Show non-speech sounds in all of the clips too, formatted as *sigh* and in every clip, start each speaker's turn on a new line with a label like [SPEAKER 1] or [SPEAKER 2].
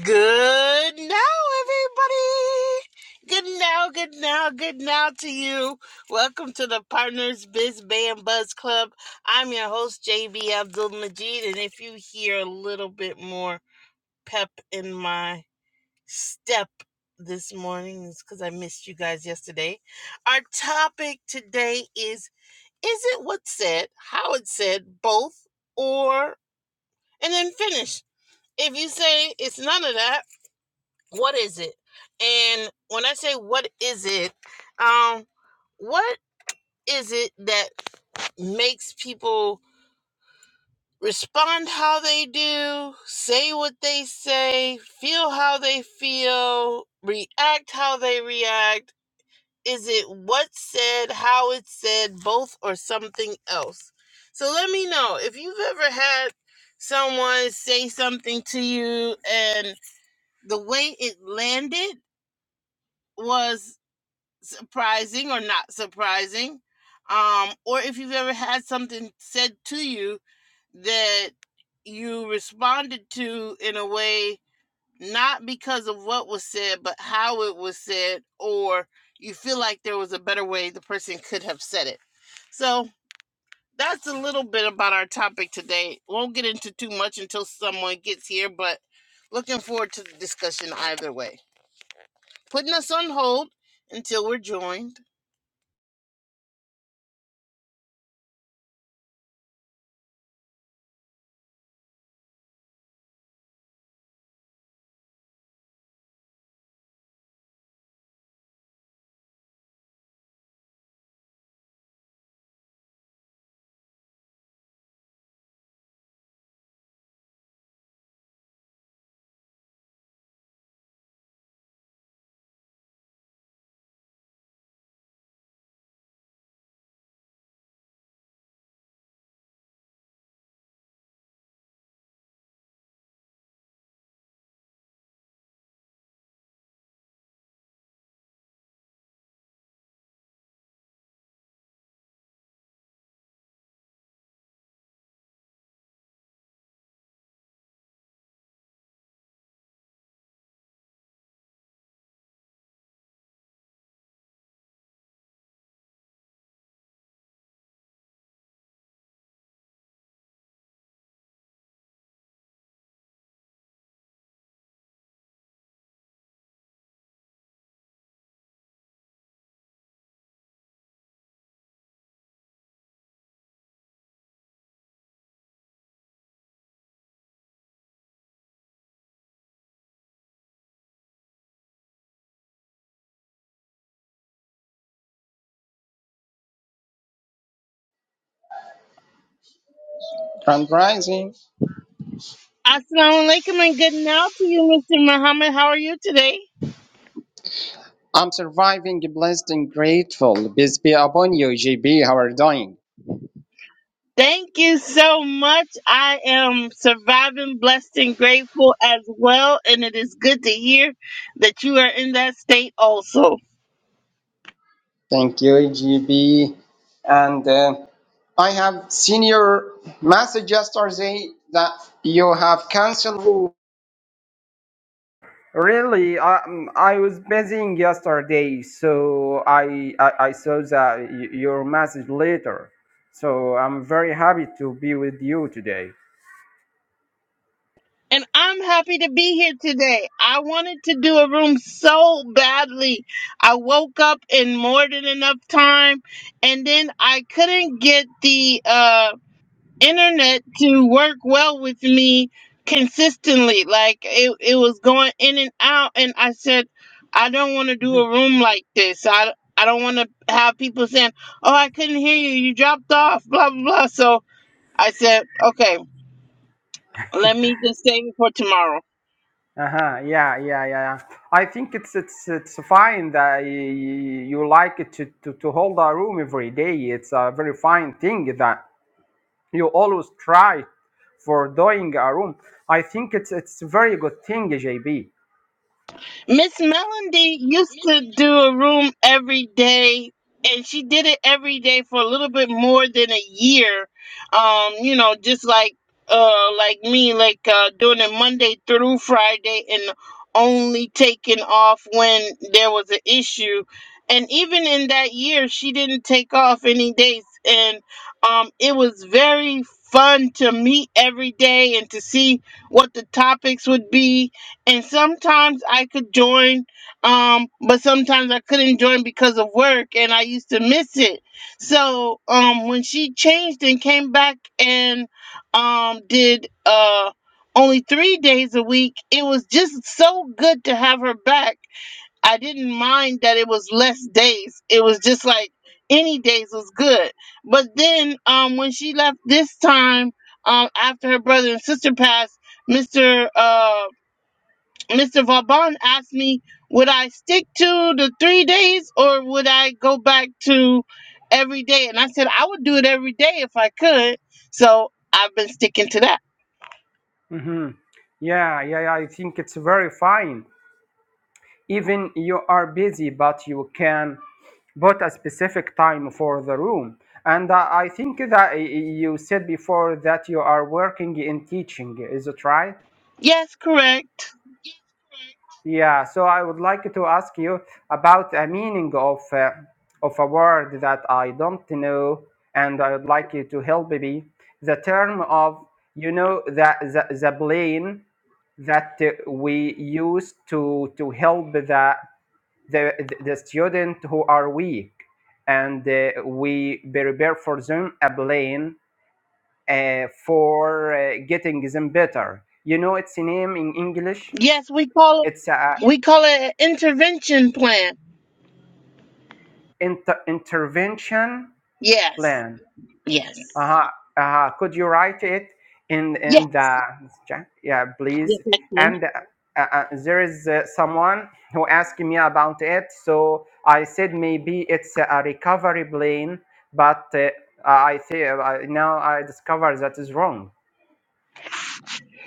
[SPEAKER 1] Good now, everybody. Good now, good now, good now to you. Welcome to the Partners Biz Band Buzz Club. I'm your host, JB Abdul Majid, and if you hear a little bit more pep in my step this morning, it's because I missed you guys yesterday. Our topic today is Is it what's said, how it's said, both, or, and then finish? If you say it's none of that, what is it? And when I say what is it, um, what is it that makes people respond how they do, say what they say, feel how they feel, react how they react? Is it what's said, how it's said, both, or something else? So let me know if you've ever had someone say something to you and the way it landed was surprising or not surprising, um, or if you've ever had something said to you that you responded to in a way not because of what was said, but how it was said, or you feel like there was a better way the person could have said it. So that's a little bit about our topic today. Won't get into too much until someone gets here, but looking forward to the discussion either way. Putting us on hold until we're joined
[SPEAKER 2] and rising.
[SPEAKER 1] Assalamu alaikum and good now to you, Mr. Muhammad. How are you today?
[SPEAKER 2] I'm surviving, blessed and grateful. Peace be upon you, GB. How are you doing?
[SPEAKER 1] Thank you so much. I am surviving, blessed, and grateful as well. And it is good to hear that you are in that state also.
[SPEAKER 2] Thank you, GB. And uh, I have seen your message yesterday that you have canceled. Oh, Really, I, I was busy yesterday, so I, I, I saw that y- your message later. So I'm very happy to be with you today.
[SPEAKER 1] And I'm happy to be here today. I wanted to do a room so badly. I woke up in more than enough time and then I couldn't get the um internet to work well with me consistently. Like it, it was going in and out, and I said, I don't want to do a room like this. I, I don't want to have people saying, "Oh, I couldn't hear you. You dropped off." Blah blah blah. So I said, "Okay, let me just save it for tomorrow."
[SPEAKER 2] Uh-huh. Yeah, yeah, yeah. yeah. I think it's it's it's fine that y- you like it to, to, to hold a room every day. It's a very fine thing that you always try for doing a room. I think it's it's a very good thing, JB.
[SPEAKER 1] Miss Melody used to do a room every day, and she did it every day for a little bit more than a year. Um, you know, just like uh, like me, like uh, doing it Monday through Friday, and only taking off when there was an issue. And even in that year, she didn't take off any days, and um, it was very fun to meet every day and to see what the topics would be and sometimes I could join, um, but sometimes I couldn't join because of work, and I used to miss it. So um, when she changed and came back and um, did uh, only three days a week, it was just so good to have her back. I didn't mind that it was less days. It was just like any days was good. But then um, when she left this time, um, after her brother and sister passed, Mr. uh. Mr. Vauban asked me, would I stick to the three days or would I go back to every day? And I said, I would do it every day if I could. So I've been sticking to that.
[SPEAKER 2] hmm Yeah, yeah, yeah. I think it's very fine. Even you are busy, but you can but a specific time for the room. And uh, I think that y- y- you said before that you are working in teaching. Is it right?
[SPEAKER 1] Yes, correct.
[SPEAKER 2] Yeah, so I would like to ask you about a meaning of uh, of a word that I don't know, and I would like you to help me. The term of you know the the, the plane that uh, we use to to help the the the student who are weak, and uh, we prepare for them a plane uh, for uh, getting them better. You know its name in English.
[SPEAKER 1] Yes, we call it
[SPEAKER 2] It's a
[SPEAKER 1] we call it an intervention plan.
[SPEAKER 2] inter- intervention
[SPEAKER 1] Yes.
[SPEAKER 2] plan.
[SPEAKER 1] Yes.
[SPEAKER 2] Uh-huh. Uh-huh. Could you write it in
[SPEAKER 1] Yes.
[SPEAKER 2] in the chat? Yeah,
[SPEAKER 1] Yes,
[SPEAKER 2] please.
[SPEAKER 1] I can.
[SPEAKER 2] And uh, uh, there is uh, someone who asked me about it, so I said maybe it's a recovery plan, but uh, I think uh, now I discover that is wrong.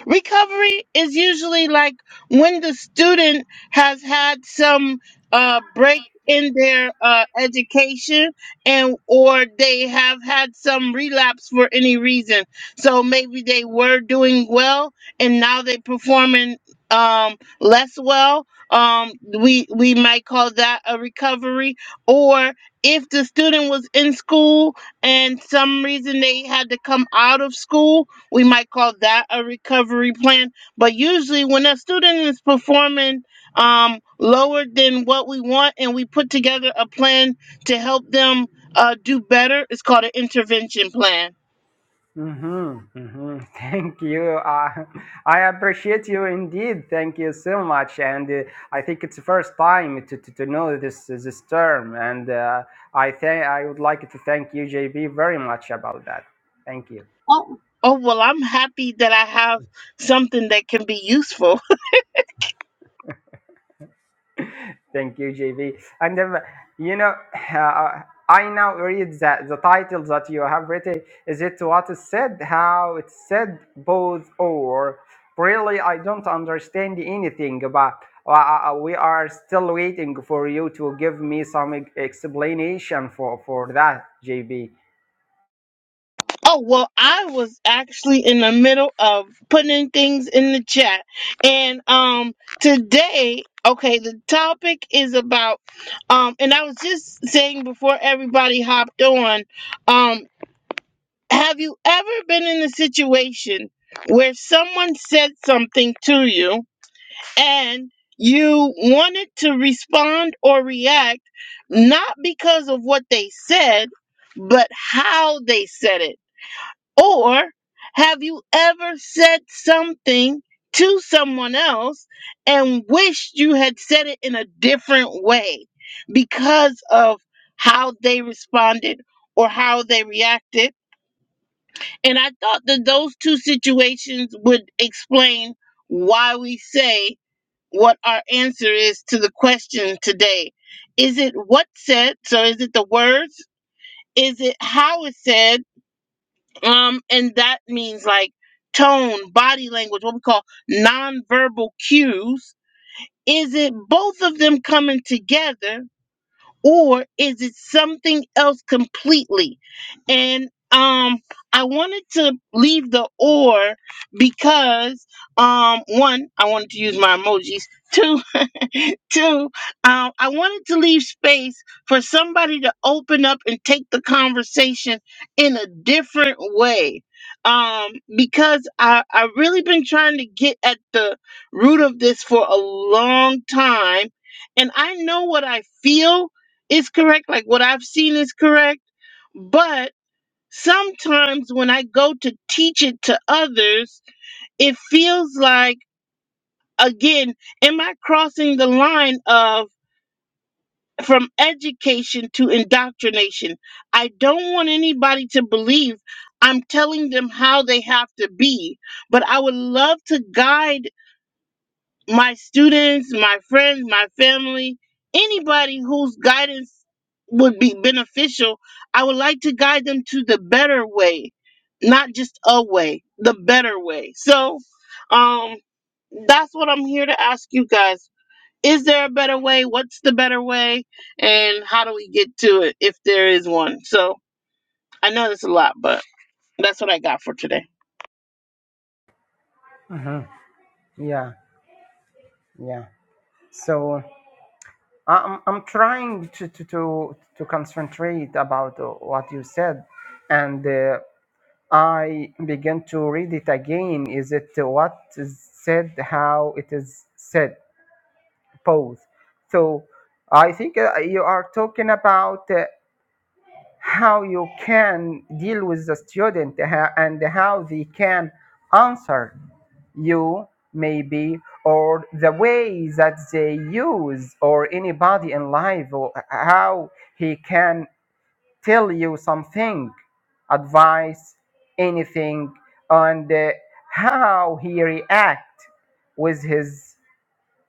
[SPEAKER 1] Recovery is usually like when the student has had some uh, break in their uh, education and or they have had some relapse for any reason. So maybe they were doing well and now they're performing um, less well. Um, we we might call that a recovery. Or if the student was in school and some reason they had to come out of school we might call that a recovery plan. But usually, when a student is performing um, lower than what we want, and we put together a plan to help them uh, do better, it's called an intervention plan.
[SPEAKER 2] Mm-hmm, mm-hmm. *laughs* Thank you. Uh, I appreciate you indeed. Thank you so much. And uh, I think it's the first time to, to, to know this this term. And uh, I think I would like to thank you, JB, very much about that. Thank you.
[SPEAKER 1] Oh, well, I'm happy that I have something that can be useful.
[SPEAKER 2] Thank you, JV. And um, you know, uh, I now read that the title that you have written is it what is said, how it's said, both or. Really, I don't understand anything, but uh, uh, uh, we are still waiting for you to give me some ex- explanation for for that, Jv.
[SPEAKER 1] Oh, well, I was actually in the middle of putting in things in the chat. And um today, okay, the topic is about um and I was just saying before everybody hopped on, um have you ever been in a situation where someone said something to you and you wanted to respond or react not because of what they said, but how they said it? Or have you ever said something to someone else and wished you had said it in a different way because of how they responded or how they reacted? And I thought that those two situations would explain why we say what our answer is to the question today. Is it what's said? So is it the words? Is it how it's said? Um, and that means like tone, body language, what we call nonverbal cues. Is it both of them coming together or is it something else completely? And um I wanted to leave the or because um one, I wanted to use my emojis. Two, Two, um, I wanted to leave space for somebody to open up and take the conversation in a different way. Um, because I, i really been trying to get at the root of this for a long time. And I know what I feel is correct, like what I've seen is correct. But sometimes when I go to teach it to others, it feels like, again, am I crossing the line of from education to indoctrination. I don't want anybody to believe I'm telling them how they have to be, but I would love to guide my students, my friends, my family, anybody whose guidance would be beneficial. I would like to guide them to the better way, not just a way, the better way. So, um, that's what I'm here to ask you guys is there a better way? What's the better way? And how do we get to it if there is one? So I know that's a lot, but that's what I got for today.
[SPEAKER 2] Mhm. Yeah, yeah. So I- I'm I'm trying to to to, to concentrate about uh, what you said and uh, I began to read it again. Is it what is said, how it is said, both? So I think uh, you are talking about uh, how you can deal with the student ha- and how they can answer you, maybe, or the way that they use, or anybody in life, or uh, how he can tell you something, advice, anything, and uh, how he react with his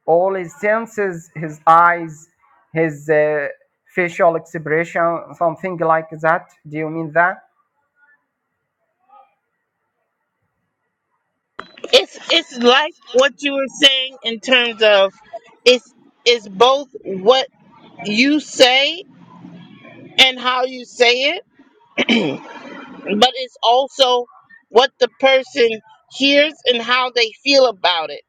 [SPEAKER 2] all his senses, his eyes, his uh, facial expression, something like that. Do you mean that?
[SPEAKER 1] It's it's like what you were saying in terms of it's it's both what you say and how you say it, but it's also what the person hears and how they feel about it.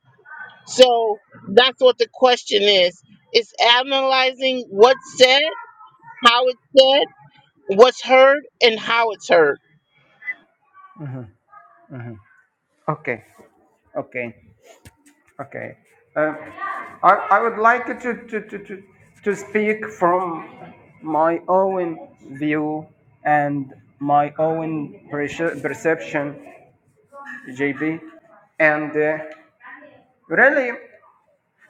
[SPEAKER 1] So that's what the question is. It's analyzing what's said, how it's said, what's heard and how it's heard.
[SPEAKER 2] Okay, okay, okay. Uh, I, I would like to, to, to, to, to speak from my own view and my own perce- perception JB. And uh, really,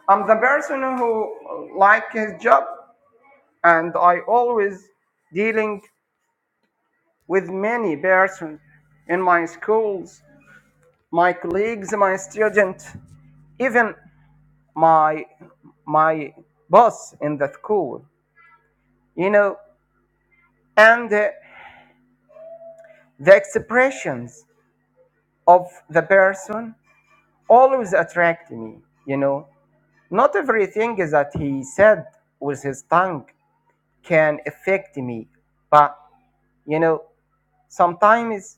[SPEAKER 2] I'm the person who like his job, and I always dealing with many persons in my schools, my colleagues, my students, even my my boss in the school. You know, and uh, the expressions of the person always attract me. You know, not everything is that he said with his tongue can affect me but you know sometimes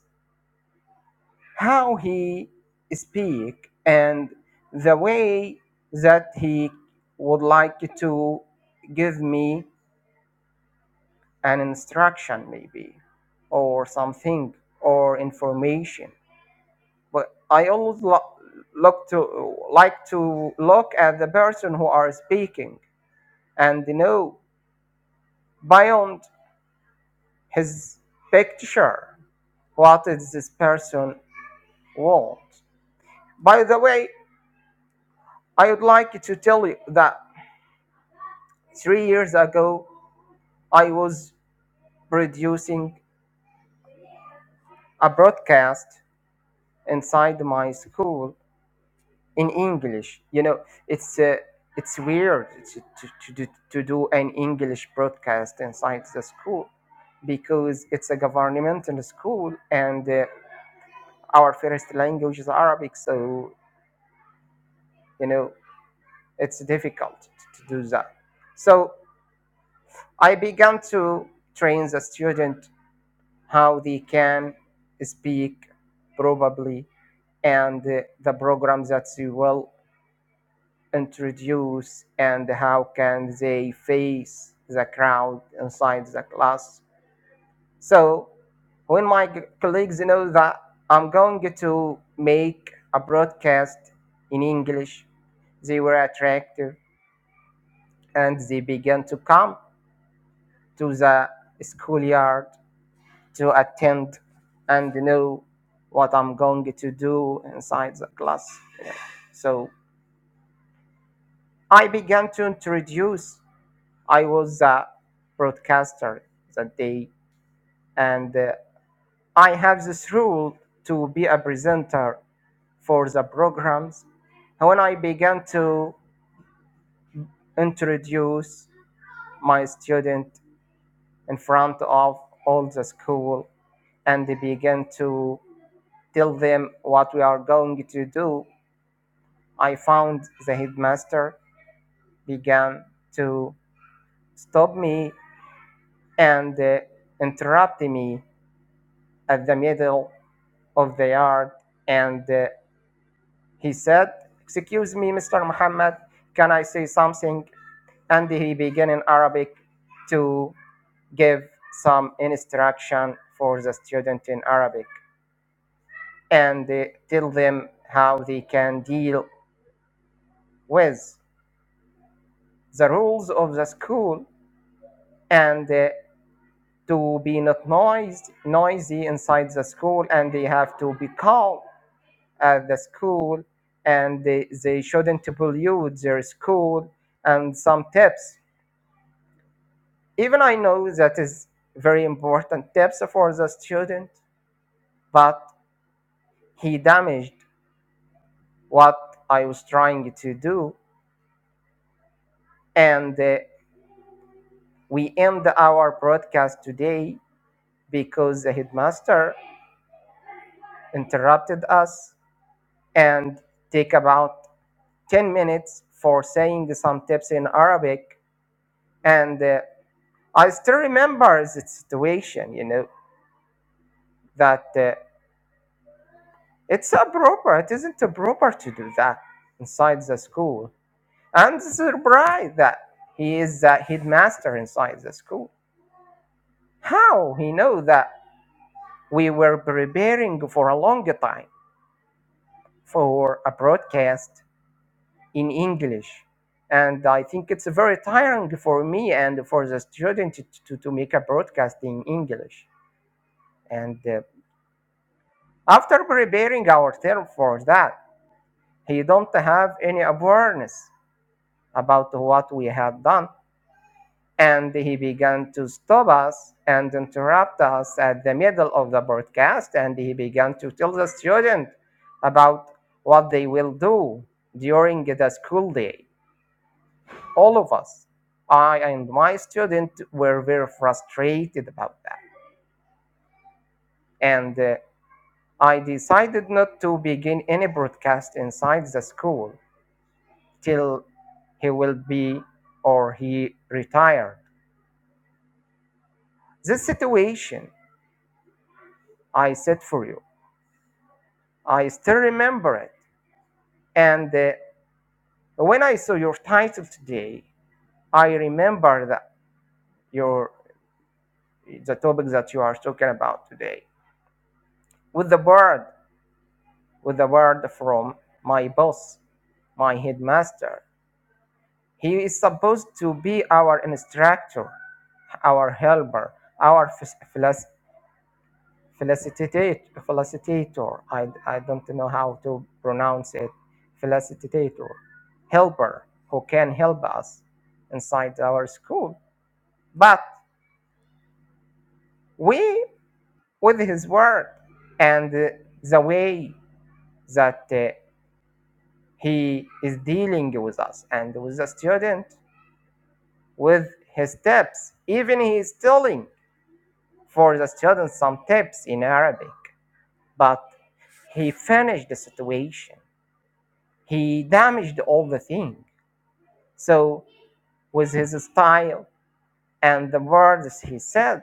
[SPEAKER 2] how he speak and the way that he would like to give me an instruction maybe or something or information but i always lo- look to like to look at the person who are speaking and know beyond his picture what is this person world. By the way, I would like to tell you that three years ago, I was producing a broadcast inside my school in English. You know, it's uh, it's weird to, to, to, do, to do an English broadcast inside the school because it's a governmental school and uh, our first language is Arabic. So, you know, it's difficult to do that. So I began to train the student how they can speak probably and uh, the program that they will introduce and how can they face the crowd inside the class. So when my colleagues know that I'm going to make a broadcast in English, they were attractive and they began to come to the schoolyard to attend and know what I'm going to do inside the class. you So I began to introduce. I was a broadcaster that day, and uh, I have this rule to be a presenter for the programs. When I began to introduce my student in front of all the school and began to tell them what we are going to do I found the headmaster began to stop me and uh, interrupt me at the middle of the yard. And uh, he said, Excuse me, Mr. Muhammad, can I say something? And he began in Arabic to give some instruction for the student in Arabic and uh, tell them how they can deal with the rules of the school and uh, to be not noisy, noisy inside the school and they have to be calm at the school and they, they shouldn't pollute their school and some tips even i know that is very important tips for the student but he damaged what i was trying to do and uh, we end our broadcast today because the headmaster interrupted us and take about 10 minutes for saying some tips in Arabic. And uh, I still remember the situation, you know, that uh, it's improper. It isn't proper to do that inside the school. And surprised that he is the headmaster inside the school. How he know that we were preparing for a long time for a broadcast in English. And I think it's very tiring for me and for the student to, to, to make a broadcast in English. And uh, after preparing our term for that, he don't have any awareness about what we have done. And he began to stop us and interrupt us at the middle of the broadcast. And he began to tell the student about what they will do during the school day all of us, I and my student, were very frustrated about that. And uh, I decided not to begin any broadcast inside the school till he will be or he retired. This situation I said for you, I still remember it. And uh, when I saw your title today, I remember that your the topic that you are talking about today with the bird with a word from my boss, my headmaster. He is supposed to be our instructor, our helper, our fac- facilitator. I, I don't know how to pronounce it. Facilitator, helper who can help us inside our school. But we, with his word and uh, the way that uh, he is dealing with us and with the student with his tips. Even he is telling for the students some tips in Arabic. But he finished the situation. He damaged all the thing. So with his style and the words he said,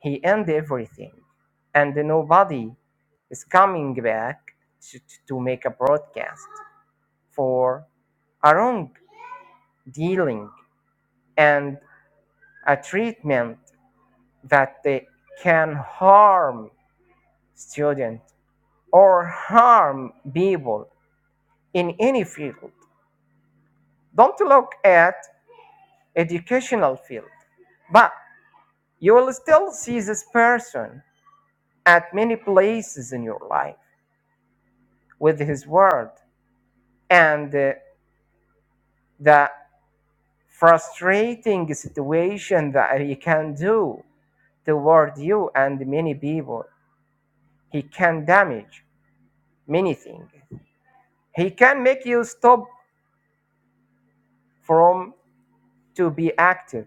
[SPEAKER 2] he ended everything. And nobody is coming back to, to make a broadcast for a wrong dealing and a treatment that they can harm student or harm people in any field don't look at educational field but you will still see this person at many places in your life with his word and uh, the frustrating situation that he can do toward you and many people he can damage many things he can make you stop from to be active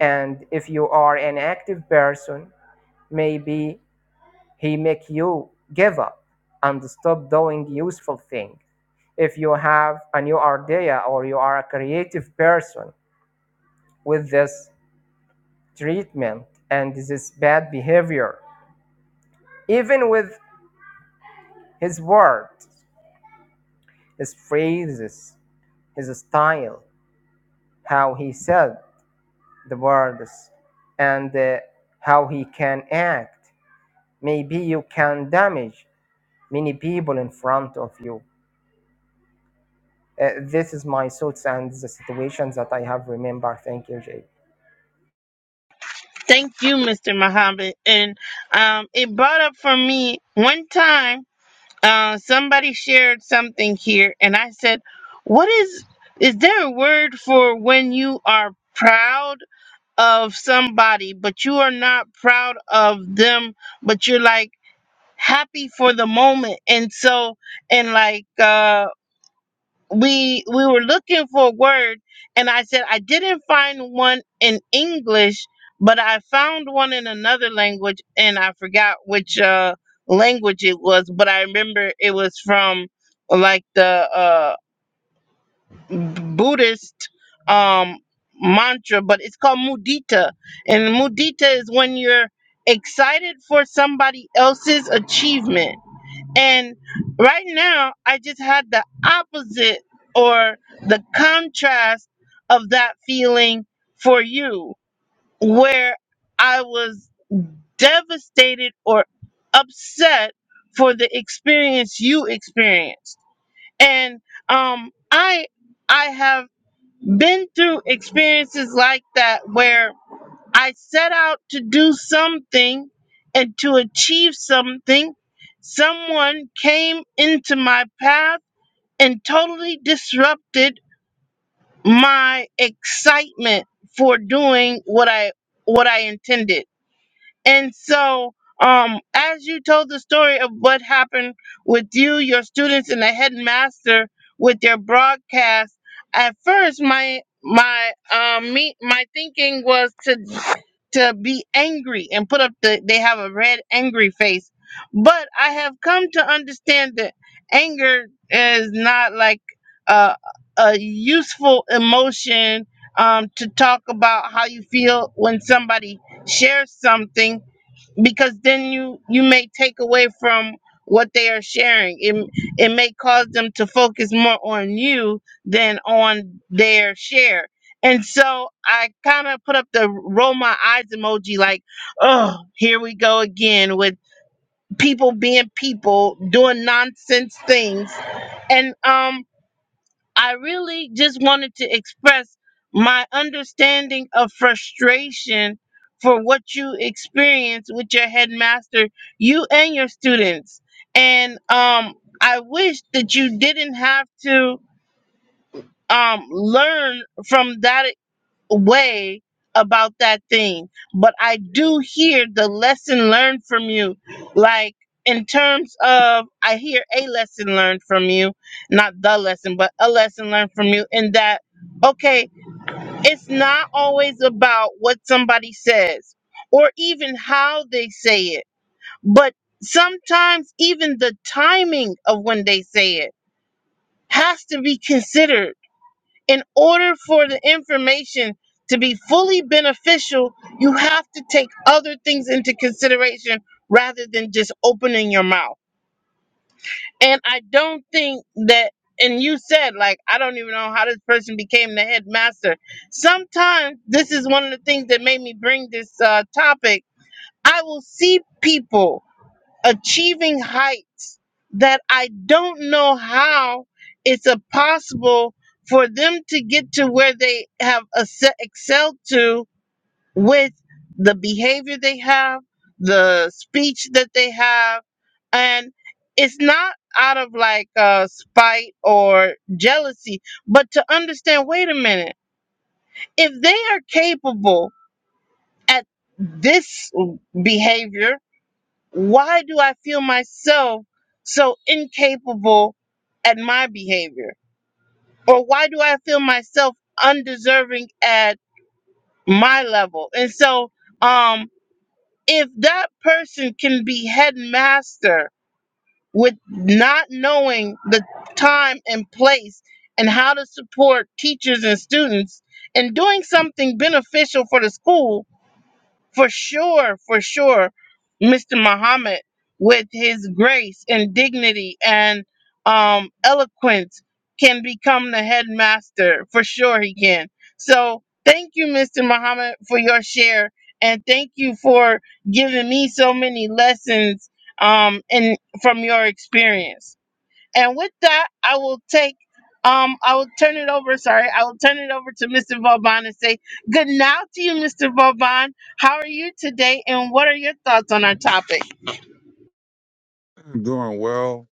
[SPEAKER 2] and if you are an active person maybe he make you give up and stop doing useful thing if you have a new idea or you are a creative person with this treatment and this bad behavior even with his words his phrases his style how he said the words and uh, how he can act maybe you can damage many people in front of you. Uh, this is my thoughts and the situations that I have remembered. Thank you, Jay.
[SPEAKER 1] Thank you, Mr. Muhammad. And um, it brought up for me one time uh, somebody shared something here, and I said, "What is? Is there a word for when you are proud of somebody, but you are not proud of them, but you're like happy for the moment?" And so, and like. Uh, we we were looking for a word and i said i didn't find one in english but i found one in another language and i forgot which uh language it was but i remember it was from like the uh buddhist um mantra but it's called mudita and mudita is when you're excited for somebody else's achievement and right now, I just had the opposite or the contrast of that feeling for you, where I was devastated or upset for the experience you experienced. And um, I I have been through experiences like that where I set out to do something and to achieve something. Someone came into my path and totally disrupted my excitement for doing what I what I intended. And so, um, as you told the story of what happened with you, your students, and the headmaster with their broadcast, at first my my um me my thinking was to to be angry and put up the they have a red angry face, but I have come to understand that anger is not like a a useful emotion um to talk about how you feel when somebody share something because then you you may take away from what they are sharing it it may cause them to focus more on you than on their share and so i kind of put up the roll my eyes emoji like oh here we go again with people being people doing nonsense things and um I really just wanted to express my understanding of frustration for what you experience with your headmaster, you and your students. And um, I wish that you didn't have to um, learn from that way about that thing, but I do hear the lesson learned from you. Like in terms of, I hear a lesson learned from you, not the lesson, but a lesson learned from you in that, okay, it's not always about what somebody says or even how they say it, but sometimes even the timing of when they say it has to be considered in order for the information to be fully beneficial, you have to take other things into consideration rather than just opening your mouth. And I don't think that, and you said, like, I don't even know how this person became the headmaster. Sometimes this is one of the things that made me bring this uh, topic. I will see people achieving heights that I don't know how it's a possible for them to get to where they have acce- excelled to with the behavior they have, the speech that they have, and it's not out of like uh, spite or jealousy, but to understand. Wait a minute, if they are capable at this behavior why do I feel myself so incapable at my behavior? Or why do I feel myself undeserving at my level? And so, um, if that person can be headmaster with not knowing the time and place and how to support teachers and students and doing something beneficial for the school for sure, for sure, Mr. Muhammad, with his grace and dignity and um, eloquence, can become the headmaster. For sure, he can. So, thank you, Mr. Muhammad, for your share. And thank you for giving me so many lessons um, in, from your experience. And with that, I will take um I will turn it over, sorry, I will turn it over to Mr. Vauban and say good now to you, Mr. Vauban. How are you today and what are your thoughts on our topic?
[SPEAKER 3] I'm doing well,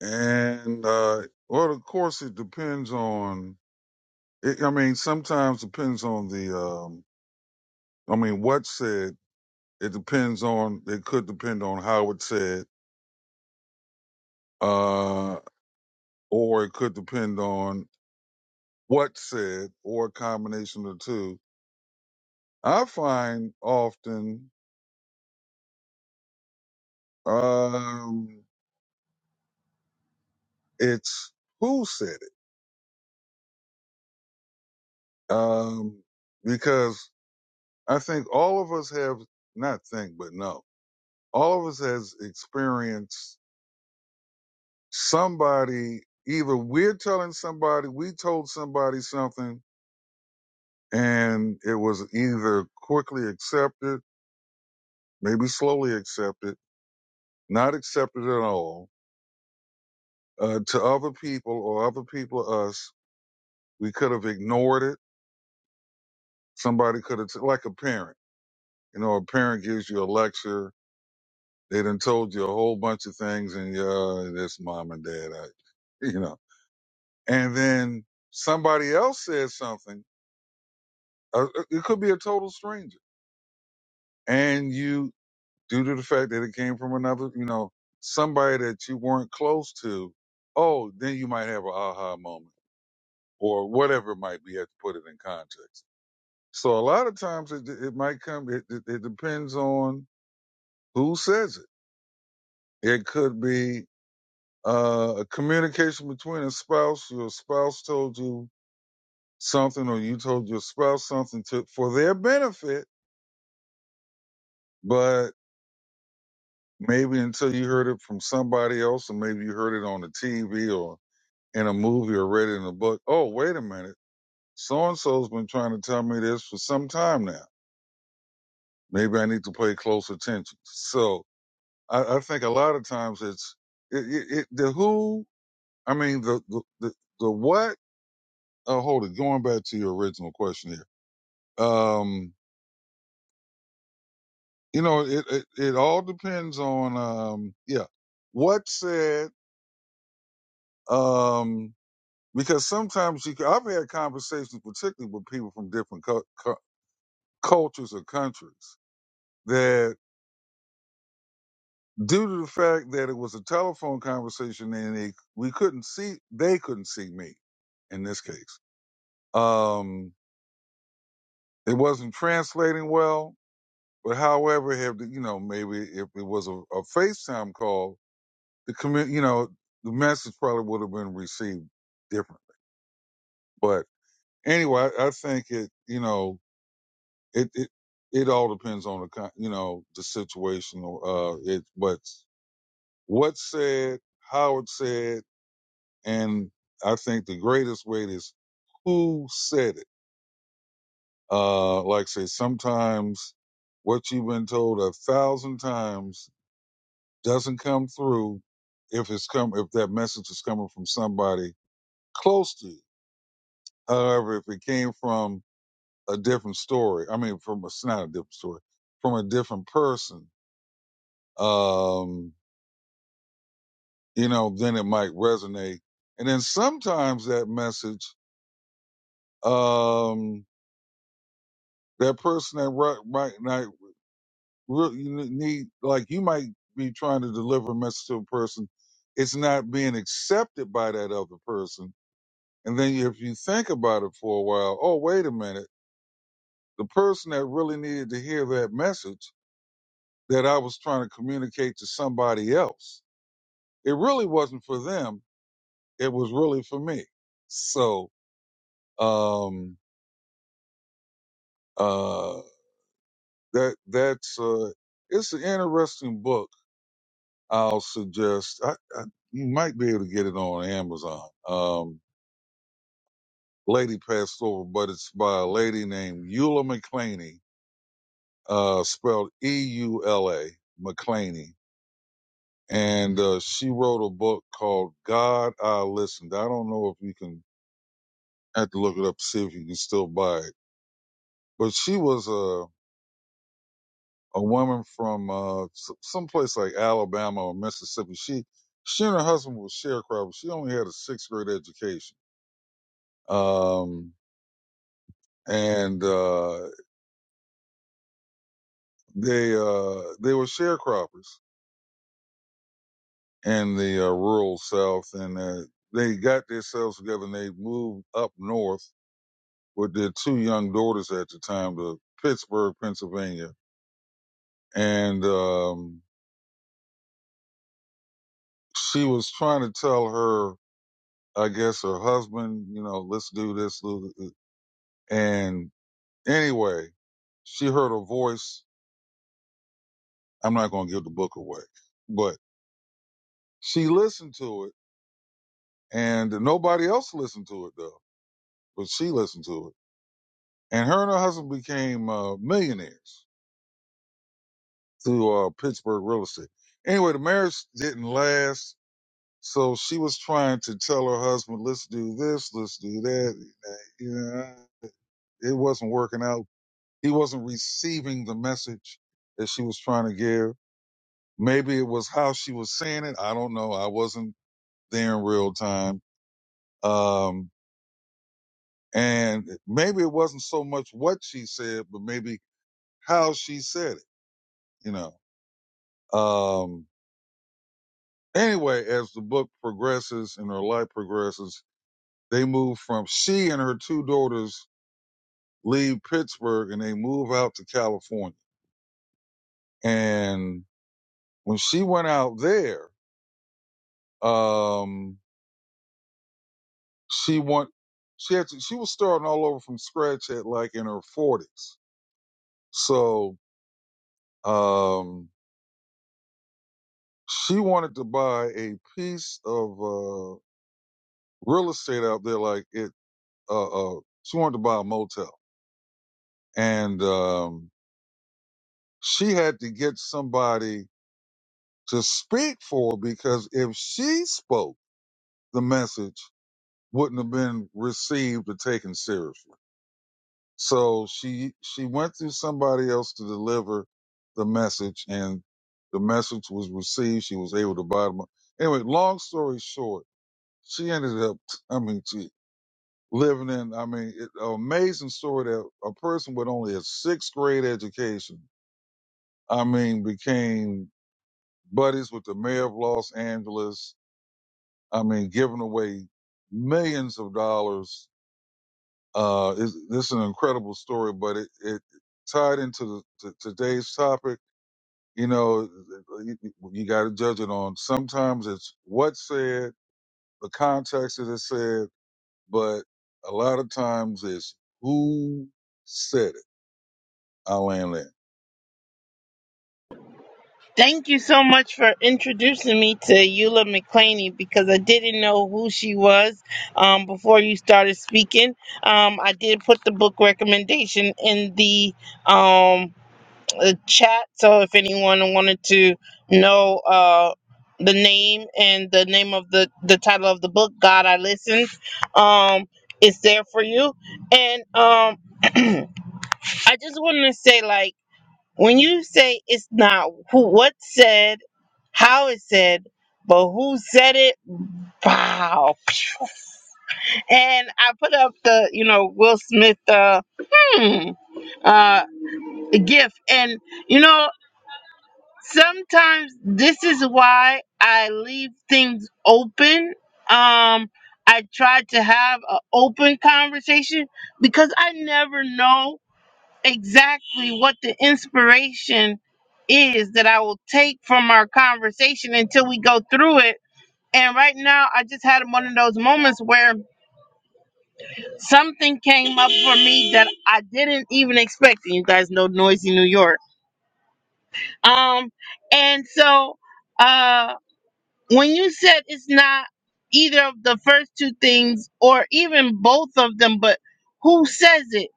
[SPEAKER 3] and uh, well, of course, it depends on. It, I mean, sometimes depends on the. Um, I mean, what's said. It depends on. It could depend on how it's said, uh, or it could depend on what's said, or a combination of the two. I find often um, it's who said it, um, because I think all of us have not think, but know. all of us has experienced somebody either we're telling somebody we told somebody something and it was either quickly accepted maybe slowly accepted not accepted at all uh, to other people or other people to us we could have ignored it somebody could have t- like a parent you know a parent gives you a lecture they done told you a whole bunch of things and yeah this mom and dad I, *laughs* you know and then somebody else says something Uh, uh, it could be a total stranger. And you, due to the fact that it came from another, you know, somebody that you weren't close to, oh, then you might have an aha moment or whatever it might be. You have to put it in context. So a lot of times it, it might come, it, it, it depends on who says it. It could be uh, a communication between a spouse. Your spouse told you something or you told your spouse something to, for their benefit, but Maybe until you heard it from somebody else, or maybe you heard it on the TV or in a movie or read it in a book. Oh, wait a minute. So and so's been trying to tell me this for some time now. Maybe I need to pay close attention. So I, I think a lot of times it's it, it, it, the who, I mean, the, the, the, the what. Oh, hold it. Going back to your original question here. Um, you know, it, it, it all depends on, um, yeah, what said, um, because sometimes you can, I've had conversations, particularly with people from different cu- cu- cultures or countries, that due to the fact that it was a telephone conversation and they, we couldn't see, they couldn't see me in this case. Um, it wasn't translating well, but however, have the, you know, maybe if it was a, a FaceTime call, the commu- you know, the message probably would have been received differently. But anyway, I, I think it, you know, it it it all depends on the con- you know the situation uh it but what's said how it's said and i think the greatest weight is who said it uh like I say sometimes what you've been told a thousand times doesn't come through if it's come if that message is coming from somebody close to you however if it came from a different story i mean from a, it's not a different story from a different person um you know, then it might resonate. And then sometimes that message, um, that person that right, right might not really you need, like you might be trying to deliver a message to a person. It's not being accepted by that other person. And then if you think about it for a while, oh, wait a minute. The person that really needed to hear that message that I was trying to communicate to somebody else, it really wasn't for them. It was really for me. So, um, Uh, that that's uh, it's an interesting book. I'll suggest. I, I you might be able to get it on Amazon. Um, Lady passed over, but it's by a lady named Eula McClaney, uh, spelled E U L A McClaney, and uh, she wrote a book called "God I Listened." I don't know if you can I have to look it up to see if you can still buy it. But she was uh, a woman from uh, s- someplace like Alabama or Mississippi. She she and her husband were sharecroppers. She only had a sixth grade education, um, and uh, they uh, they were sharecroppers in the uh, rural South, and uh, they got themselves together and they moved up north with their two young daughters at the time to Pittsburgh, Pennsylvania, and um, she was trying to tell her I guess her husband, you know, let's do this. And anyway, she heard a voice. I'm not going to give the book away, but she listened to it and nobody else listened to it though, but she listened to it. And her and her husband became uh, millionaires through uh, Pittsburgh real estate. Anyway, the marriage didn't last. So she was trying to tell her husband, let's do this, let's do that. You know, it wasn't working out. He wasn't receiving the message that she was trying to give Maybe it was how she was saying it. I don't know. I wasn't there in real time. Um, and maybe it wasn't so much what she said, but maybe how she said it, you know. Um, anyway, as the book progresses and her life progresses, they move from she and her two daughters leave Pittsburgh and they move out to California. And when she went out there, um, she want she had to, she was starting all over from scratch at like in her forties. So um she wanted to buy a piece of uh real estate out there like it uh uh she wanted to buy a motel. And um she had to get somebody to speak for her because if she spoke, the message wouldn't have been received or taken seriously. So she she went through somebody else to deliver the message, and the message was received. She was able to buy them. Anyway, long story short, she ended up. I mean, she living in. I mean, it, an amazing story that a person with only a sixth grade education. I mean, became buddies with the mayor of Los Angeles. I mean, giving away millions of dollars Uh, it's, this is an incredible story, but it, it tied into the, to today's topic. You know, you, you got to judge it on sometimes it's what's said, the context that it's said, but a lot of times it's who said it. I land there.
[SPEAKER 1] Thank you so much for introducing me to Eula McClaney because I didn't know who she was um, before you started speaking. Um, I did put the book recommendation in the um, the chat. So if anyone wanted to know uh, the name and the name of the the title of the book, God I Listened, um, it's there for you. And um, *clears throat* I just wanted to say, like, when you say it's not who what said, how it said. But who said it? Wow! And I put up the, you know, Will Smith, uh, hmm, uh, gift, and you know sometimes this is why I leave things open. Um, I try to have an open conversation because I never know exactly what the inspiration is that I will take from our conversation until we go through it. And right now, I just had one of those moments where something came up for me that I didn't even expect. You guys know noisy New York. Um, and so, uh. when you said it's not either of the first two things or even both of them, but who says it?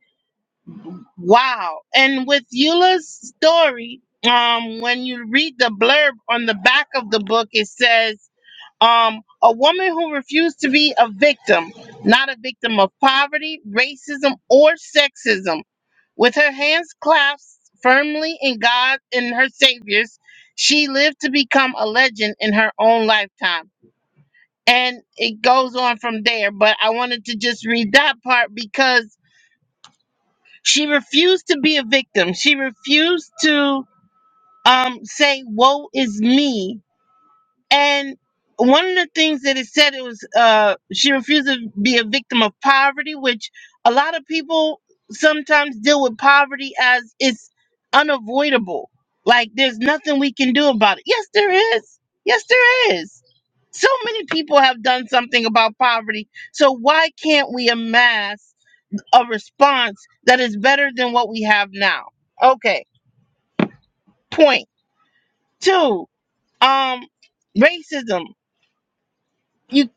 [SPEAKER 1] Wow. And with Eula's story, um, when you read the blurb on the back of the book, it says, um, a woman who refused to be a victim, not a victim of poverty, racism, or sexism, with her hands clasped firmly in God and her Savior's, she lived to become a legend in her own lifetime and it goes on from there. But I wanted to just read that part because she refused to be a victim. She refused to um, say, "Woe is me," And one of the things that it said it was uh, she refused to be a victim of poverty, which a lot of people sometimes deal with poverty as it's unavoidable. Like there's nothing we can do about it. Yes, there is. Yes, there is. So many people have done something about poverty. So why can't we amass a response that is better than what we have now? Okay. Point two. Um, racism. you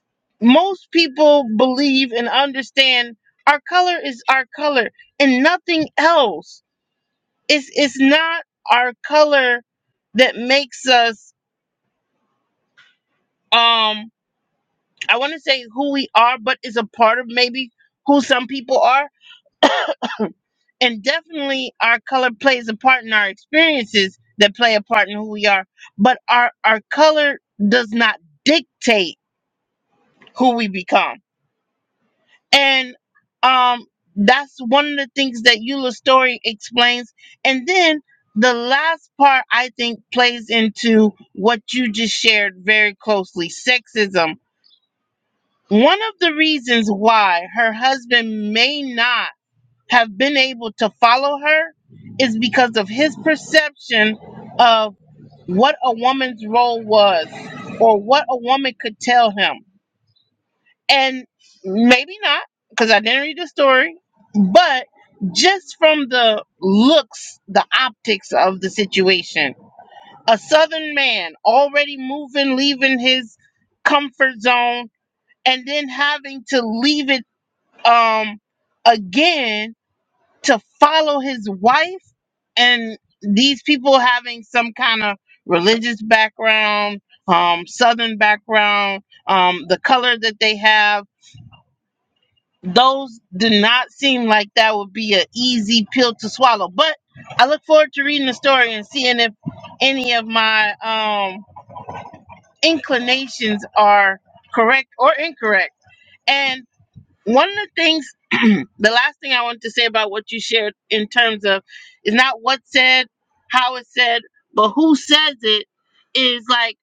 [SPEAKER 1] most people believe and understand our color is our color and nothing else it's it's not our color that makes us um i want to say who we are but is a part of maybe who some people are and definitely our color plays a part in our experiences that play a part in who we are but our our color does not dictate who we become and um that's one of the things that Eula's story explains. And then the last part I think plays into what you just shared very closely, sexism. One of the reasons why her husband may not have been able to follow her is because of his perception of what a woman's role was or what a woman could tell him and maybe not because I didn't read the story, but just from the looks, the optics of the situation, a southern man already moving, leaving his comfort zone, and then having to leave it um again to follow his wife and these people having some kind of religious background, um, southern background, um, the color that they have those did not seem like that would be an easy pill to swallow. But I look forward to reading the story and seeing if any of my um, inclinations are correct or incorrect. And one of the things, *clears throat* the last thing I wanted to say about what you shared in terms of is not what said, how it said, but who says it is like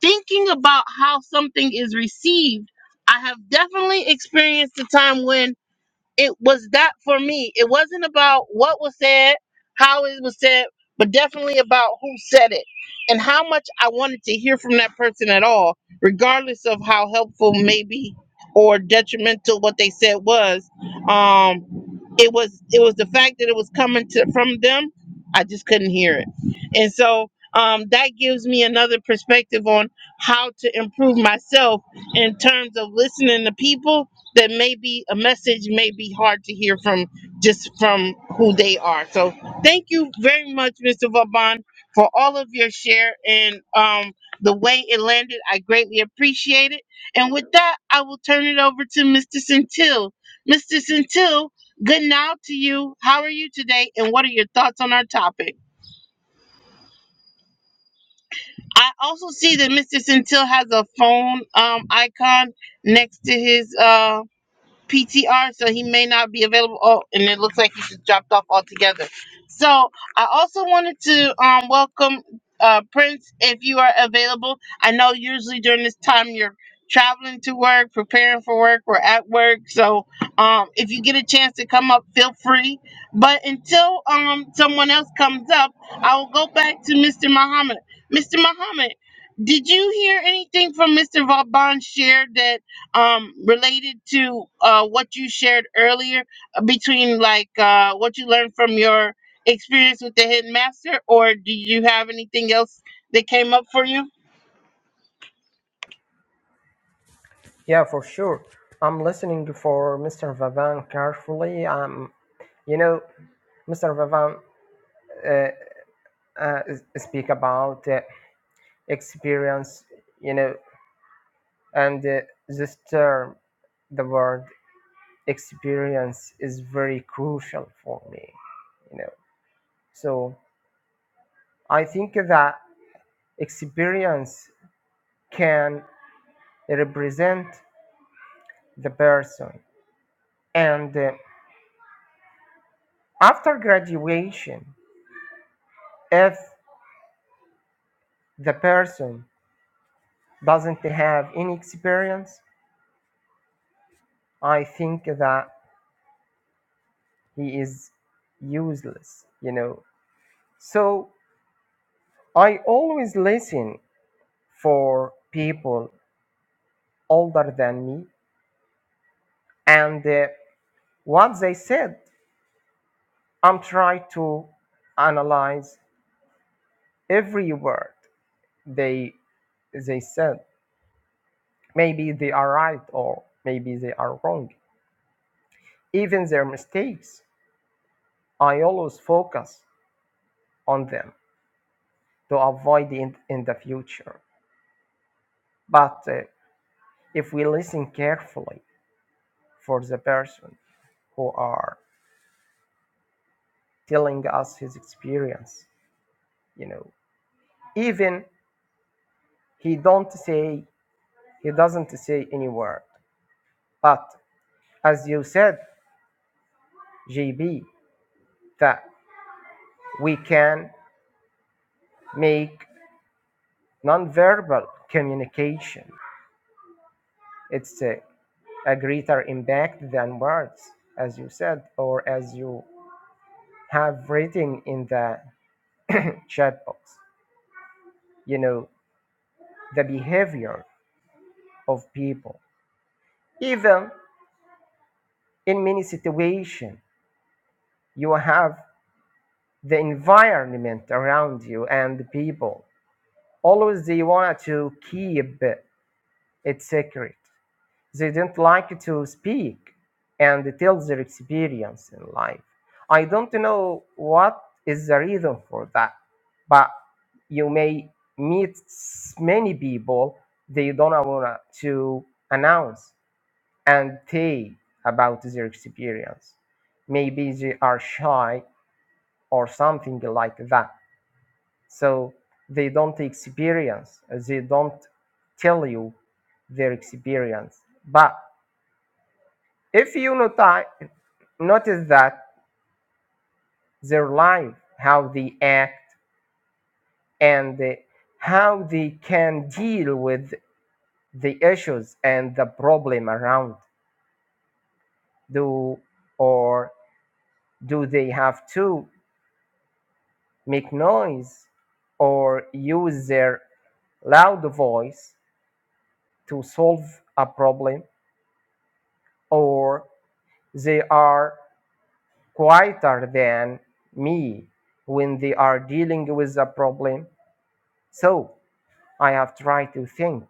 [SPEAKER 1] thinking about how something is received. I have definitely experienced a time when it was that for me. It wasn't about what was said, how it was said, but definitely about who said it and how much I wanted to hear from that person at all, regardless of how helpful maybe or detrimental what they said was. Um, it was it was the fact that it was coming to from them. I just couldn't hear it, and so um, that gives me another perspective on how to improve myself in terms of listening to people that maybe a message may be hard to hear from just from who they are. So thank you very much, Mr. Vauban, for all of your share and um, the way it landed. I greatly appreciate it. And with that, I will turn it over to Mr. Centil. Mr. Centil, good now to you. How are you today? And what are your thoughts on our topic? I also see that Mr. Centil has a phone um, icon next to his. Uh, PTR, so he may not be available. Oh, and it looks like he's just dropped off altogether. So I also wanted to um, welcome uh, Prince if you are available. I know usually during this time you're traveling to work, preparing for work, or at work. So um, if you get a chance to come up, feel free. But until um, someone else comes up, I will go back to Mr. Muhammad. Mr. Muhammad, did you hear anything from Mr. Vauban share that? um related to uh what you shared earlier uh, between like uh what you learned from your experience with the headmaster or do you have anything else that came up for you
[SPEAKER 2] Yeah, for sure. I'm listening for Mr. Vavan carefully. Um, you know, Mr. Vavan uh, uh, speak about uh, experience, you know, and uh, this term, the word experience is very crucial for me, you know. So I think that experience can represent the person. And uh, after graduation, if the person doesn't have any experience, I think that he is useless, you know. So I always listen for people older than me and uh, what they said, I'm trying to analyze every word they they said Maybe they are right or maybe they are wrong. Even their mistakes, I always focus on them to avoid it in the future. But uh, if we listen carefully for the person who are telling us his experience, you know, even he don't say he doesn't say any word, but as you said, JB, that we can make nonverbal communication. It's a a greater impact than words, as you said, or as you have written in the chat box. You know, the behavior of people. Even in many situations, you have the environment around you and the people. Always they want to keep it secret. They do not like to speak and tell their experience in life. I don't know what is the reason for that, but you may meet many people they don't want to announce and tell about their experience. Maybe they are shy or something like that. So they don't experience, they don't tell you their experience. But if you noti- notice that their life, how they act, and uh, how they can deal with the issues and the problem around, do or do they have to make noise or use their loud voice to solve a problem, or they are quieter than me when they are dealing with a problem? So I have tried to think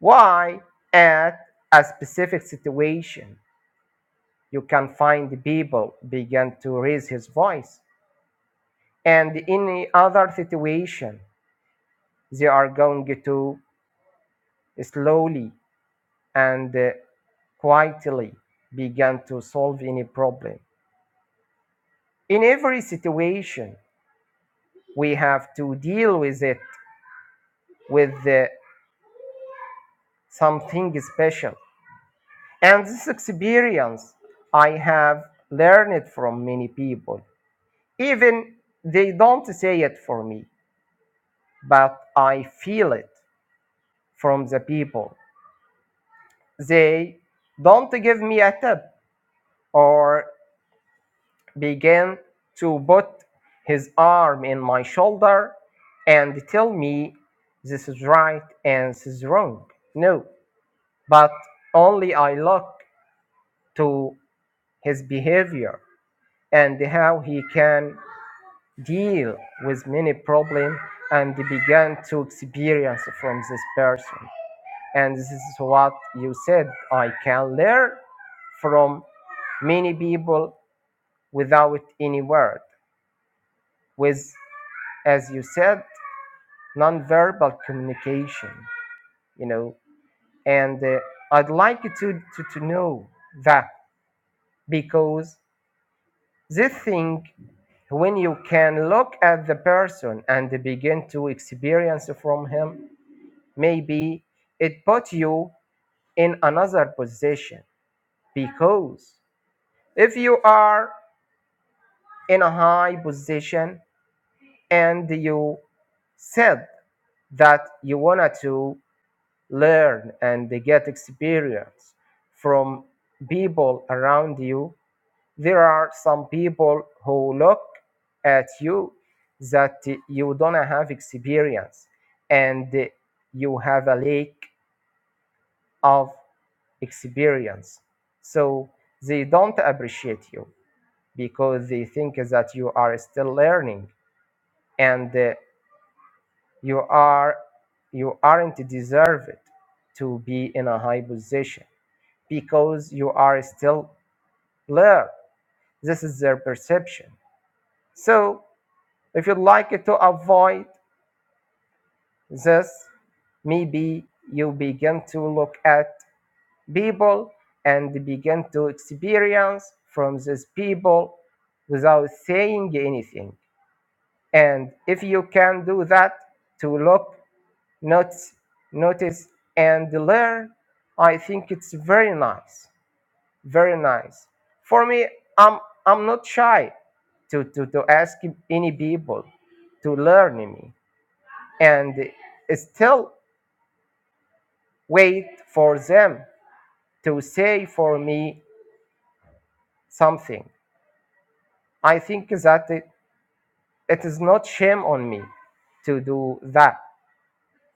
[SPEAKER 2] why, at a specific situation, you can find people begin to raise his voice, and in any other situation, they are going to slowly and uh, quietly begin to solve any problem. In every situation, we have to deal with it with uh, something special. And this experience I have learned from many people Even they don't say it for me, but I feel it from the people. They don't give me a tip or begin to put his arm in my shoulder and tell me this is right and this is wrong. No, but only I look to his behavior and how he can deal with many problems and began to experience from this person. And this is what you said. I can learn from many people without any word, with, as you said, nonverbal communication, you know. And uh, I'd like you to, to, to know that because this thing when you can look at the person and begin to experience from him Maybe it put you in another position because if you are in a high position and you said that you wanted to learn and get experience from people around you, there are some people who look at you that you don't have experience and you have a lack of experience. So they don't appreciate you because they think that you are still learning and uh, you are you aren't deserved to be in a high position because you are still learn. This is their perception. So if you'd like to avoid this, maybe you begin to look at people and began to experience from these people without saying anything. And if you can do that to look, notice, notice and learn, I think it's very nice. Very nice. For me, I'm I'm not shy to, to, to ask any people to learn me and still wait for them to say for me something. I think that it, it is not shame on me to do that.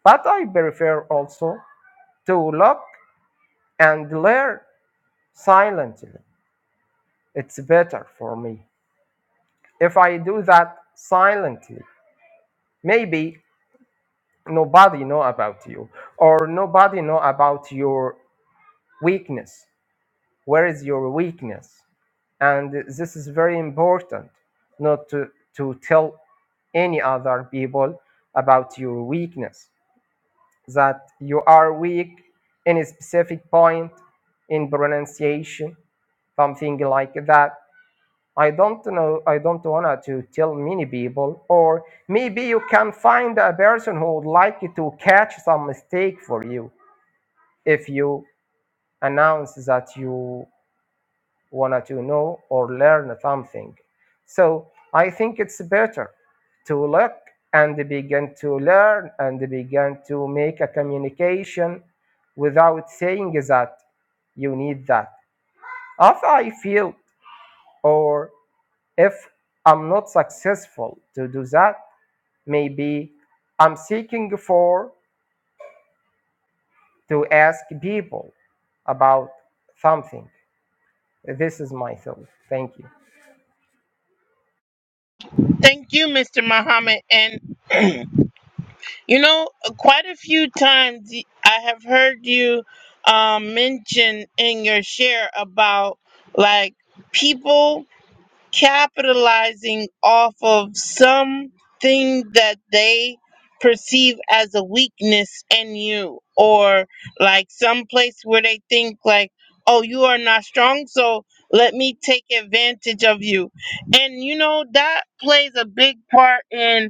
[SPEAKER 2] But I prefer also to look and learn silently. It's better for me. If I do that silently, maybe nobody know about you or nobody know about your weakness. Where is your weakness? And this is very important not to, to tell any other people about your weakness that you are weak in a specific point in pronunciation, something like that. I don't know, I don't want to tell many people, or maybe you can find a person who would like to catch some mistake for you if you announce that you wanted to know or learn something. So I think it's better to look and begin to learn and begin to make a communication without saying that you need that. If I feel or if I'm not successful to do that, maybe I'm seeking for to ask people about something. This is my thought. Thank you.
[SPEAKER 1] thank you mr muhammad and *clears throat* you know quite a few times y- i have heard you um mention in your share about like people capitalizing off of something that they perceive as a weakness in you or like some place where they think like oh you are not strong so let me take advantage of you and you know that plays a big part in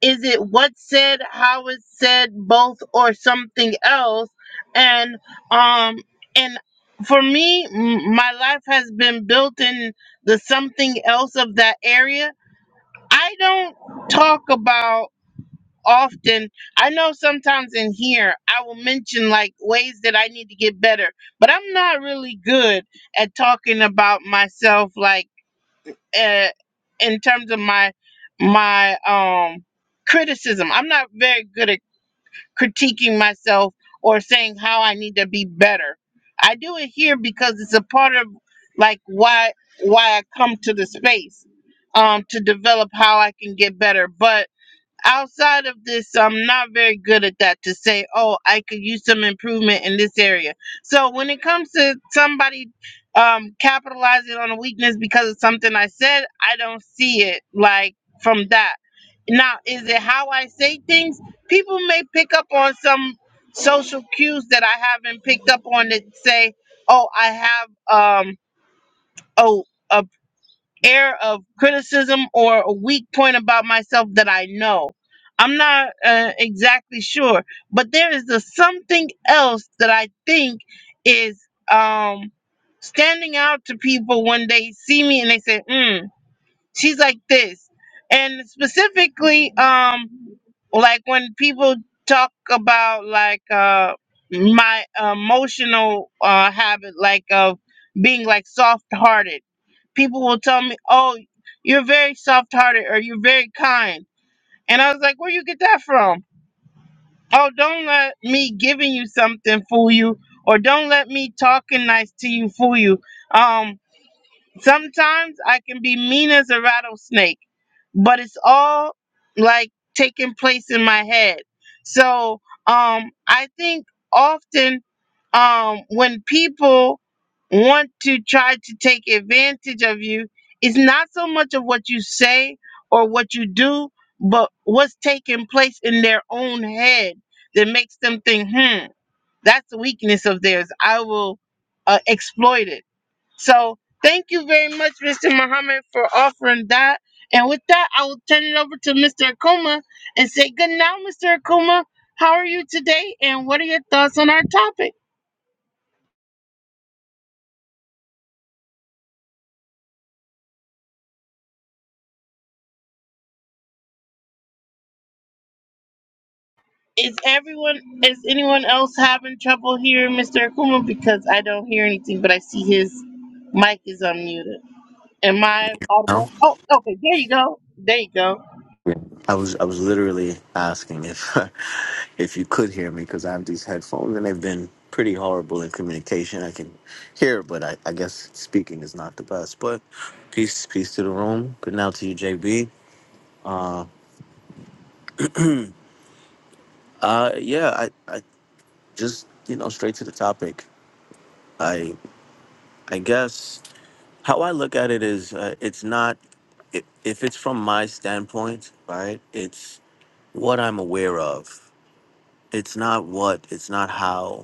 [SPEAKER 1] is it what's said, how it's said, both or something else? And um and for me, m- my life has been built in the something else of that area. I don't talk about often. I know sometimes in here I will mention like ways that I need to get better, but I'm not really good at talking about myself like uh, in terms of my my um criticism. I'm not very good at critiquing myself or saying how I need to be better. I do it here because it's a part of like why why I come to the space um to develop how I can get better. But outside of this, I'm not very good at that to say, oh, I could use some improvement in this area. So when it comes to somebody um, capitalizing on a weakness because of something I said, I don't see it like from that. Now, is it how I say things? People may pick up on some social cues that I haven't picked up on that say, oh, I have um, oh, a air of criticism or a weak point about myself that I know. I'm not uh, exactly sure, but there is a something else that I think is um, standing out to people when they see me and they say, "Hmm." she's like this and specifically um like when people talk about like uh my emotional uh habit like of being like soft hearted people will tell me oh you're very soft hearted or you're very kind and i was like where you get that from oh don't let me giving you something fool you or don't let me talking nice to you fool you um Sometimes I can be mean as a rattlesnake, but it's all like taking place in my head. So um, I think often um, when people want to try to take advantage of you, it's not so much of what you say or what you do, but what's taking place in their own head that makes them think, hmm, that's a weakness of theirs. I will uh, exploit it so thank you very much, Mr. Muhammad, for offering that. And with that, I will turn it over to Mr. Akuma and say good now, Mr. Akuma. How are you today? And what are your thoughts on our topic? Is everyone is anyone else having trouble hearing Mr. Akuma? Because I don't hear anything, but I see his mic is unmuted. Am I
[SPEAKER 4] No,
[SPEAKER 1] audible? Oh, okay, there you go. There you go.
[SPEAKER 4] Yeah. I was I was literally asking if *laughs* if you could hear me because I have these headphones and they've been pretty horrible in communication. I can hear, but I, I guess speaking is not the best. But peace, peace to the room. Good now to you, JB. Uh, yeah, I I just you know straight to the topic. I I guess how I look at it is uh, it's not if, if it's from my standpoint, right? It's what I'm aware of. It's not what. It's not how.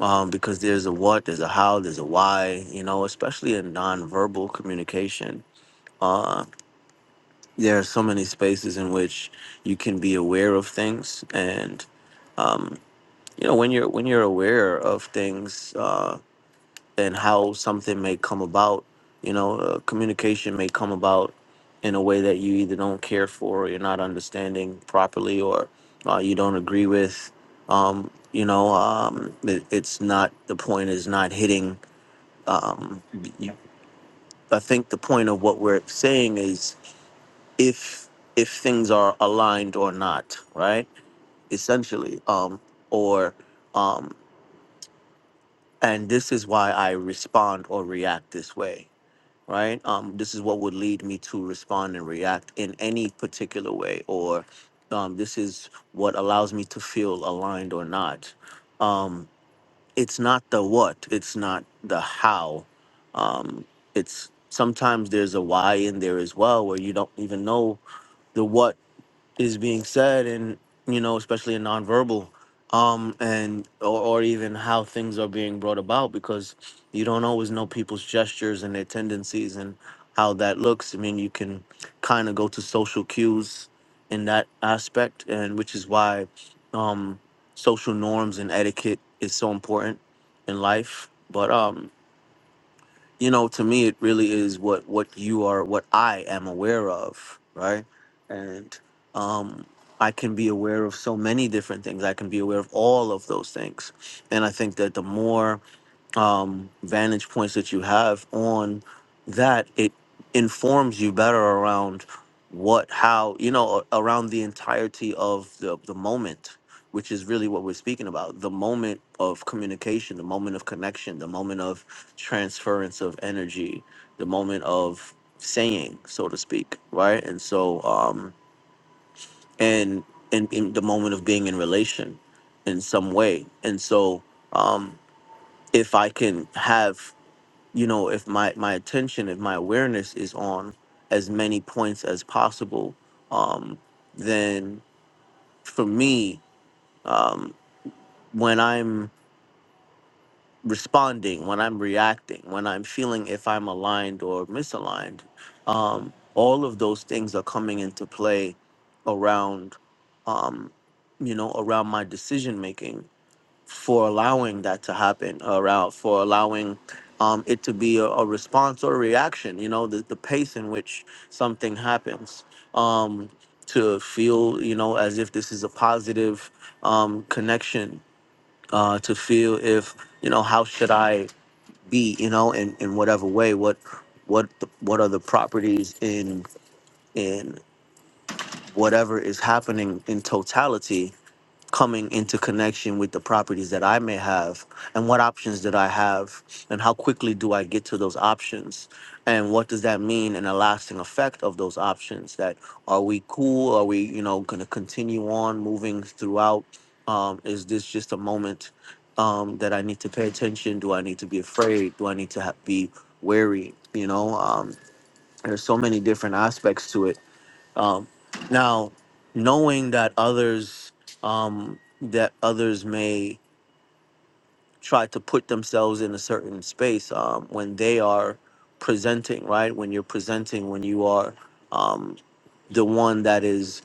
[SPEAKER 4] um, because there's a what, there's a how, there's a why, you know, especially in nonverbal communication. Uh, there are so many spaces in which you can be aware of things, and um, you know, when you're when you're aware of things uh, and how something may come about, you know, uh, communication may come about in a way that you either don't care for, or you're not understanding properly, or uh, you don't agree with. Um, you know, um, it, it's not the point is not hitting um, you- I think the point of what we're saying is if if things are aligned or not, right? Essentially, um, or um, and this is why I respond or react this way, right? Um, this is what would lead me to respond and react in any particular way, or um, this is what allows me to feel aligned or not. Um, it's not the what, it's not the how. Um, it's sometimes there's a why in there as well, where you don't even know the what is being said and you know especially in nonverbal um and or, or even how things are being brought about because you don't always know people's gestures and their tendencies and how that looks i mean you can kind of go to social cues in that aspect and which is why um social norms and etiquette is so important in life but um you know to me it really is what what you are what i am aware of right and um i can be aware of so many different things i can be aware of all of those things and i think that the more um, vantage points that you have on that, it informs you better around what, how, you know, a- around the entirety of the, the moment, which is really what we're speaking about the moment of communication, the moment of connection, the moment of transference of energy, the moment of saying, so to speak, right? And so, um, and in, in the moment of being in relation in some way. And so, um, if I can have you know if my my attention if my awareness is on as many points as possible um then for me um when i'm responding when i'm reacting when i'm feeling if i'm aligned or misaligned um all of those things are coming into play around um you know around my decision making for allowing that to happen uh, Ralph, for allowing um, it to be a, a response or a reaction, you know, the, the pace in which something happens. Um, to feel, you know, as if this is a positive um, connection, uh, to feel if, you know, how should I be, you know, in, in whatever way, what what the, what are the properties in in whatever is happening in totality coming into connection with the properties that I may have and what options that I have and how quickly do I get to those options and what does that mean in a lasting effect of those options that are we cool are we you know going to continue on moving throughout um, is this just a moment um, that I need to pay attention do I need to be afraid do I need to ha- be wary you know um, there's so many different aspects to it um, now, knowing that others um, that others may try to put themselves in a certain space um, when they are presenting, right? When you're presenting, when you are um, the one that is.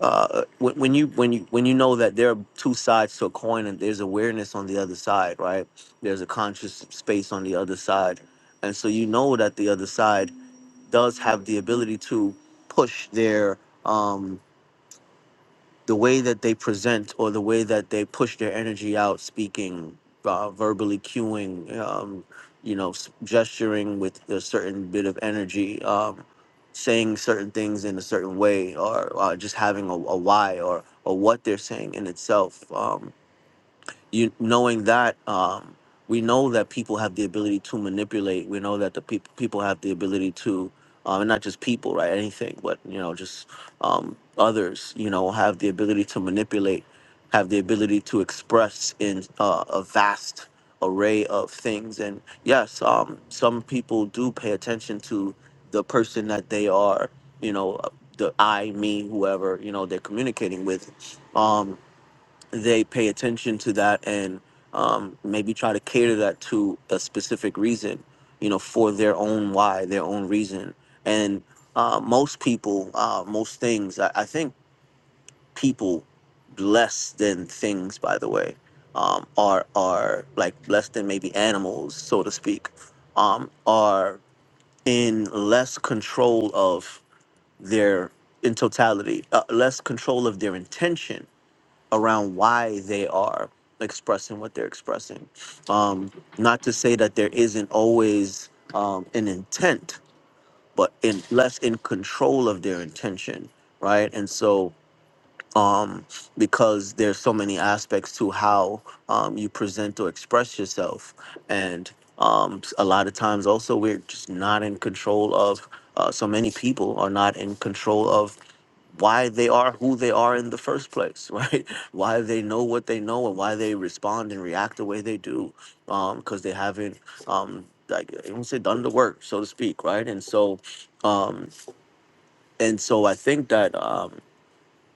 [SPEAKER 4] Uh, when, when you when you when you know that there are two sides to a coin and there's awareness on the other side, right? There's a conscious space on the other side, and so you know that the other side does have the ability to push their um, the way that they present or the way that they push their energy out, speaking, uh, verbally cueing, um, you know, s- gesturing with a certain bit of energy, um, saying certain things in a certain way, or uh, just having a, a why or or what they're saying in itself. Um, you knowing that um, we know that people have the ability to manipulate. We know that the people people have the ability to, um, and not just people, right? Anything, but you know, just um, others. You know, have the ability to manipulate, have the ability to express in uh, a vast array of things. And yes, um, some people do pay attention to the person that they are. You know, uh, the I, me, whoever you know they're communicating with. Um, they pay attention to that and um, maybe try to cater that to a specific reason, you know, for their own why, their own reason. And uh, most people, uh, most things, I, I think people less than things, by the way, um, are are like less than maybe animals, so to speak, um, are in less control of their in totality, uh, less control of their intention around why they are expressing what they're expressing. Um, not to say that there isn't always um, an intent, but in less in control of their intention, right? And so, um, because there's so many aspects to how um, you present or express yourself, and um, a lot of times also we're just not in control of. Uh, so many people are not in control of why they are who they are in the first place, *laughs* right? Why they know what they know and why they respond and react the way they do, because they haven't, um, like I won't say done the work, so to speak, right? And so, um, and so I think that. Um,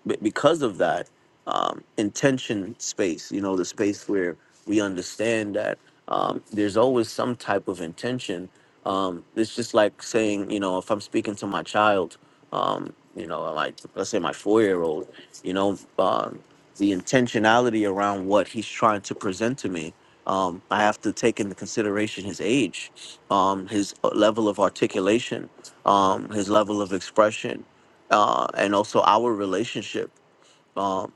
[SPEAKER 4] be- because of that um, intention space you know the space where we understand that um, there's always some type of intention um, it's just like saying you know if i'm speaking to my child um, you know like let's say my four-year-old you know um, the intentionality around what he's trying to present to me um, i have to take into consideration his age um, his uh, level of articulation um, his level of expression uh, and also our relationship. Um,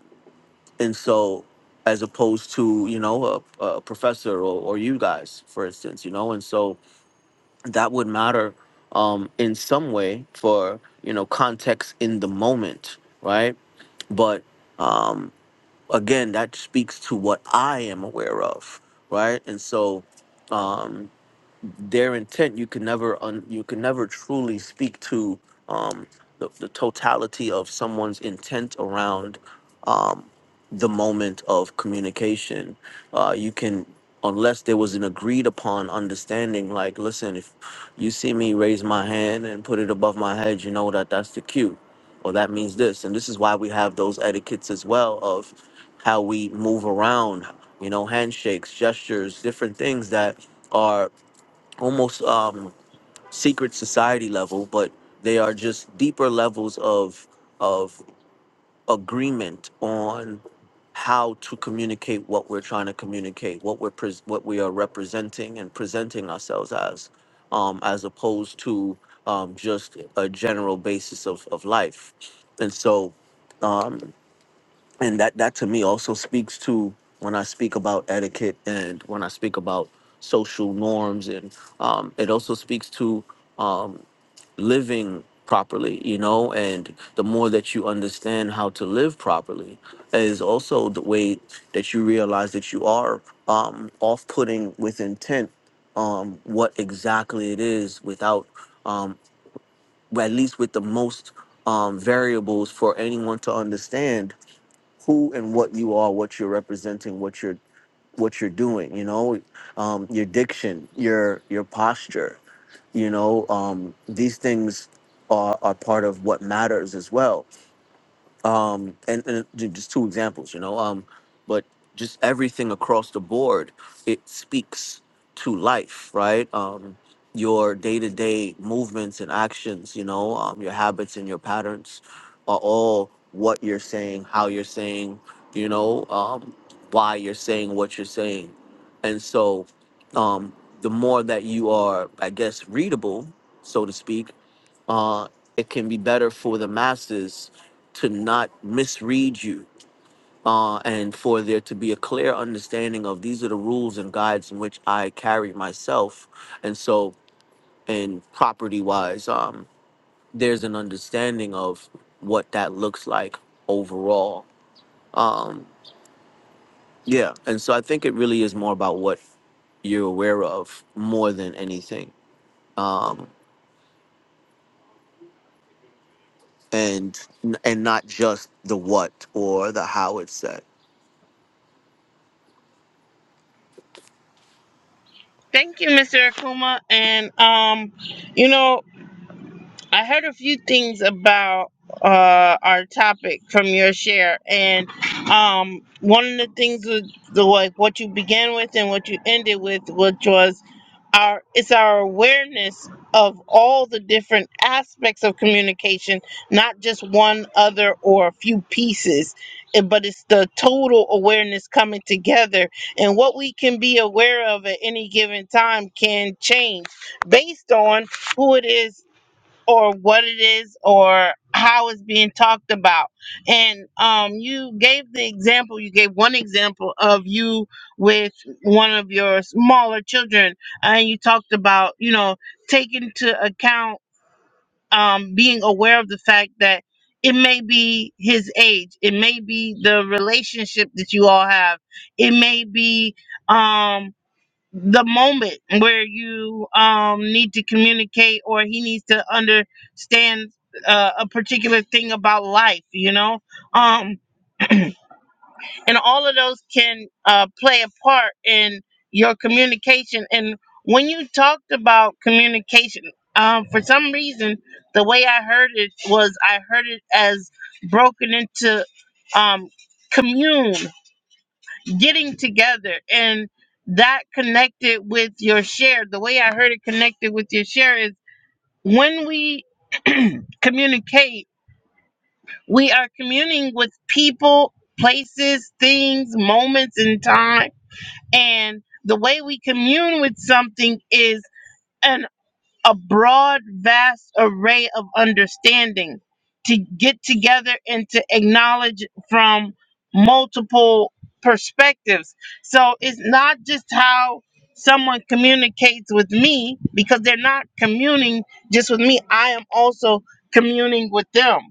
[SPEAKER 4] and so, as opposed to you know a, a professor or, or you guys, for instance, you know, and so that would matter um, in some way for you know context in the moment, right? But um, again, that speaks to what I am aware of, right? And so. Um, their intent you can never un, you can never truly speak to um, the, the totality of someone's intent around um, the moment of communication uh, you can unless there was an agreed upon understanding like listen if you see me raise my hand and put it above my head you know that that's the cue or that means this and this is why we have those etiquettes as well of how we move around you know handshakes gestures different things that are almost um, secret society level, but they are just deeper levels of of agreement on how to communicate what we're trying to communicate, what we're pres what we are representing and presenting ourselves as, um, as opposed to um, just a general basis of of life, and so. Um, and that that to me also speaks to when I speak about etiquette and when I speak about social norms and um, it also speaks to um, living properly you know and the more that you understand how to live properly is also the way that you realize that you are um, off-putting with intent um, what exactly it is without um, well, at least with the most um, variables for anyone to understand who and what you are, what you're representing, what you're what you're doing. You know, um, your diction, your your posture. You know, um, these things are, are part of what matters as well um and, and ju- just two examples you know um but just everything across the board it speaks to life right um your day-to-day movements and actions you know um, your habits and your patterns are all what you're saying how you're saying you know um why you're saying what you're saying and so um the more that you are i guess readable so to speak uh, it can be better for the masses to not misread you uh, and for there to be a clear understanding of these are the rules and guides in which I carry myself. And so, in property wise, um, there's an understanding of what that looks like overall. Um, yeah. And so, I think it really is more about what you're aware of more than anything and and not just the what or the how it's said
[SPEAKER 1] Thank you, Mr. Akuma. And um, you know, I heard a few things about uh, our topic from your share, and um, one of the things was the like what you began with and what you ended with, which was our it's our awareness of all the different aspects of communication, not just one other or a few pieces, eh, but it's the total awareness coming together, and what we can be aware of at any given time can change based on who it is or what it is or how it's being talked about. And um, you gave the example, you gave one example of you with one of your smaller children, and you talked about, you know, taking to account, um, being aware of the fact that it may be his age, it may be the relationship that you all have, it may be. Um, the moment where you um need to communicate or he needs to understand uh, a particular thing about life you know um and all of those can uh play a part in your communication and when you talked about communication um for some reason the way i heard it was i heard it as broken into um commune getting together and that connected with your share the way i heard it connected with your share is when we *clears throat* communicate we are communing with people places things moments in time and the way we commune with something is a broad, vast array of understanding to get together and to acknowledge from multiple perspectives. So it's not just how someone communicates with me because they're not communing just with me. I am also communing with them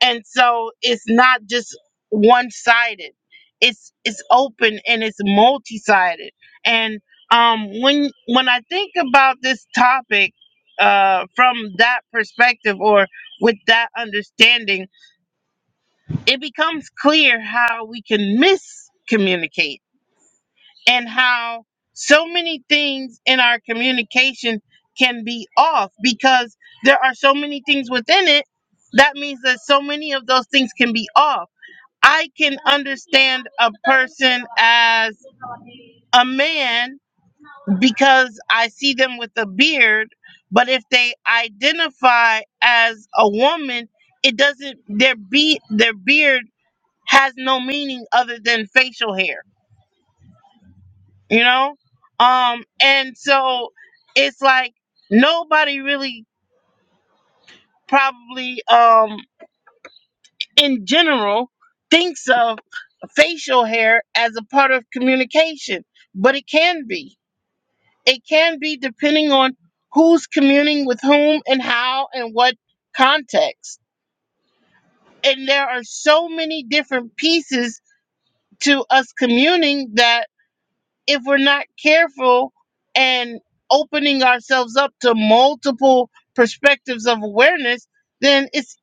[SPEAKER 1] and so it's not just one-sided it's it's open and it's multi-sided and um when when i think about this topic uh from that perspective or with that understanding it becomes clear how we can miscommunicate and how so many things in our communication can be off because there are so many things within it that means that so many of those things can be off I can understand a person as a man because I see them with a beard, but if they identify as a woman, it doesn't their be their beard has no meaning other than facial hair, you know? Um and so it's like nobody really probably um in general thinks of facial hair as a part of communication, but it can be. It can be depending on who's communing with whom and how and what context. And there are so many different pieces to us communing that if we're not careful and opening ourselves up to multiple perspectives of awareness, then it's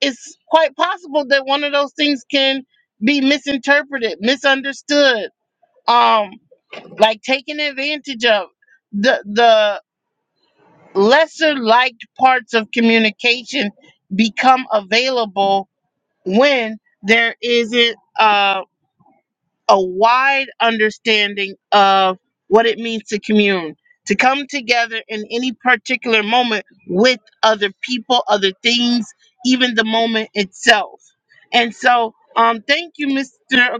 [SPEAKER 1] it's quite possible that one of those things can be misinterpreted, misunderstood, um, like taken advantage of. The the lesser liked parts of communication become available when there isn't uh, a wide understanding of what it means to commune, to come together in any particular moment with other people, other things, even the moment itself. And so, um, thank you, Mr.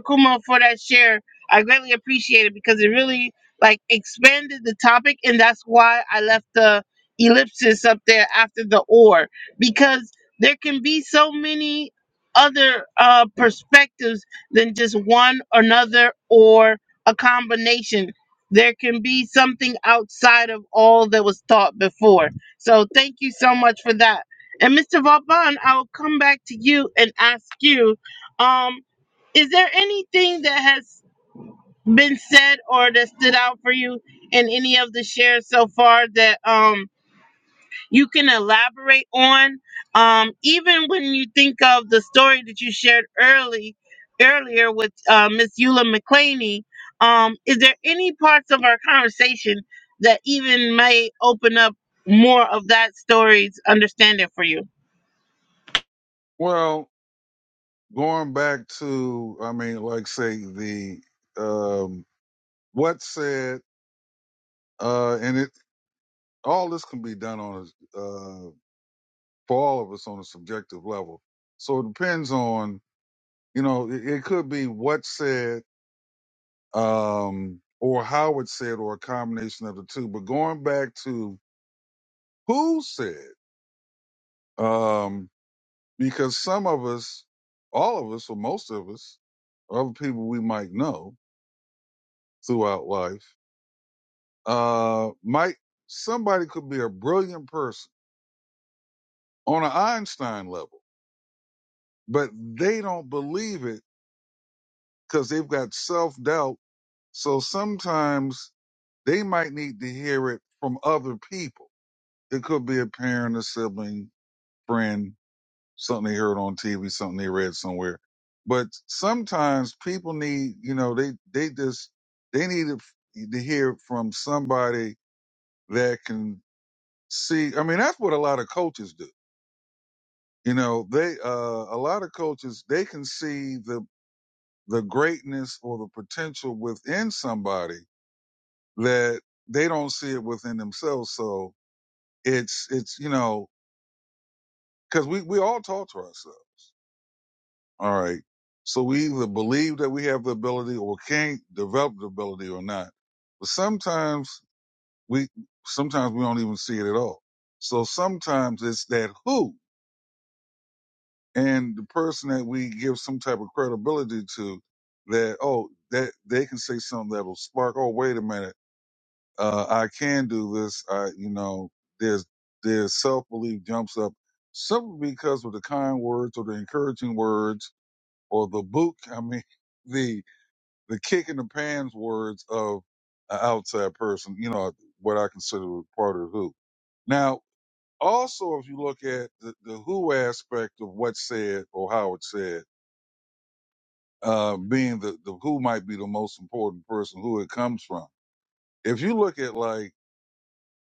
[SPEAKER 1] Akuma, for that share. I greatly appreciate it because it really like expanded the topic, and that's why I left the ellipsis up there after the or because there can be so many other uh, perspectives than just one another or a combination. There can be something outside of all that was taught before. So thank you so much for that. And Mr. Vauban, I'll come back to you and ask you, um, is there anything that has been said or that stood out for you in any of the shares so far that um you can elaborate on. Um, even when you think of the story that you shared early earlier with uh, Miss Eula McClaney, um, is there any parts of our conversation that even may open up more of that story's understanding for you?
[SPEAKER 3] Well, going back to, I mean, like say the um, what's said, uh, and it all this can be done on a uh, for all of us on a subjective level. So it depends on, you know, it, it could be what's said, um, or how it's said, or a combination of the two. But going back to who said, um, because some of us, all of us, or most of us, or other people we might know throughout life, uh, might somebody could be a brilliant person on an Einstein level, but they don't believe it because they've got self doubt So sometimes they might need to hear it from other people. It could be a parent, a sibling, friend, something they heard on TV, something they read somewhere. But sometimes people need, you know, they they just they need it f- to hear it from somebody that can see. I mean, that's what a lot of coaches do. You know, they uh, a lot of coaches they can see the the greatness or the potential within somebody that they don't see it within themselves. So it's, it's, you know, cause we, we all talk to ourselves. All right. So we either believe that we have the ability or can't develop the ability or not. But sometimes we, sometimes we don't even see it at all. So sometimes it's that who and the person that we give some type of credibility to that, oh, that they can say something that'll spark, oh, wait a minute. uh, I can do this. I, you know, there's there's self belief jumps up simply because of the kind words or the encouraging words or the book. *laughs* I mean, the the kick in the pants words of an outside person. You know, what I consider part of who. Now, also, if you look at the, the who aspect of what's said or how it's said, uh, being the, the who might be the most important person, who it comes from. If you look at like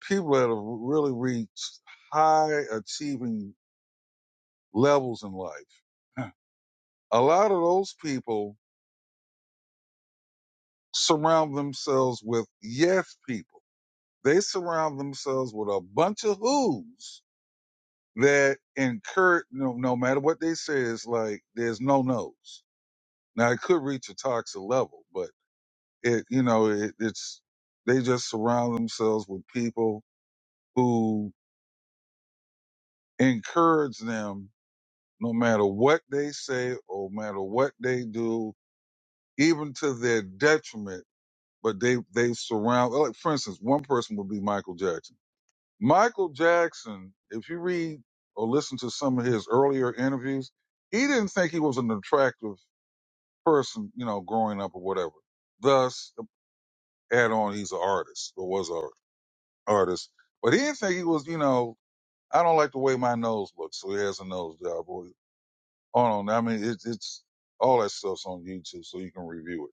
[SPEAKER 3] people that have really reached high achieving levels in life, a lot of those people surround themselves with yes people. They surround themselves with a bunch of who's that encourage, no, no matter what they say, it's like there's no no's. Now it could reach a toxic level, but it, you know, it, it's, they just surround themselves with people who encourage them no matter what they say or matter what they do, even to their detriment. But they they surround. Like for instance, one person would be Michael Jackson. Michael Jackson, if you read or listen to some of his earlier interviews, he didn't think he was an attractive person, you know, growing up or whatever. Thus, add on he's an artist or was an artist, but he didn't think he was, you know, I don't like the way my nose looks, so he has a nose job. Or on and I mean, it, it's all that stuff's on YouTube, so you can review it.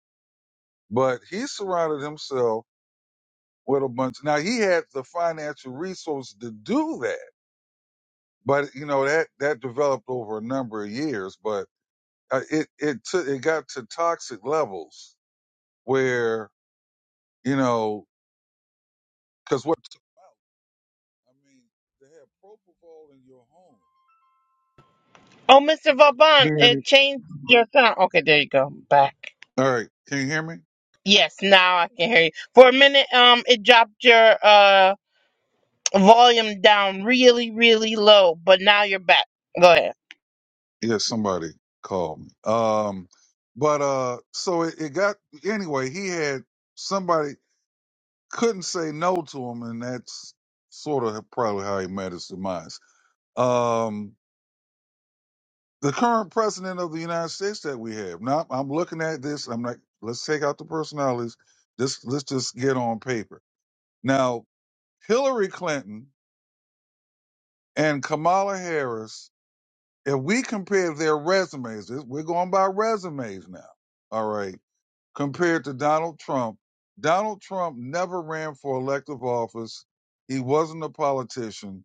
[SPEAKER 3] But he surrounded himself with a bunch. Now he had the financial resources to do that, but you know that that developed over a number of years. But uh, it it took it got to toxic levels where you know because what I mean, to have propofol in your home.
[SPEAKER 1] Oh, Mr. Vauban, it
[SPEAKER 3] Being
[SPEAKER 1] changed your sound. Okay, there you go. Back.
[SPEAKER 3] all right, can you hear me?
[SPEAKER 1] Yes, now I can hear you. For a minute, um, it dropped your uh volume down really, really low, but now you're back. Go ahead.
[SPEAKER 3] Yeah, somebody called me. Um, but uh, so it, it got anyway. He had somebody couldn't say no to him, and that's sort of probably how he met his demise. Um, the current president of the United States that we have now, I'm looking at this. I'm like, let's take out the personalities. This let's just get on paper. Now, Hillary Clinton and Kamala Harris. If we compare their resumes, this- we're going by resumes now. All right compared to Donald Trump. Donald Trump never ran for elective office. He wasn't a politician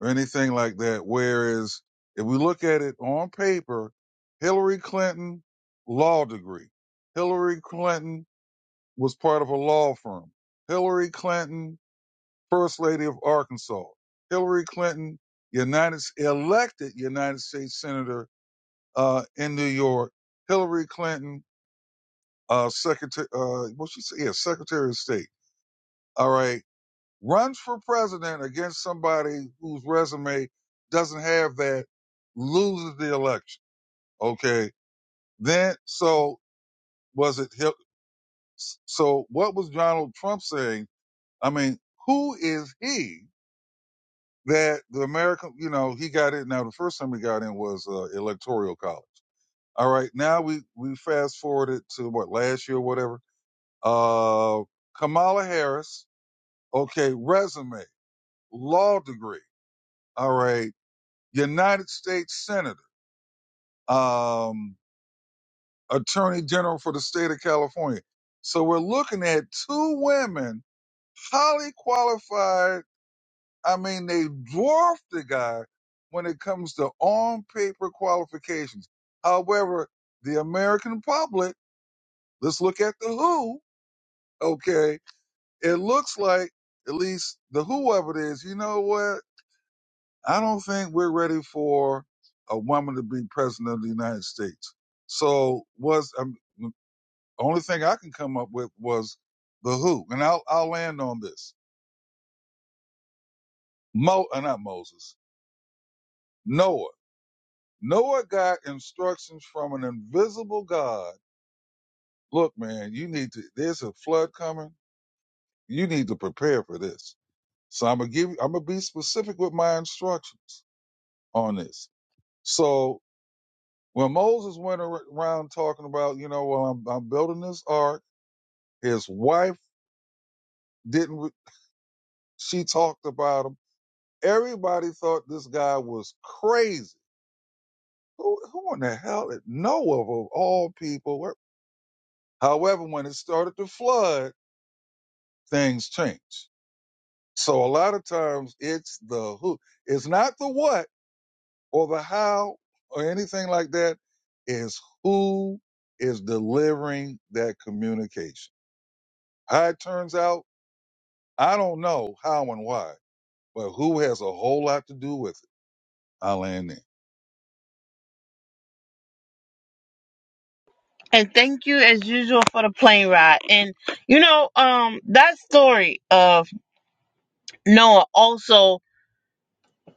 [SPEAKER 3] or anything like that. Whereas if we look at it on paper, Hillary Clinton, law degree. Hillary Clinton was part of a law firm. Hillary Clinton, first lady of Arkansas. Hillary Clinton, United elected United States senator uh, in New York. Hillary Clinton uh, secretary, uh, what she said, yeah, secretary of state. All right. Runs for president against somebody whose resume doesn't have that, loses the election. Okay. Then, so was it, Hil- so what was Donald Trump saying? I mean, who is he that the American, you know, he got in. Now, the first time he got in was uh, electoral college. All right. Now we, we fast forwarded to what last year, or whatever. Uh, Kamala Harris Okay, resume, law degree. All right, United States Senator, um, Attorney General for the state of California. So we're looking at two women, highly qualified. I mean, they dwarf the guy when it comes to on paper qualifications. However, the American public, let's look at the who. Okay, it looks like at least the whoever it is. You know what? I don't think we're ready for a woman to be president of the United States. So was um, the only thing I can come up with was the who, and I'll I'll land on this. Mo, uh, not Moses, Noah. Noah got instructions from an invisible God. Look, man, you need to. There's a flood coming. You need to prepare for this. So I'm gonna give. I'm gonna be specific with my instructions on this. So Well, Moses went ar- around talking about, you know, well, I'm, I'm building this ark. His wife didn't, re- she talked about him. Everybody thought this guy was crazy. Who, who in the hell did Noah of all people? were- However, when it started to flood, things changed. So a lot of times it's the who. It's not the what or the how or anything like that. Is who is delivering that communication. How it turns out I don't know how and why, but who has a whole lot to do with it? I land there.
[SPEAKER 1] And thank you as usual for the plane ride. And you know, um, that story of Noah also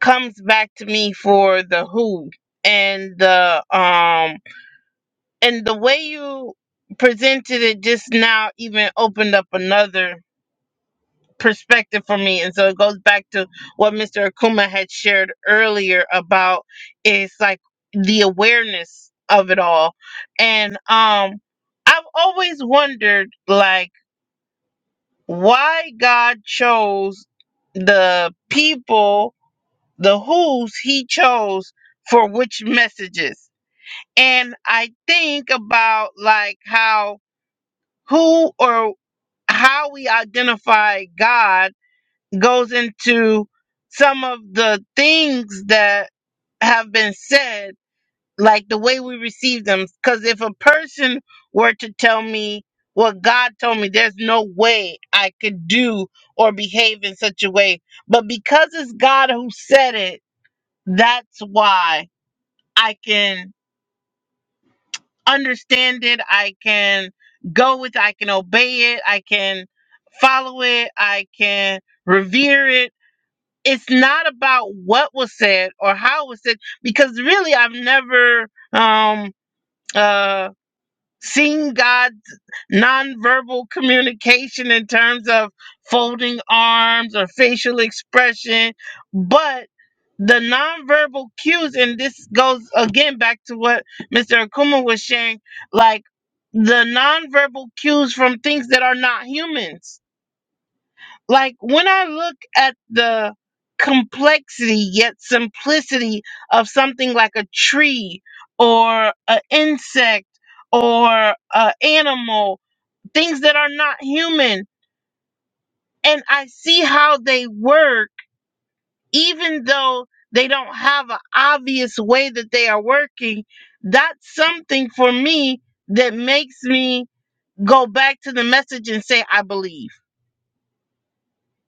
[SPEAKER 1] comes back to me for the who and the um and the way you presented it just now even opened up another perspective for me. And so it goes back to what Mr. Akuma had shared earlier about it's like the awareness of it all. And um I've always wondered like why God chose the people, the who's he chose for which messages. And I think about like how who or how we identify God goes into some of the things that have been said like the way we receive them. Because if a person were to tell me what God told me, there's no way I could do or behave in such a way. But because it's God who said it, that's why I can understand it. I can go with it. I can obey it. I can follow it. I can revere it. It's not about what was said or how it was said, because really I've never um, uh, Seeing God's nonverbal communication in terms of folding arms or facial expression, but the nonverbal cues, and this goes again back to what Mr. Akuma was sharing, like the nonverbal cues from things that are not humans like when I look at the complexity yet simplicity of something like a tree or an insect or an animal, things that are not human, and I see how they work, even though they don't have an obvious way that they are working, that's something for me that makes me go back to the message and say, I believe.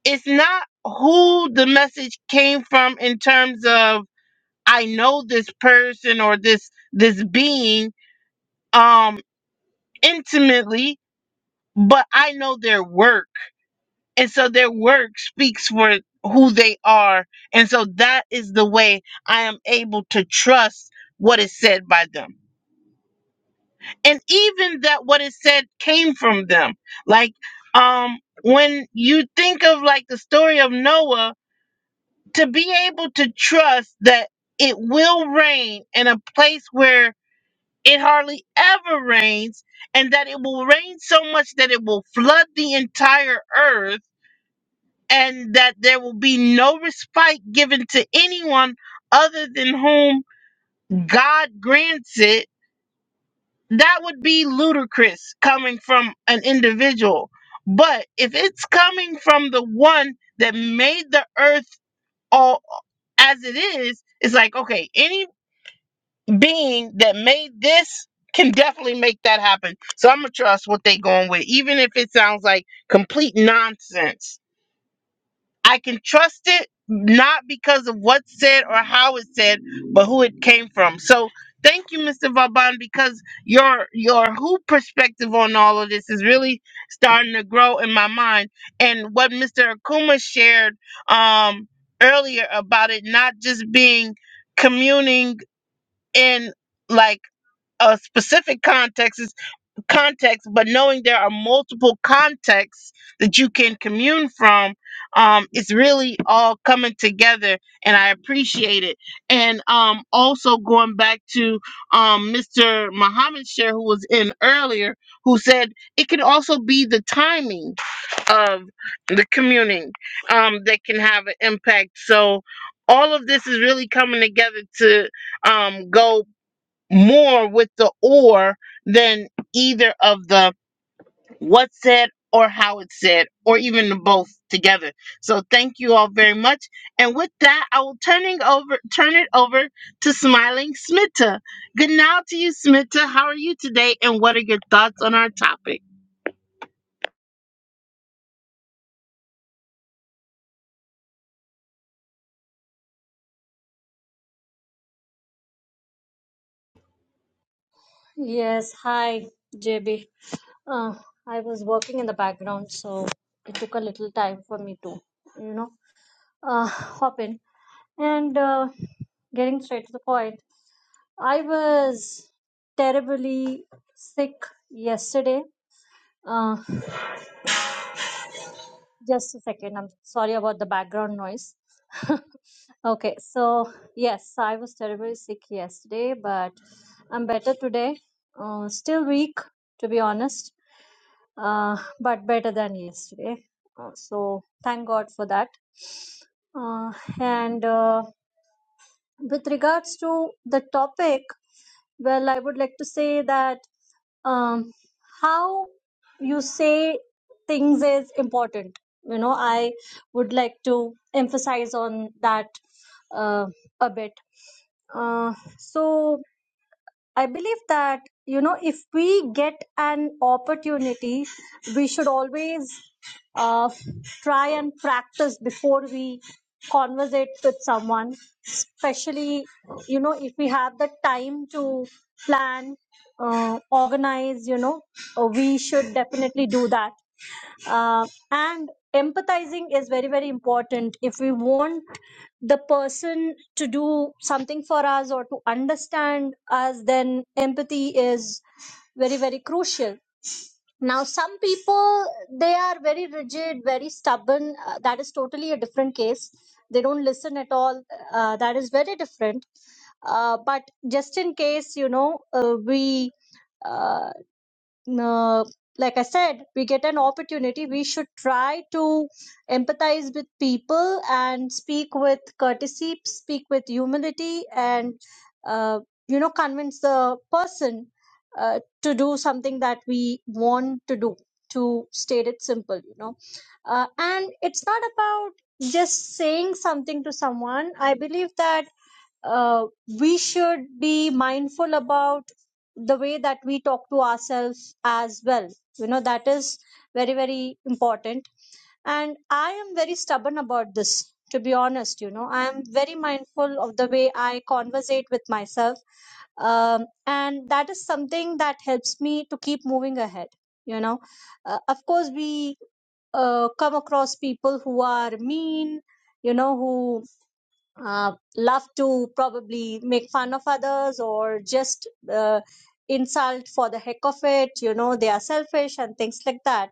[SPEAKER 1] it's not who the message came from in terms of I know this person or this this being um intimately, but I know their work. And so their work speaks for who they are. And so that is the way I am able to trust what is said by them. And even that what is said came from them. Like um when you think of like the story of Noah to be able to trust that it will rain in a place where it hardly ever rains and that it will rain so much that it will flood the entire earth and that there will be no respite given to anyone other than whom God grants it that would be ludicrous coming from an individual but if it's coming from the one that made the earth all as it is, it's like, okay, any being that made this can definitely make that happen. So I'm gonna trust what they going with, even if it sounds like complete nonsense. I can trust it not because of what's said or how it's said, but who it came from. So thank you, Mr. Vaban, because your your who perspective on all of this is really starting to grow in my mind. And what Mr. Akuma shared um earlier about it not just being communing in like a specific context context, but knowing there are multiple contexts that you can commune from, um, it's really all coming together, and I appreciate it. And um, also going back to um, Mr. Muhammad Share, who was in earlier, who said it can also be the timing of the communing um, that can have an impact. So all of this is really coming together to um, go more with the or than either of the what's said or how it's said, or even the both together. So thank you all very much. And with that, I will turning over turn it over to smiling Smitta. Good now to you, Smitta. How are you today and what are your thoughts on our topic?
[SPEAKER 5] Yes, hi, JB. Uh, I was working in the background, so it took a little time for me to, you know, uh, hop in. And uh, getting straight to the point, I was terribly sick yesterday. Uh, just a second, I'm sorry about the background noise. *laughs* Okay, so yes, I was terribly sick yesterday, but I'm better today. Uh, still weak, to be honest uh, but better than yesterday. Uh, so thank God for that. Uh, and uh, with regards to the topic, well, I would like to say that um, how you say things is important. You know, I would like to emphasize on that uh, a bit. Uh, so I believe that, you know, if we get an opportunity, we should always uh, try and practice before we conversate with someone, especially, you know, if we have the time to plan, uh, organize, you know, uh, we should definitely do that uh, and empathizing is very very important if we want the person to do something for us or to understand us then empathy is very very crucial now some people they are very rigid very stubborn uh, that is totally a different case they don't listen at all uh, that is very different uh, but just in case you know uh, we uh, uh, like I said, we get an opportunity. We should try to empathize with people and speak with courtesy, speak with humility, and uh, you know, convince the person uh, to do something that we want to do. To state it simple, you know, uh, and it's not about just saying something to someone. I believe that uh, we should be mindful about the way that we talk to ourselves as well. You know, that is very, very important. And I am very stubborn about this, to be honest. You know, I am very mindful of the way I conversate with myself. Um, and that is something that helps me to keep moving ahead. You know, uh, of course, we uh, come across people who are mean, you know, who uh, love to probably make fun of others or just uh, insult for the heck of it you know they are selfish and things like that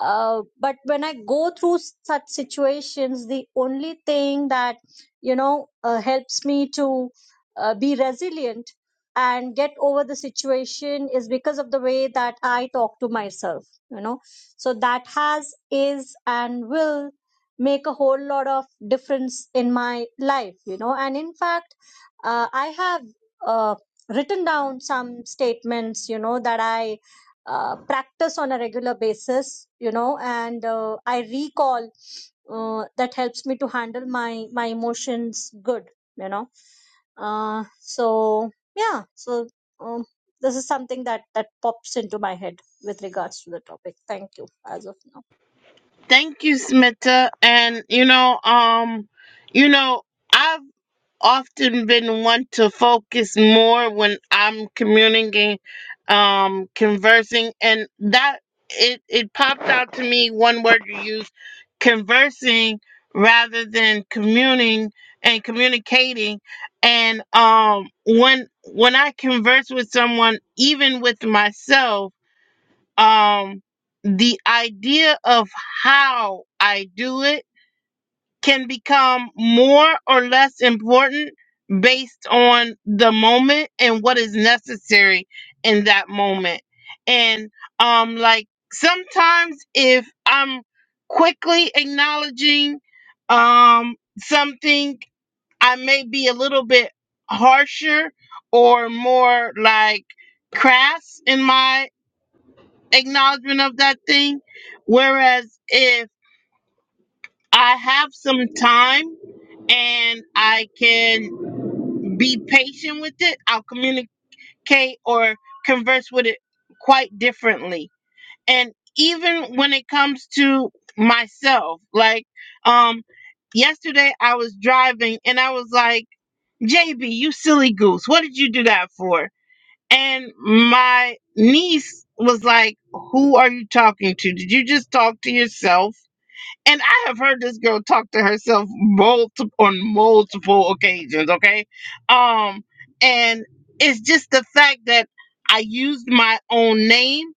[SPEAKER 5] uh, but when i go through s- such situations the only thing that you know uh, helps me to uh, be resilient and get over the situation is because of the way that i talk to myself you know so that has is and will make a whole lot of difference in my life you know and in fact uh, i have uh, written down some statements you know that i uh, practice on a regular basis you know and uh, i recall uh, that helps me to handle my my emotions good you know uh, so yeah so um, this is something that that pops into my head with regards to the topic thank you as of now
[SPEAKER 1] Thank you, Smitta. And you know, um, you know, I've often been one to focus more when I'm communicating, um, conversing, and that it it popped out to me one word you use, conversing rather than communing and communicating. And um, when when I converse with someone, even with myself, um, the idea of how I do it can become more or less important based on the moment and what is necessary in that moment. And um like sometimes if I'm quickly acknowledging um something I may be a little bit harsher or more like crass in my acknowledgement of that thing whereas if I have some time and I can be patient with it, I'll communicate or converse with it quite differently. And even when it comes to myself, like um yesterday I was driving and I was like, "JB, you silly goose. What did you do that for?" And my niece was like, "Who are you talking to? Did you just talk to yourself?" And I have heard this girl talk to herself multiple on multiple occasions, okay? Um and it's just the fact that I used my own name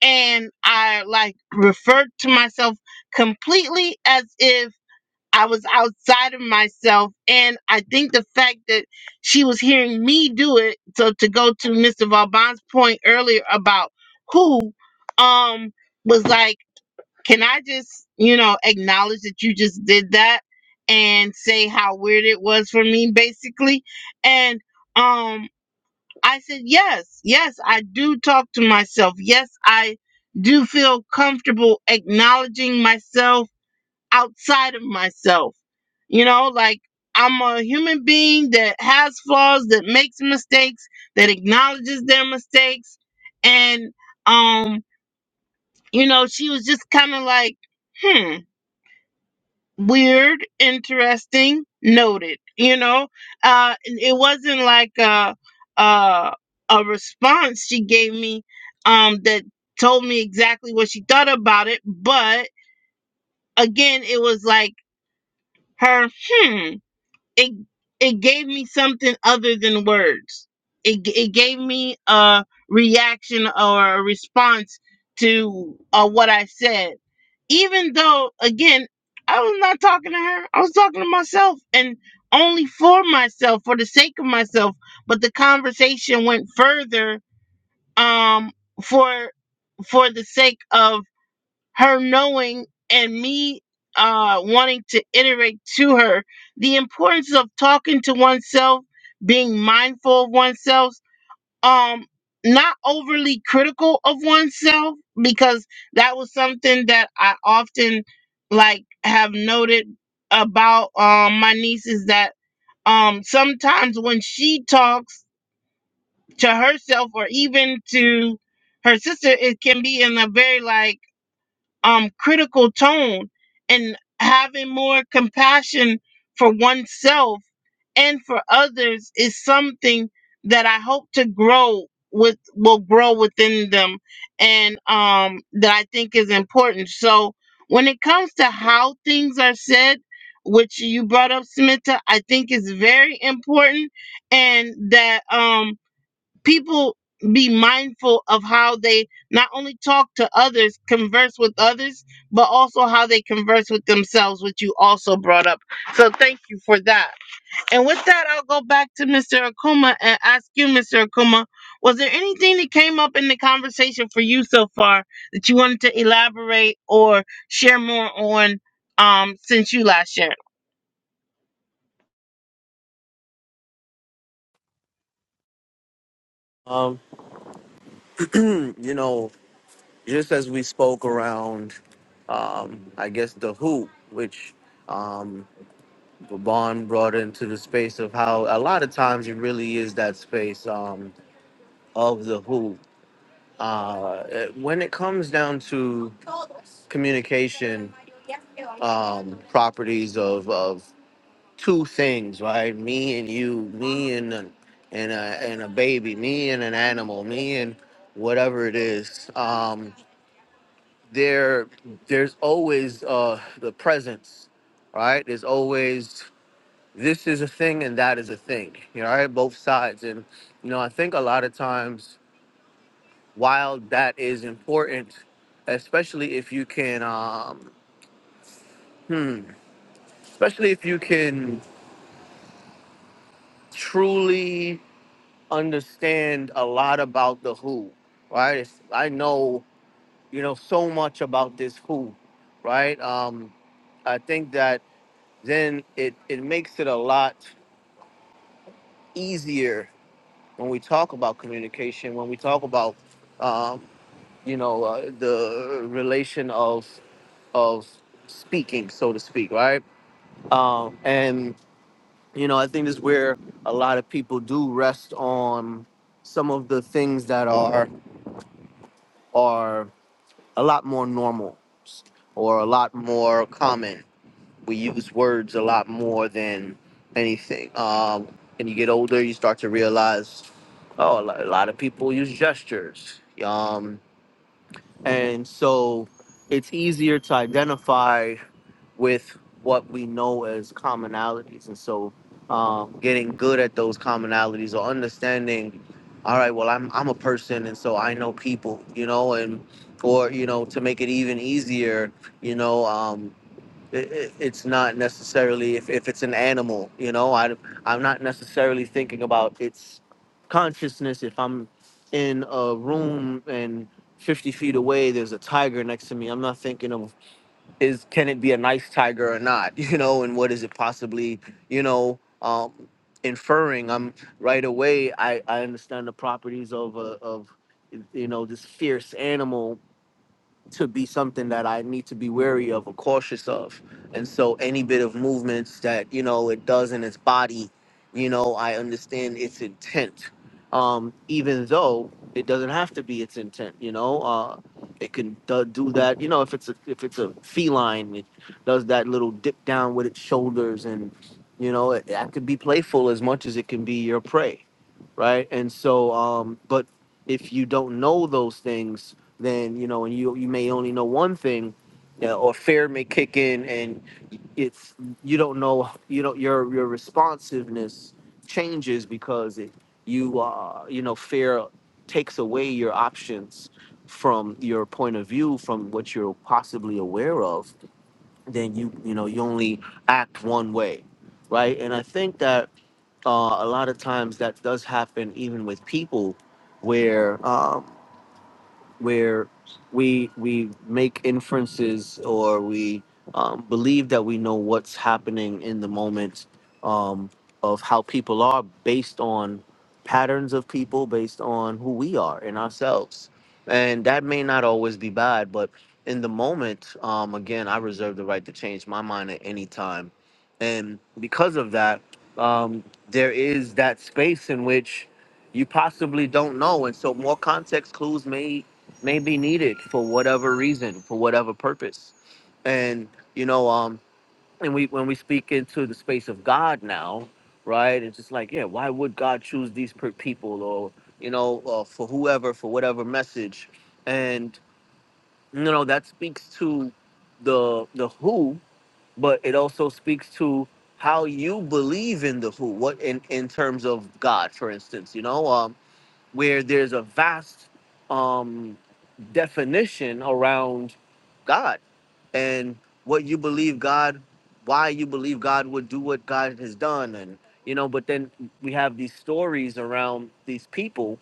[SPEAKER 1] and I like referred to myself completely as if I was outside of myself and I think the fact that she was hearing me do it so to go to Mr. Vauban's point earlier about who um was like can I just, you know, acknowledge that you just did that and say how weird it was for me, basically? And um, I said, yes, yes, I do talk to myself. Yes, I do feel comfortable acknowledging myself outside of myself. You know, like I'm a human being that has flaws, that makes mistakes, that acknowledges their mistakes. And, um, you know, she was just kind of like, hmm weird, interesting, noted. You know, uh, it wasn't like a, a a response she gave me um, that told me exactly what she thought about it. But again, it was like her, hmm it it gave me something other than words. It g- it gave me a reaction or a response to uh, what I said, even though again I was not talking to her. I was talking to myself and only for myself, for the sake of myself. But the conversation went further um, for for the sake of her knowing and me uh, wanting to iterate to her the importance of talking to oneself, being mindful of oneself, um, not overly critical of oneself, because that was something that I often like have noted about um, my niece is that um, sometimes when she talks to herself or even to her sister, it can be in a very like um critical tone and having more compassion for oneself and for others is something that I hope to grow with will grow within them and um that I think is important. So when it comes to how things are said, which you brought up, Samantha, I think is very important and that um people be mindful of how they not only talk to others, converse with others, but also how they converse with themselves, which you also brought up. So thank you for that. And with that, I'll go back to Mr. Akuma and ask you, Mr. Akuma, was there anything that came up in the conversation for you so far that you wanted to elaborate or share more on um, since you last shared?
[SPEAKER 4] um you know just as we spoke around, um, I guess the hoop, which um, Vaughn brought into the space of how a lot of times it really is that space um, of the hoop. When it comes down to communication, um, properties of of two things, right? Me and you, me and a, and a and a baby, me and an animal, me and whatever it is. Um, there there's always uh the presence right there's always this is a thing and that is a thing you know right both sides and you know i think a lot of times while that is important especially if you can um hmm, especially if you can truly understand a lot about the who right it's, i know you know so much about this who right um i think that then it, it makes it a lot easier when we talk about communication, when we talk about, um, you know, uh, the relation of of speaking, so to speak, right? Um, and you know, I think this is where a lot of people do rest on some of the things that are are a lot more normal or a lot more common we use words a lot more than anything. Um, and you get older, you start to realize, oh, a lo- a lot of people use gestures. Um, and so it's easier to identify with what we know as commonalities. And so um, getting good at those commonalities or understanding, all right, well, I'm, I'm a person and so I know people, you know, and, or, you know, to make it even easier, you know, um it, it- it's not necessarily if, if it's an animal you know I, i'm not necessarily thinking about its consciousness if i'm in a room and 50 feet away there's a tiger next to me i'm not thinking of is can it be a nice tiger or not *laughs* you know and what is it possibly you know um, inferring i'm right away i, I understand the properties of a, of you know this fierce animal to be something that I need to be wary of or cautious of. And so any bit of movements that, you know, it does in its body, you know, I understand its intent. Um, even though it doesn't have to be its intent, you know, uh, it can do do that, you know, if it's a, if it's a feline, it does that little dip down with its shoulders and, you know, it, that could be playful as much as it can be your prey. Right. And so, um, but if you don't know those things, then you know, and you you may only know one thing, yeah, or fear may kick in, and it's you don't know you don't your your responsiveness changes because it you uh you know fear takes away your options from your point of view from what you're possibly aware of then you you know you only act one way right and i think that uh, a lot of times that does happen even with people where um, where we we make inferences or we um, believe that we know what's happening in the moment um, of how people are based on patterns of people based on who we are in ourselves and that may not always be bad but in the moment um, again i reserve the right to change my mind at any time and because of that um, there is that space in which you possibly don't know and so more context clues may may be needed for whatever reason, for whatever purpose. And you know, um, and we when we speak into the space of God now, right? It's just like, yeah, why would God choose these per- people, or you know, uh, for whoever, for whatever message? And you know, that speaks to the the who, but it also speaks to how you believe in the who. What in in terms of God, for instance, you know, um, where there's a vast um, definition around God and what you believe God, why you believe God would do what God has done, and you know. But then we have these stories around these people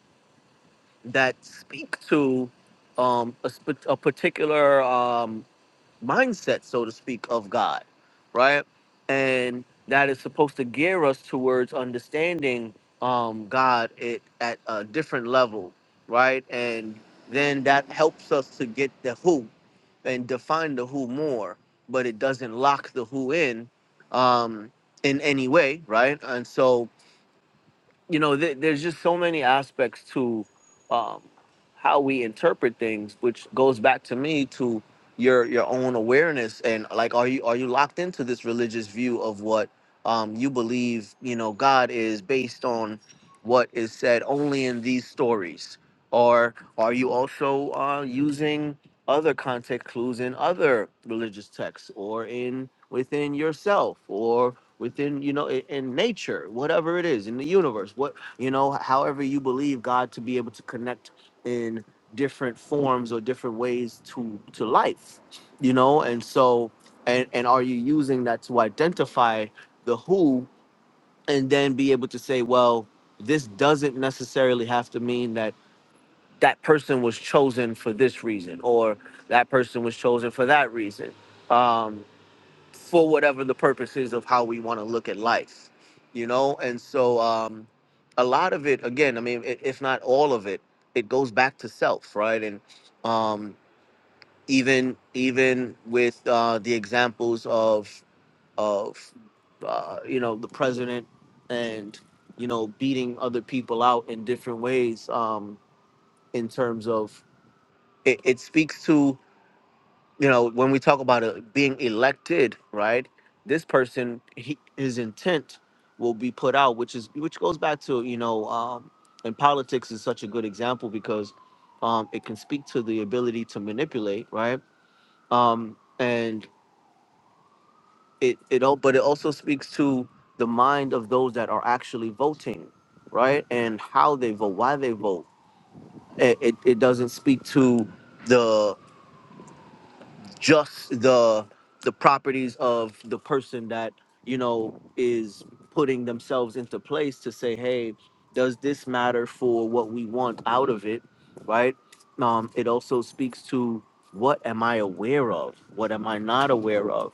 [SPEAKER 4] that speak to um, a, sp- a particular um, mindset, so to speak, of God, right? And that is supposed to gear us towards understanding um, God it, at a different level, right? And then that helps us to get the who and define the who more, but it doesn't lock the who in um, in any way, right? And so you know, th- there's just so many aspects to um, how we interpret things, which goes back to me to your your own awareness and like, are you are you locked into this religious view of what um, you believe? You know, God is based on what is said only in these stories, or are you also uh, using other context clues in other religious texts or in within yourself, or within you know in, in nature whatever it is in the universe what you know however you believe god to be able to connect in different forms or different ways to to life you know and so and and are you using that to identify the who and then be able to say well this doesn't necessarily have to mean that that person was chosen for this reason or that person was chosen for that reason Um, for whatever the purpose is of how we want to look at life, you know? And so um, a lot of it, again, I mean, i- if not all of it, it goes back to self, right? And um, even even with uh, the examples of of uh, you know the president and you know beating other people out in different ways um, in terms of it, it speaks to you know, when we talk about uh being elected, right? This person, he, his intent will be put out, which is which goes back to you know, um, and politics is such a good example because um, it can speak to the ability to manipulate, right? Um, and it it all, but it also speaks to the mind of those that are actually voting, right? And how they vote, why they vote. It it, it doesn't speak to just the the properties of the person that you know is putting themselves into place to say hey does this matter for what we want out of it right um it also speaks to what am i aware of what am i not aware of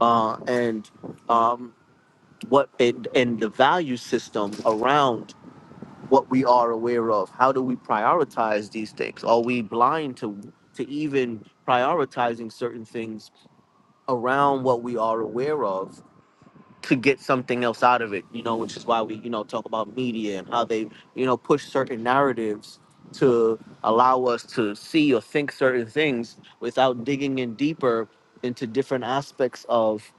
[SPEAKER 4] uh and um what and, and the value system around what we are aware of how do we prioritize these things are we blind to to even prioritizing certain things around what we are aware of to get something else out of it, you know, which is why we, you know, talk about media and how they, you know, push certain narratives to allow us to see or think certain things without digging in deeper into different aspects of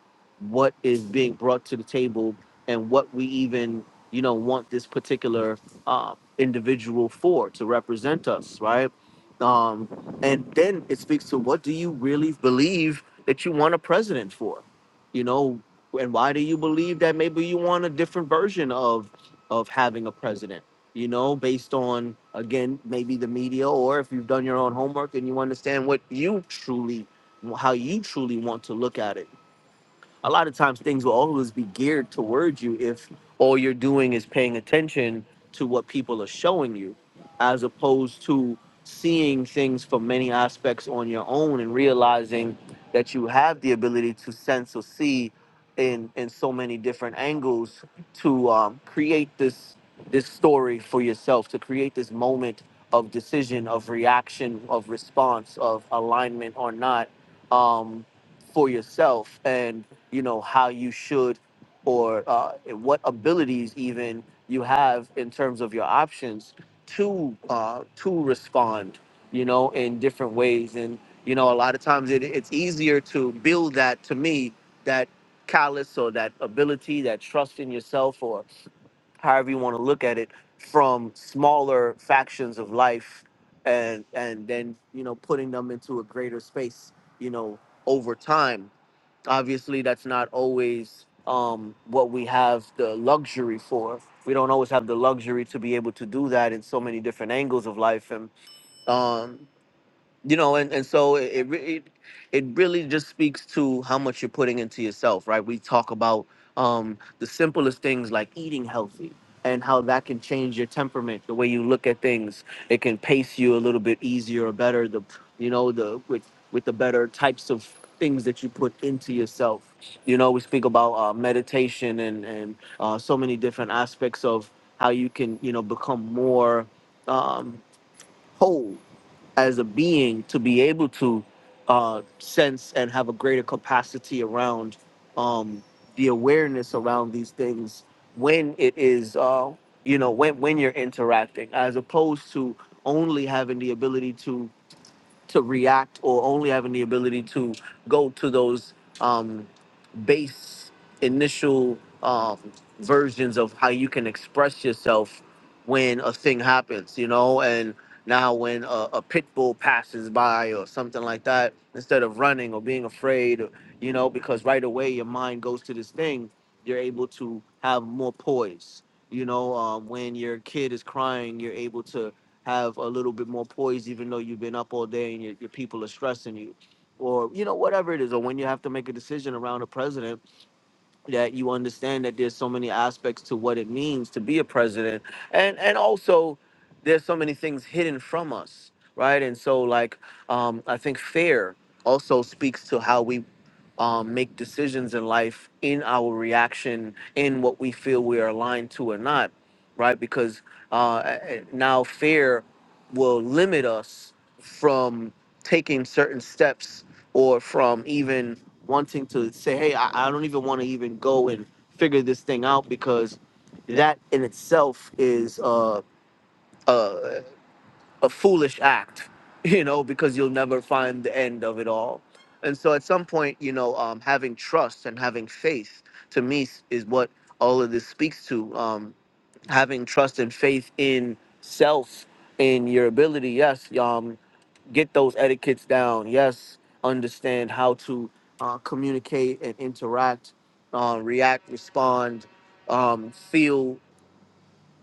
[SPEAKER 4] what is being brought to the table and what we even, you know, want this particular uh, individual for to represent us, right? Um, and then it speaks to what do you really believe that you want a president for? you know and why do you believe that maybe you want a different version of of having a president you know based on again maybe the media or if you've done your own homework and you understand what you truly how you truly want to look at it a lot of times things will always be geared towards you if all you're doing is paying attention to what people are showing you as opposed to seeing things from many aspects on your own and realizing that you have the ability to sense or see in in so many different angles to um, create this this story for yourself to create this moment of decision of reaction of response of alignment or not um, for yourself and you know how you should or uh, what abilities even you have in terms of your options to uh, to respond you know in different ways and you know a lot of times it, it's easier to build that to me that callous or that ability that trust in yourself or however you want to look at it from smaller factions of life and and then you know putting them into a greater space you know over time obviously that's not always um, what we have the luxury for we don't always have the luxury to be able to do that in so many different angles of life and um, you know and, and so it, it re- it it really just speaks to how much you're putting into yourself right we talk about um the simplest things like eating healthy and how that can change your temperament the way you look at things it can pace you a little bit easier or better the you know the with with the better types of things that you put into yourself you know we speak about uh, meditation and and uh, so many different aspects of how you can you know become more um, whole as a being to be able to uh, sense and have a greater capacity around um, the awareness around these things when it is uh, you know when when you're interacting as opposed to only having the ability to to react or only having the ability to go to those um, base initial um, versions of how you can express yourself when a thing happens, you know, and now when a, a pit bull passes by or something like that, instead of running or being afraid, or, you know, because right away your mind goes to this thing, you're able to have more poise. You know, um, when your kid is crying, you're able to have a little bit more poise, even though you've been up all day and your, your people are stressing you, or you know whatever it is, or when you have to make a decision around a president, that you understand that there's so many aspects to what it means to be a president, and and also there's so many things hidden from us, right? And so like um, I think fear also speaks to how we um, make decisions in life in our reaction in what we feel we are aligned to or not, right? Because uh, eh, now fear will limit us from taking certain steps or from even wanting to say, hey, I, I don't even want to even go and figure this thing out because that in itself is uh, uh, a foolish act, *laughs* you know, because you'll never find the end of it all. And so at some point, you know, um, having trust and having faith to me s- is what all of this speaks to. Um, having trust and faith in self, in your ability. Yes, um, get those etiquettes down. Yes, understand how to uh, communicate and interact, uh, react, respond, um, feel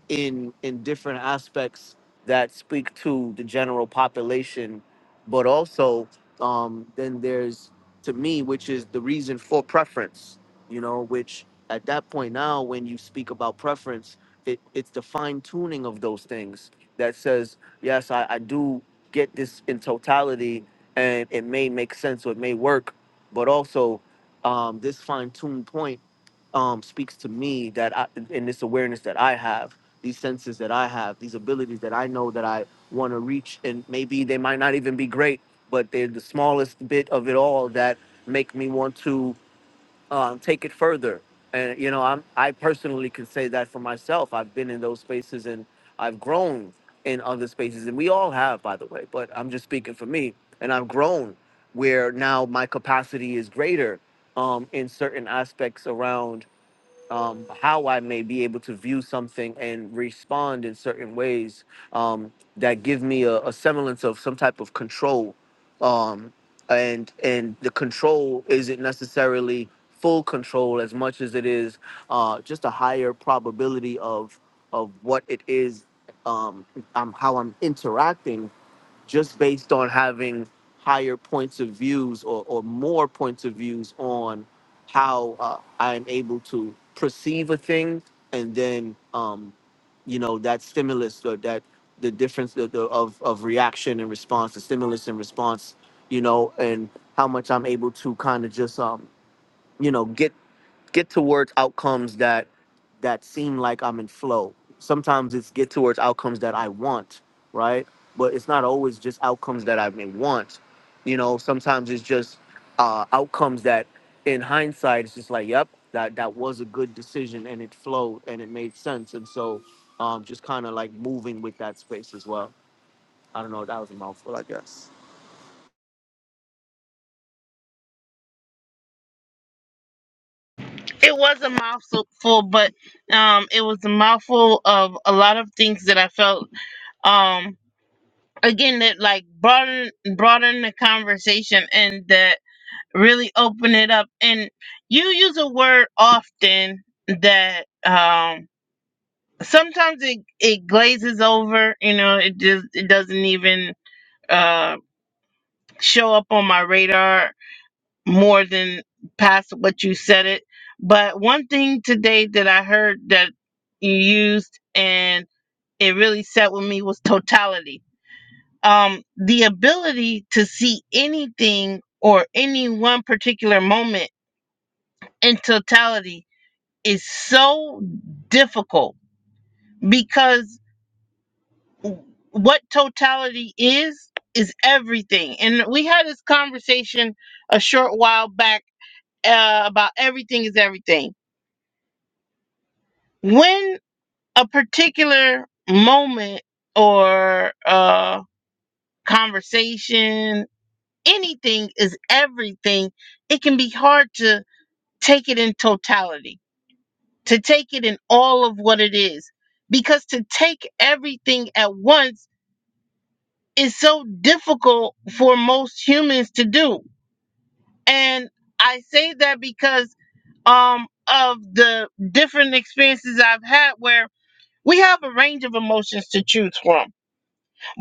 [SPEAKER 4] in in different aspects that speak to the general population but also um then there's to me which is the reason for preference you know which at that point now when you speak about preference it, it's the fine tuning of those things that says yes I, I do get this in totality and it may make sense or it may work but also um, this fine-tuned point um, speaks to me that I, and this awareness that I have, these senses that I have, these abilities that I know that I want to reach, and maybe they might not even be great, but they're the smallest bit of it all that make me want to um, take it further. And you know, I'm I personally can say that for myself. I've been in those spaces and I've grown in other spaces, and we all have, by the way. But I'm just speaking for me, and I've grown where now my capacity is greater um, in certain aspects around um, how I may be able to view something and respond in certain ways um, that give me a, a semblance of some type of control. Um, and and the control isn't necessarily full control as much as it is uh, just a higher probability of of what it is um, I'm how I'm interacting just based on having higher points of views or, or more points of views on how uh, I'm able to perceive a thing and then um, you know that stimulus or that the difference of, of of reaction and response, the stimulus and response, you know, and how much I'm able to kind of just um, you know get get towards outcomes that that seem like I'm in flow. Sometimes it's get towards outcomes that I want, right? But it's not always just outcomes that I may want. You know, sometimes it's just uh, outcomes that, in hindsight, it's just like, yep, that that was a good decision and it flowed and it made sense. And so, um, just kind of like moving with that space as well. I don't know. That was a mouthful, I guess.
[SPEAKER 1] It was a mouthful, but um, it was a mouthful of a lot of things that I felt um again that like broaden broaden the conversation and that really open it up. And you use a word often that um sometimes it it glazes over. You know, it just it doesn't even uh show up on my radar more than past what you said it. But one thing today that I heard that you used and it really sat with me was totality. Um, the ability to see anything or any one particular moment in totality is so difficult because what totality is is everything. And we had this conversation a short while back uh, about everything is everything when a particular moment or uh conversation anything is everything it can be hard to take it in totality to take it in all of what it is because to take everything at once is so difficult for most humans to do and i say that because um of the different experiences I've had where we have a range of emotions to choose from.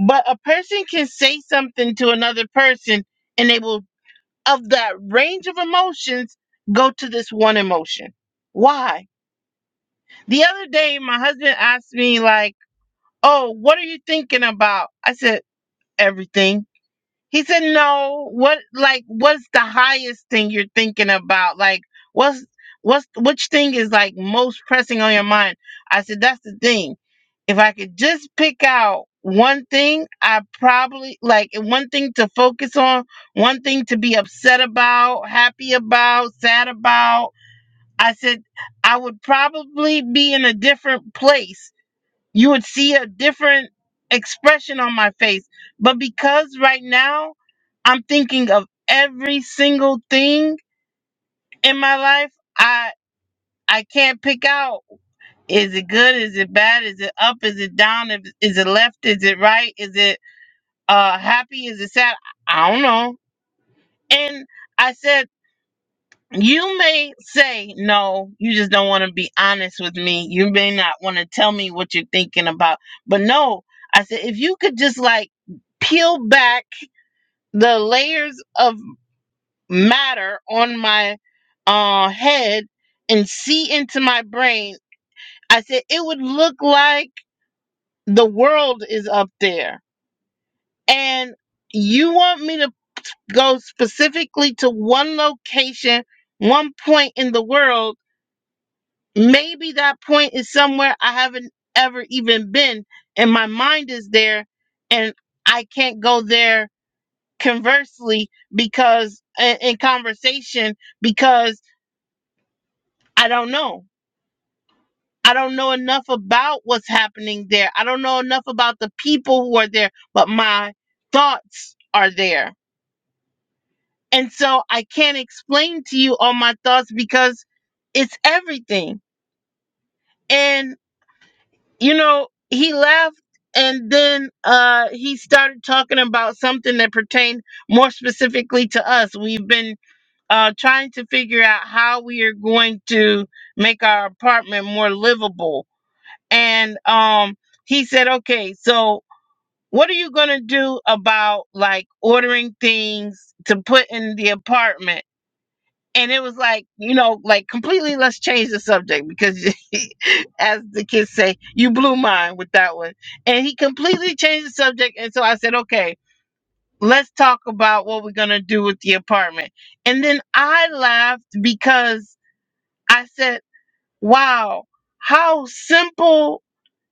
[SPEAKER 1] But a person can say something to another person and they will, of that range of emotions, go to this one emotion. Why? The other day, my husband asked me, like, oh, what are you thinking about? I said, everything. He said, "No. What like what's the highest thing you're thinking about? Like what's what's which thing is like most pressing on your mind?" I said, "That's the thing. If I could just pick out one thing, I probably like one thing to focus on, one thing to be upset about, happy about, sad about. I said I would probably be in a different place you would see a different expression on my face. But because right now I'm thinking of every single thing in my life, I I can't pick out is it good, is it bad, is it up, is it down, if- is it left, is it right, is it uh happy, is it sad? I don't know. And I said. You may say, no, you just don't want to be honest with me. You may not want to tell me what you're thinking about. But no, I said, if you could just like peel back the layers of matter on my uh, head and see into my brain, I said, it would look like the world is up there. And you want me to go specifically to one location, one point in the world Maybe that point is somewhere I haven't ever even been, and my mind is there, and I can't go there conversely because in, in conversation because I don't know. I don't know enough about what's happening there. I don't know enough about the people who are there, but my thoughts are there. And so I can't explain to you all my thoughts because it's everything. and. you know, he left and then uh he started talking about something that pertained more specifically to us. We've been uh trying to figure out how we are going to make our apartment more livable. And um he said, "Okay, so what are you going to do about like ordering things to put in the apartment?" and it was like you know like completely let's change the subject because *laughs* as the kids say you blew mine with that one and he completely changed the subject and so i said okay let's talk about what we're going to do with the apartment and then i laughed because i said wow how simple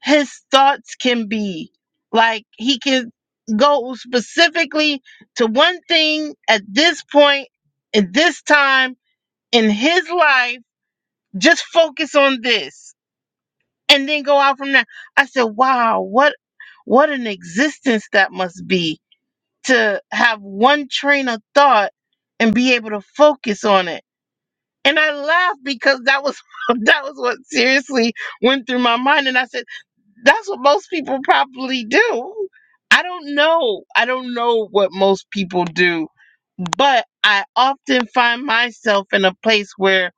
[SPEAKER 1] his thoughts can be like he can go specifically to one thing at this point at this time in his life just focus on this and then go out from there. I said, wow, what what an existence that must be to have one train of thought and be able to focus on it. And I laughed because that was *laughs* that was what seriously went through my mind. And I said, that's what most people probably do. I don't know. I don't know what most people do but I often find myself in a place where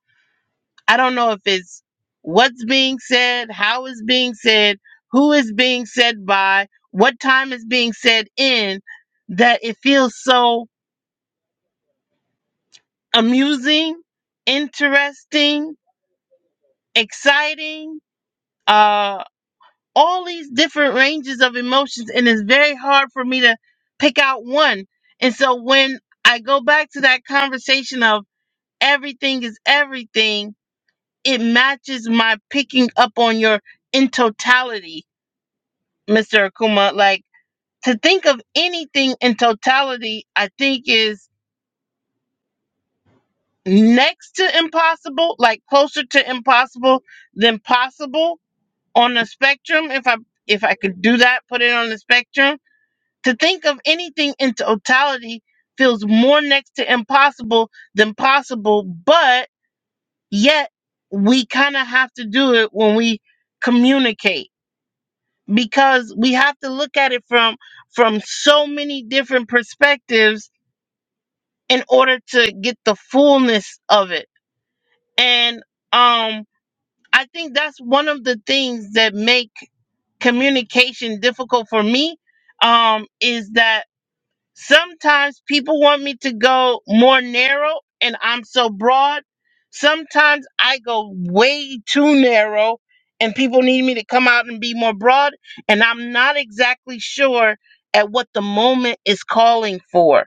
[SPEAKER 1] I don't know if it's what's being said, how it's being said, who is being said by, what time is being said in, that it feels so amusing, interesting, exciting, uh, all these different ranges of emotions. And it's very hard for me to pick out one. And so when I go back to that conversation of everything is everything, it matches my picking up on your in totality Mr. Akuma, like to think of anything in totality, I think is next to impossible, like closer to impossible than possible on the spectrum. If I if I could do that, put it on the spectrum. To think of anything in totality feels more next to impossible than possible, but yet we kind of have to do it when we communicate because we have to look at it from from so many different perspectives in order to get the fullness of it and um i think that's one of the things that make communication difficult for me um is that Sometimes people want me to go more narrow and I'm so broad. Sometimes I go way too narrow and people need me to come out and be more broad. And I'm not exactly sure at what the moment is calling for.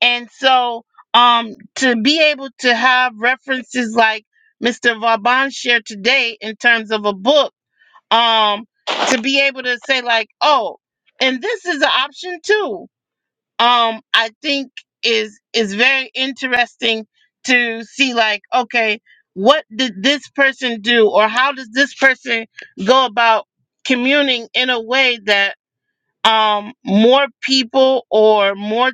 [SPEAKER 1] And so um, to be able to have references like Mr. Vaban shared today in terms of a book, um, to be able to say, like, oh, and this is an option too um i think is is very interesting to see like okay what did this person do or how does this person go about communing in a way that um, more people or more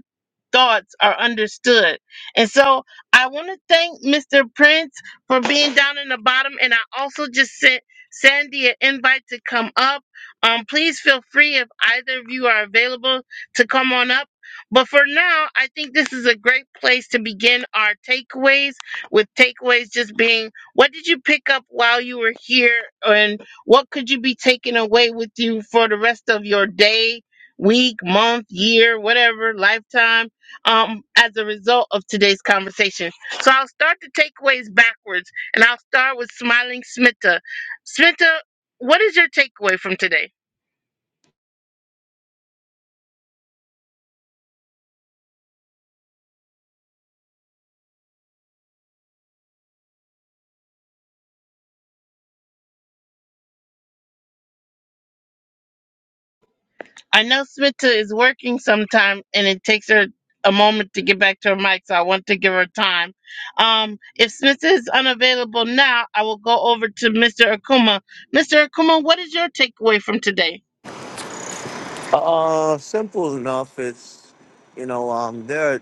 [SPEAKER 1] thoughts are understood. And so I want to thank Mr. Prince for being down in the bottom. And I also just sent Sandy an invite to come up. Um, please feel free if either of you are available to come on up. But for now, I think this is a great place to begin our takeaways. With takeaways just being what did you pick up while you were here, and what could you be taking away with you for the rest of your day, week, month, year, whatever, lifetime, um, as a result of today's conversation. So I'll start the takeaways backwards and I'll start with smiling Smita. Smita, what is your takeaway from today? I know Smita is working sometime and it takes her a moment to get back to her mic, so I want to give her time. Um, if Smita is unavailable now, I will go over to Mr. Akuma. Mr. Akuma, what is your takeaway from today?
[SPEAKER 4] Uh, simple enough. It's you know, um, there.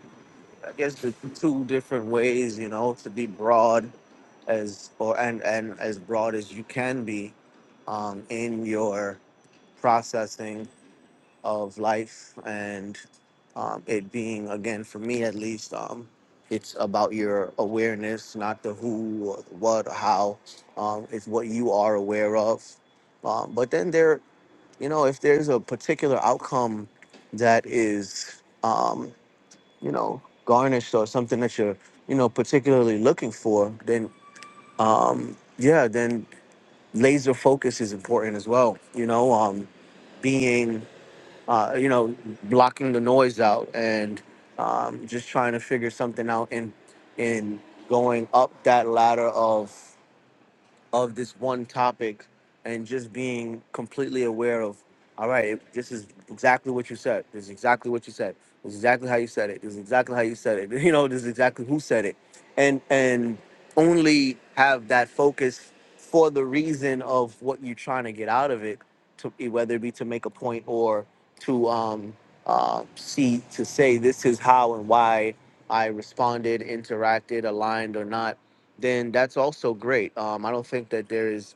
[SPEAKER 4] I guess the two different ways, you know, to be broad as or and and as broad as you can be um, in your processing of life and um, it being again for me at least um, it's about your awareness not the who or the what or how um, it's what you are aware of um, but then there you know if there's a particular outcome that is um, you know garnished or something that you're you know particularly looking for then um yeah then laser focus is important as well you know um being uh you know blocking the noise out and um just trying to figure something out and and going up that ladder of of this one topic and just being completely aware of all right this is exactly what you said this is exactly what you said this is exactly how you said it this is exactly how you said it *laughs* you know this is exactly who said it and and only have that focus for the reason of what you're trying to get out of it to eh, whether it be to make a point or to um uh, see to say this is how and why i responded interacted aligned or not then that's also great. Um, I don't think that there is,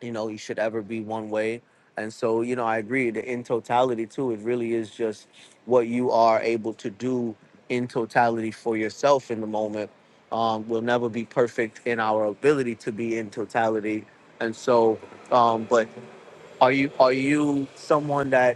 [SPEAKER 4] you know, you should ever be one way. And so, you know, I agree. that In totality, too, it really is just what you are able to do in totality for yourself in the moment. Um, we'll never be perfect in our ability to be in totality. And so, um, but are you are you someone that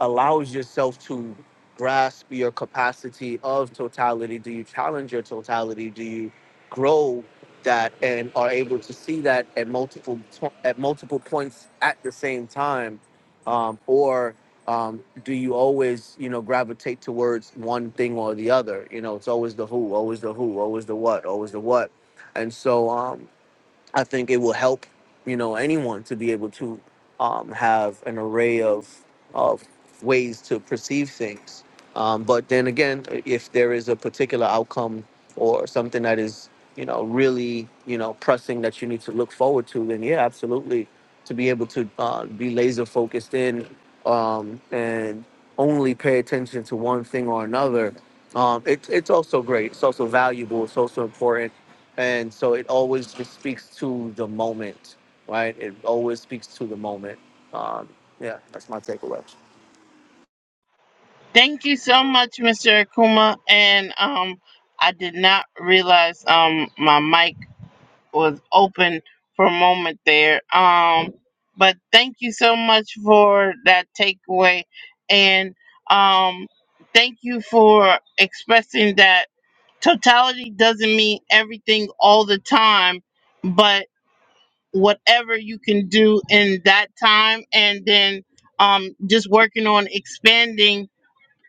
[SPEAKER 4] allows yourself to grasp your capacity of totality? Do you challenge your totality? Do you grow that and are able to see that at multiple to- at multiple points at the same time, um, or um, do you always you know gravitate towards one thing or the other? You know, it's always the who, always the who, always the what, always the what, and so um, I think it will help, you know, anyone to be able to um, have an array of of ways to perceive things. Um, but then again, if there is a particular outcome or something that is, you know, really, you know, pressing that you need to look forward to, then yeah, absolutely, to be able to uh, be laser focused in um, and only pay attention to one thing or another, um, it, it's also great. It's also valuable. It's also important. And so it always just speaks to the moment, right? It always speaks to the moment. Um, yeah, that's my takeaway.
[SPEAKER 1] Thank you so much, Mr. Akuma. And um, I did not realize um my mic was open for a moment there. Um, but thank you so much for that takeaway, and um, thank you for expressing that totality doesn't mean everything all the time, but whatever you can do in that time, and then um, just working on expanding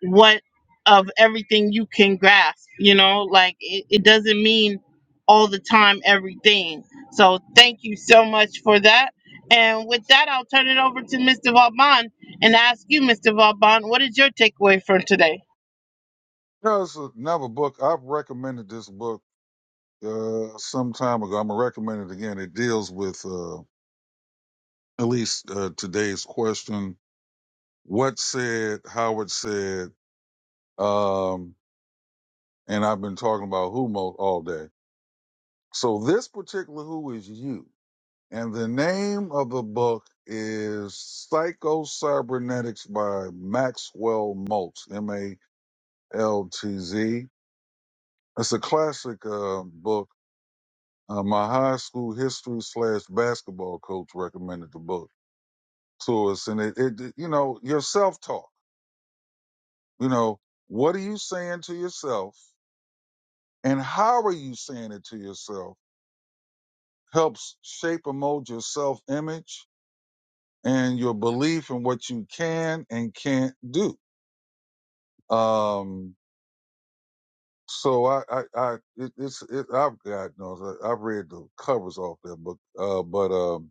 [SPEAKER 1] what of everything you can grasp you know like it, it doesn't mean all the time everything so thank you so much for that and with that i'll turn it over to mr vauban and ask you mr vauban what is your takeaway from today
[SPEAKER 3] There's another book. I've recommended this book uh, some time ago. I'm going to recommend it again. It deals with uh, at least uh, today's question what said, how it said, um, and I've been talking about who most all day. So this particular who is you. And the name of the book is Psycho Cybernetics by Maxwell Maltz, M A LTZ. It's a classic uh, book. Uh, my high school history slash basketball coach recommended the book to us, and it, it you know your self talk. You know what are you saying to yourself, and how are you saying it to yourself helps shape and mold your self image and your belief in what you can and can't do. Um, so I, I, I it, it's, it, I've got, no, I've read the covers off that book, uh, but, um,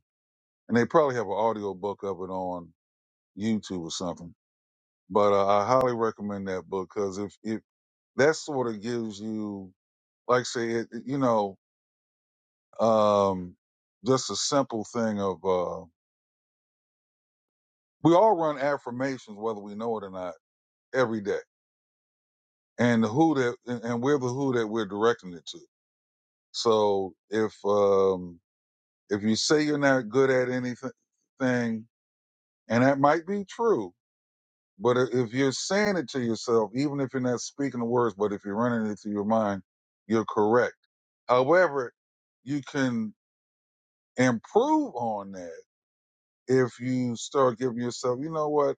[SPEAKER 3] and they probably have an audio book of it on YouTube or something. But uh, I highly recommend that book because if if that sort of gives you, like, say, it, it- you know, um, just a simple thing of uh, we all run affirmations whether we know it or not every day, and the who that and and we're the who that we're directing it to. So if um, if you say you're not good at anything, and that might be true, But i- if you're saying it to yourself, even if you're not speaking the words, but if you're running it through your mind, you're correct. However, you can improve on that if you start giving yourself, you know what?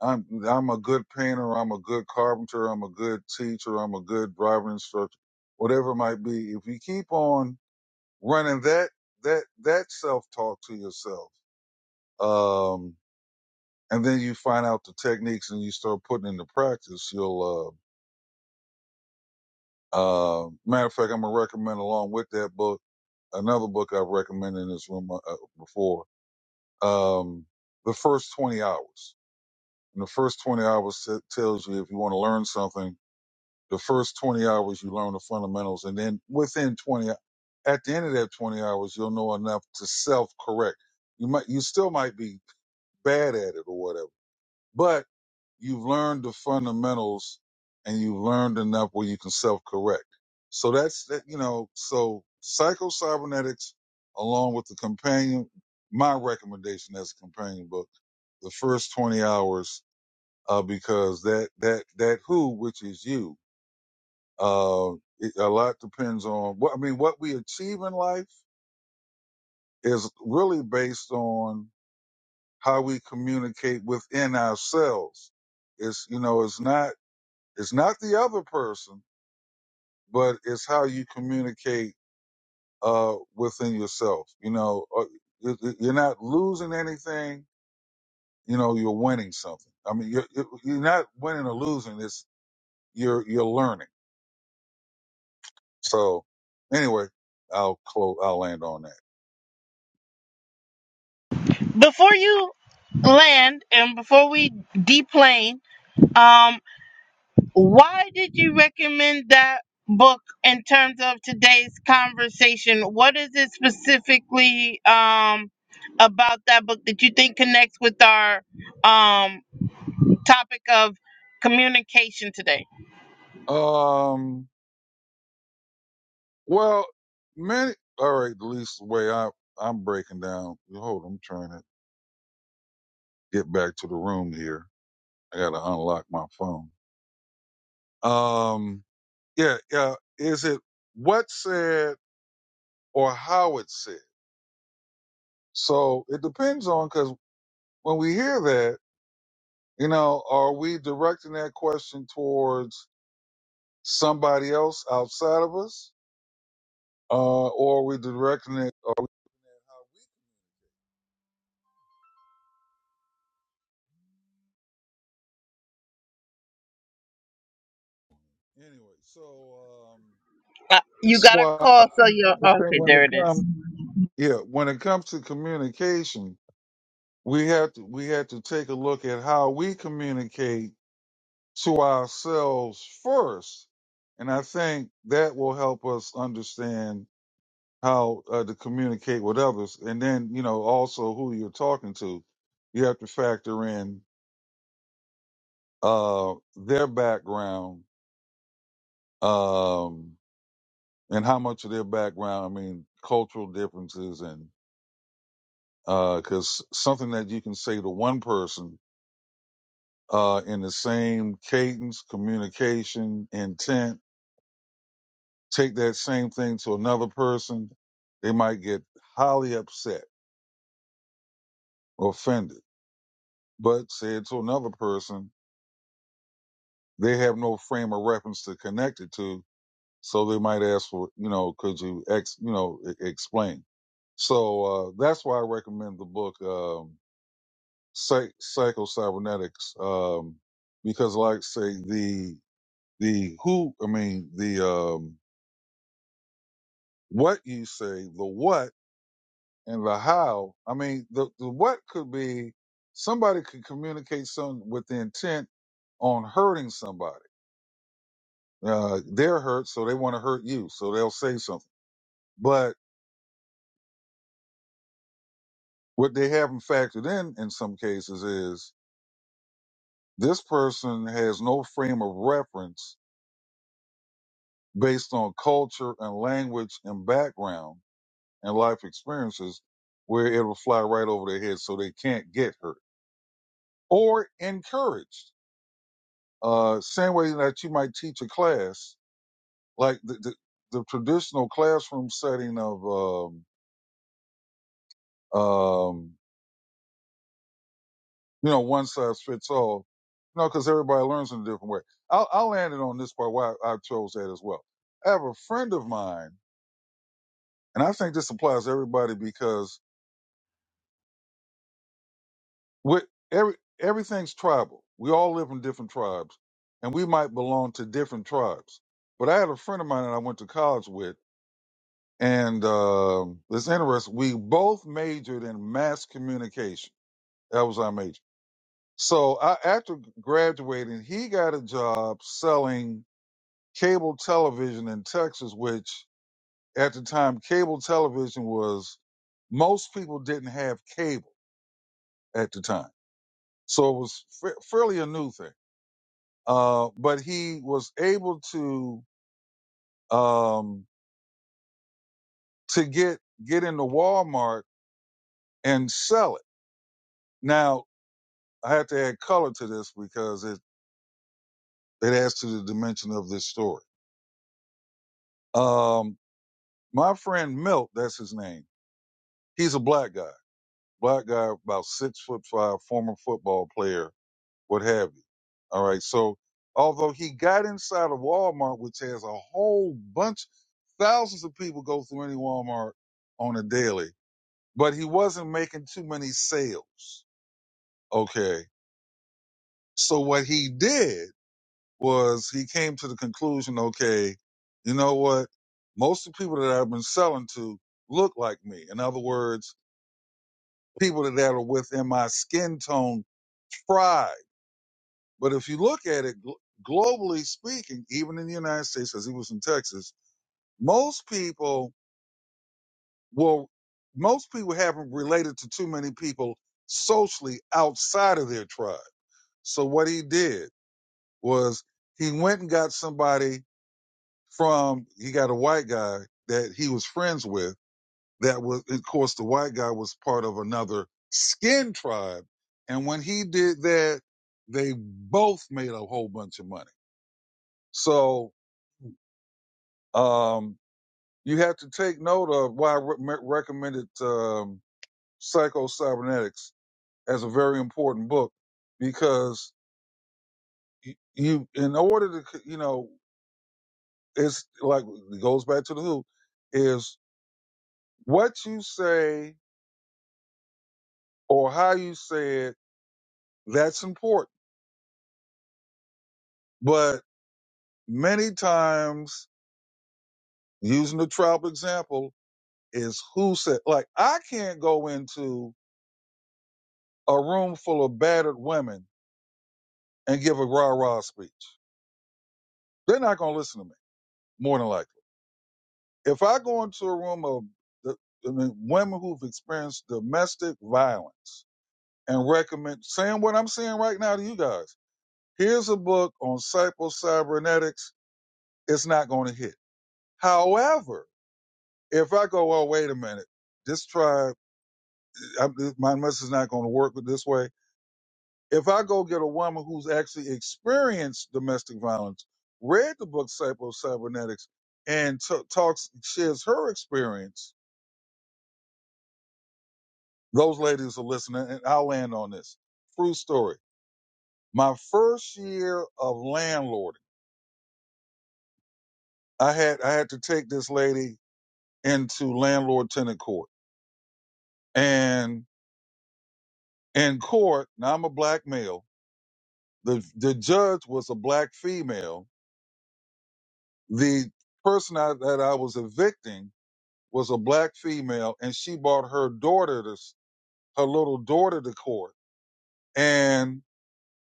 [SPEAKER 3] I'm I'm a good painter, I'm a good carpenter, I'm a good teacher, I'm a good driver instructor, whatever it might be. If you keep on running that that that self talk to yourself, um, and then you find out the techniques and you start putting into practice, you'll uh Um, matter of fact, I'm gonna recommend along with that book another book I've recommended in this room uh, uh, before. Um, the first 20 hours. And the first 20 hours t- tells you if you want to learn something. The first 20 hours you learn the fundamentals, and then within 20, ho- at the end of that 20 hours, you'll know enough to self-correct. You might, you still might be bad at it or whatever, but you've learned the fundamentals and you've learned enough where you can self correct. So that's that, you know, so psycho cybernetics along with the companion, my recommendation as a companion book, the first 20 hours, uh, because that, that, that who, which is you, uh, it, a lot depends on what, I mean, what we achieve in life is really based on how we communicate within ourselves. It's, you know, it's not It's not the other person, but it's how you communicate uh, within yourself. You know, uh, you- you- are not losing anything. You know, you're winning something. I mean, you're you're you're not winning or losing. It's you're you're learning. So, anyway, I'll close. I'll land on that.
[SPEAKER 1] before you land and before we deplane um Why did you recommend that book in terms of today's conversation? What is it specifically um, about that book that you think connects with our um, topic of communication today?
[SPEAKER 3] Um. Well, many. All right. At least the way I I'm breaking down. Hold. on, I'm trying to get back to the room here. I got to unlock my phone. Um. Yeah, yeah. Is it what said or how it said? So it depends on because when we hear that, you know, are we directing that question towards somebody else outside of us, uh, or are we directing it anyway? So um,
[SPEAKER 1] Uh, you
[SPEAKER 3] that's
[SPEAKER 1] got a
[SPEAKER 3] why I
[SPEAKER 1] call, so you're
[SPEAKER 3] think
[SPEAKER 1] okay.
[SPEAKER 3] when
[SPEAKER 1] There
[SPEAKER 3] it
[SPEAKER 1] it is,
[SPEAKER 3] comes, yeah, when it comes to communication, we have to we have to take a look at how we communicate to ourselves first. And I think that will help us understand how uh, to communicate with others. And then, you know, also who you're talking to. You have to factor in uh, their background um, and how much of their background, I mean, cultural differences. And because something that you can say to one person uh, in the same cadence, communication, intent, Take that same thing to another person, they might get highly upset or offended. But say it to another person, they have no frame of reference to connect it to, so they might ask for, you know, could you ex, you know, e- explain? So uh, that's why I recommend the book um, Psych- Psycho Cybernetics, um, because, like, say the the who, I mean, the um, what you say, the what and the how. I mean, the, the what could be somebody could communicate something with the intent on hurting somebody. Uh, they're hurt, so they want to hurt you, so they'll say something. But what they haven't factored in in some cases is this person has no frame of reference based on culture and language and background and life experiences where it'll fly right over their head so they can't get hurt or encouraged Uh, same way that you might teach a class, like the, the, the traditional classroom setting of, um, um, you know, one size fits all, you know, because everybody learns in a different way. I'll, I'll land it on this part why I chose that as well. I have a friend of mine, and I think this applies to everybody because with every, everything's tribal. We all live in different tribes, and we might belong to different tribes. But I had a friend of mine that I went to college with And um it's interesting. We both majored in mass communication. That was our major. So I, after graduating, he got a job selling cable television in Texas, which at the time, cable television was most people didn't have cable at the time. So it was fa- fairly a new thing. Uh, but he was able to, um, to get, get into Walmart and sell it. Now I had to add color to this because it, it adds to the dimension of this story. Um, my friend Milt, that's his name. He's a black guy, black guy, about six foot five, former football player, what have you. All right. So although he got inside of Walmart, which has a whole bunch, thousands of people go through any Walmart on a daily, but he wasn't making too many sales. Okay. So what he did was he came to the conclusion, okay, you know what? Most of the people that I've been selling to look like me. In other words, people that are within my skin tone tribe. But if you look at it gl- globally speaking, even in the United States, as he was in Texas, most people will, most people haven't related to too many people socially outside of their tribe. So what he did was he went and got somebody from he got a white guy that he was friends with that was of course the white guy was part of another skin tribe and when he did that they both made a whole bunch of money so um you have to take note of why i re- recommended um psycho cybernetics as a very important book because y- you in order to you know it's like it goes back to the who is what you say or how you say it, that's important. But many times, using the travel example, is who said, like, I can't go into a room full of battered women and give a rah rah speech. They're not going to listen to me, more than likely. If I go into a room of the, I mean, women who've experienced domestic violence and recommend saying what I'm saying right now to you guys, here's a book on psycho cybernetics, it's not going to hit. However, If I go, well, wait a minute, this tribe, I, my message is not going to work this way. If I go get a woman who's actually experienced domestic violence, read the book Psycho-Cybernetics, and t- talks, shares her experience, those ladies are listening, and I'll land on this. True story. My first year of landlording, I had I had to take this lady into landlord tenant court. And in court, now I'm a black male, The the judge was a black female. The person I, that I was evicting was a black female, and she brought her daughter to s- her little daughter to court, and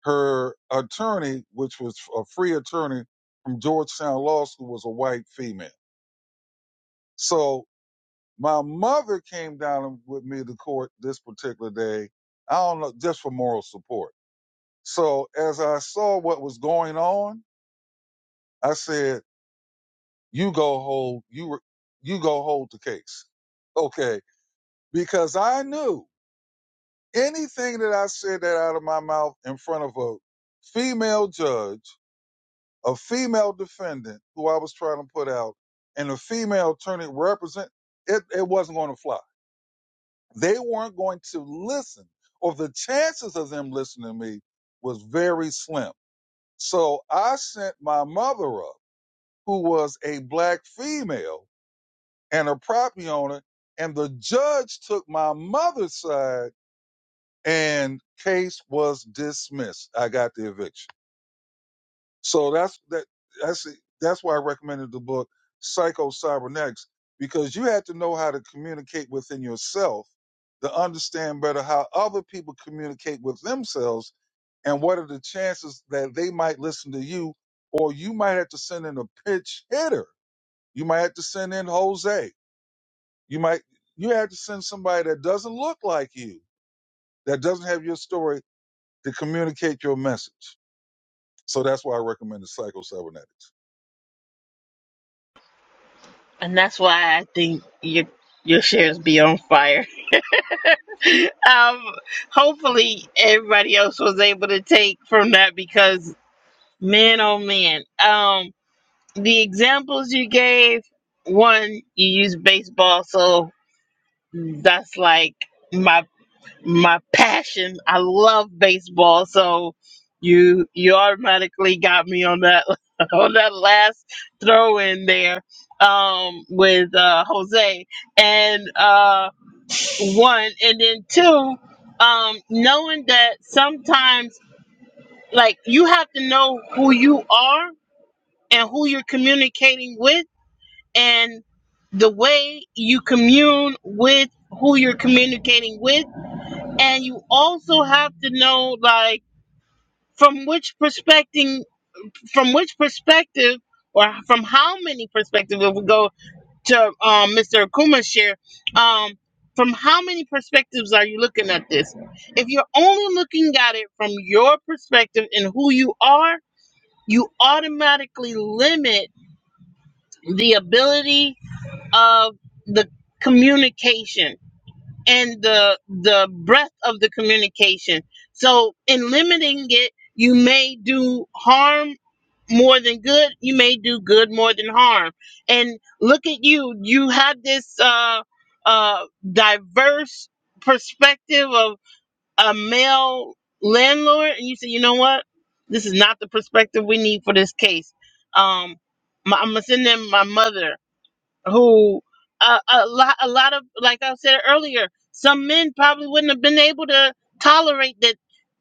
[SPEAKER 3] her attorney, which was a free attorney from Georgetown Law School, was a white female. So my mother came down with me to court this particular day. I don't know, just for moral support. So as I saw what was going on, I said. you go hold you re- you go hold the case okay because i knew anything that i said that out of my mouth in front of a female judge a female defendant who i was trying to put out and a female attorney represent it, it wasn't going to fly they weren't going to listen or the chances of them listening to me was very slim so i sent my mother up who was a black female and a property owner. And the judge took my mother's side and case was dismissed. I got the eviction. So that's that that's that's why I recommended the book Psycho Cybernetics, because you had to know how to communicate within yourself to understand better how other people communicate with themselves and what are the chances that they might listen to you, or you might have to send in a pitch hitter. You might have to send in Jose You might you have to send somebody that doesn't look like you, that doesn't have your story to communicate your message. So that's why I recommend the psycho cybernetics.
[SPEAKER 1] and that's why I think your your shares be on fire. *laughs* um, hopefully, everybody else was able to take from that because man, oh man, um. the examples you gave, one you use baseball, so that's like my my passion. I love baseball, so you you automatically got me on that *laughs* on that last throw in there um with uh Jose and uh one and then two um knowing that sometimes like you have to know who you are and who you're communicating with and the way you commune with who you're communicating with and you also have to know like from which perspective from which perspective or from how many perspectives if we go to um, mr akuma's share um, from how many perspectives are you looking at this if you're only looking at it from your perspective and who you are you automatically limit the ability of the communication and the the breadth of the communication. So in limiting it, you may do harm more than good. You may do good more than harm. And look at you. You have this uh, uh, diverse perspective of a male landlord, and you say, you know what? This is not the perspective we need for this case. Um, my, I'm gonna send them my mother who uh, a lot a lot of like I said earlier, some men probably wouldn't have been able to tolerate that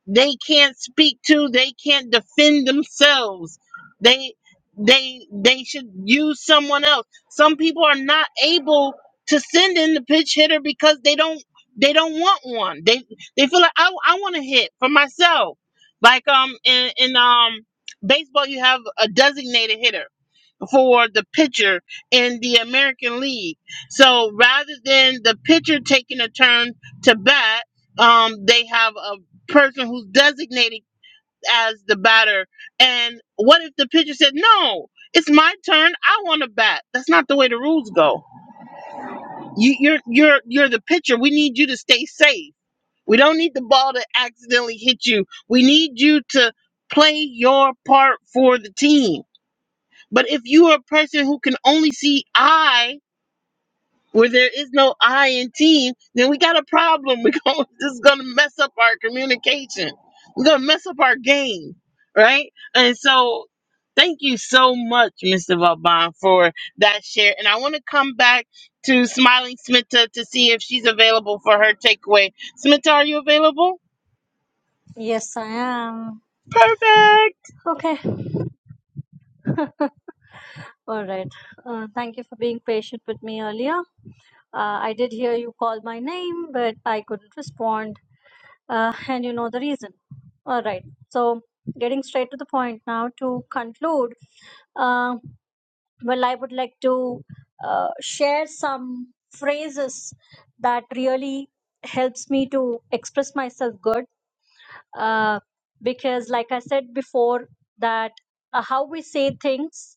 [SPEAKER 1] they can't speak to, they can't defend themselves. They they they should use someone else. Some people are not able to send in the pitch hitter because they don't they don't want one. They they feel like I I want to hit for myself. Like um in in um baseball you have a designated hitter for the pitcher in the American League. So rather than the pitcher taking a turn to bat, um, they have a person who's designated as the batter. And what if the pitcher said, "No, it's my turn. I want to bat." That's not the way the rules go. You, you're you're you're the pitcher. We need you to stay safe. We don't need the ball to accidentally hit you. We need you to play your part for the team but if you are a person who can only see I, where there is no I in team, then we got a problem. *laughs* We're going, this is going to mess up our communication. We're going to mess up our game, right? And so, thank you so much, Mr. Vauban, for that share. And I want to come back to Smiling Smita to see if she's available for her takeaway. Smita, are you available?
[SPEAKER 5] yes i am
[SPEAKER 1] Perfect.
[SPEAKER 5] okay *laughs* All right. Uh, thank you for being patient with me earlier. Uh, I did hear you call my name, but I couldn't respond, uh, and you know the reason. All right. So, getting straight to the point now to conclude, uh, well, I would like to uh, share some phrases that really helps me to express myself good uh, because like i said before that uh, how we say things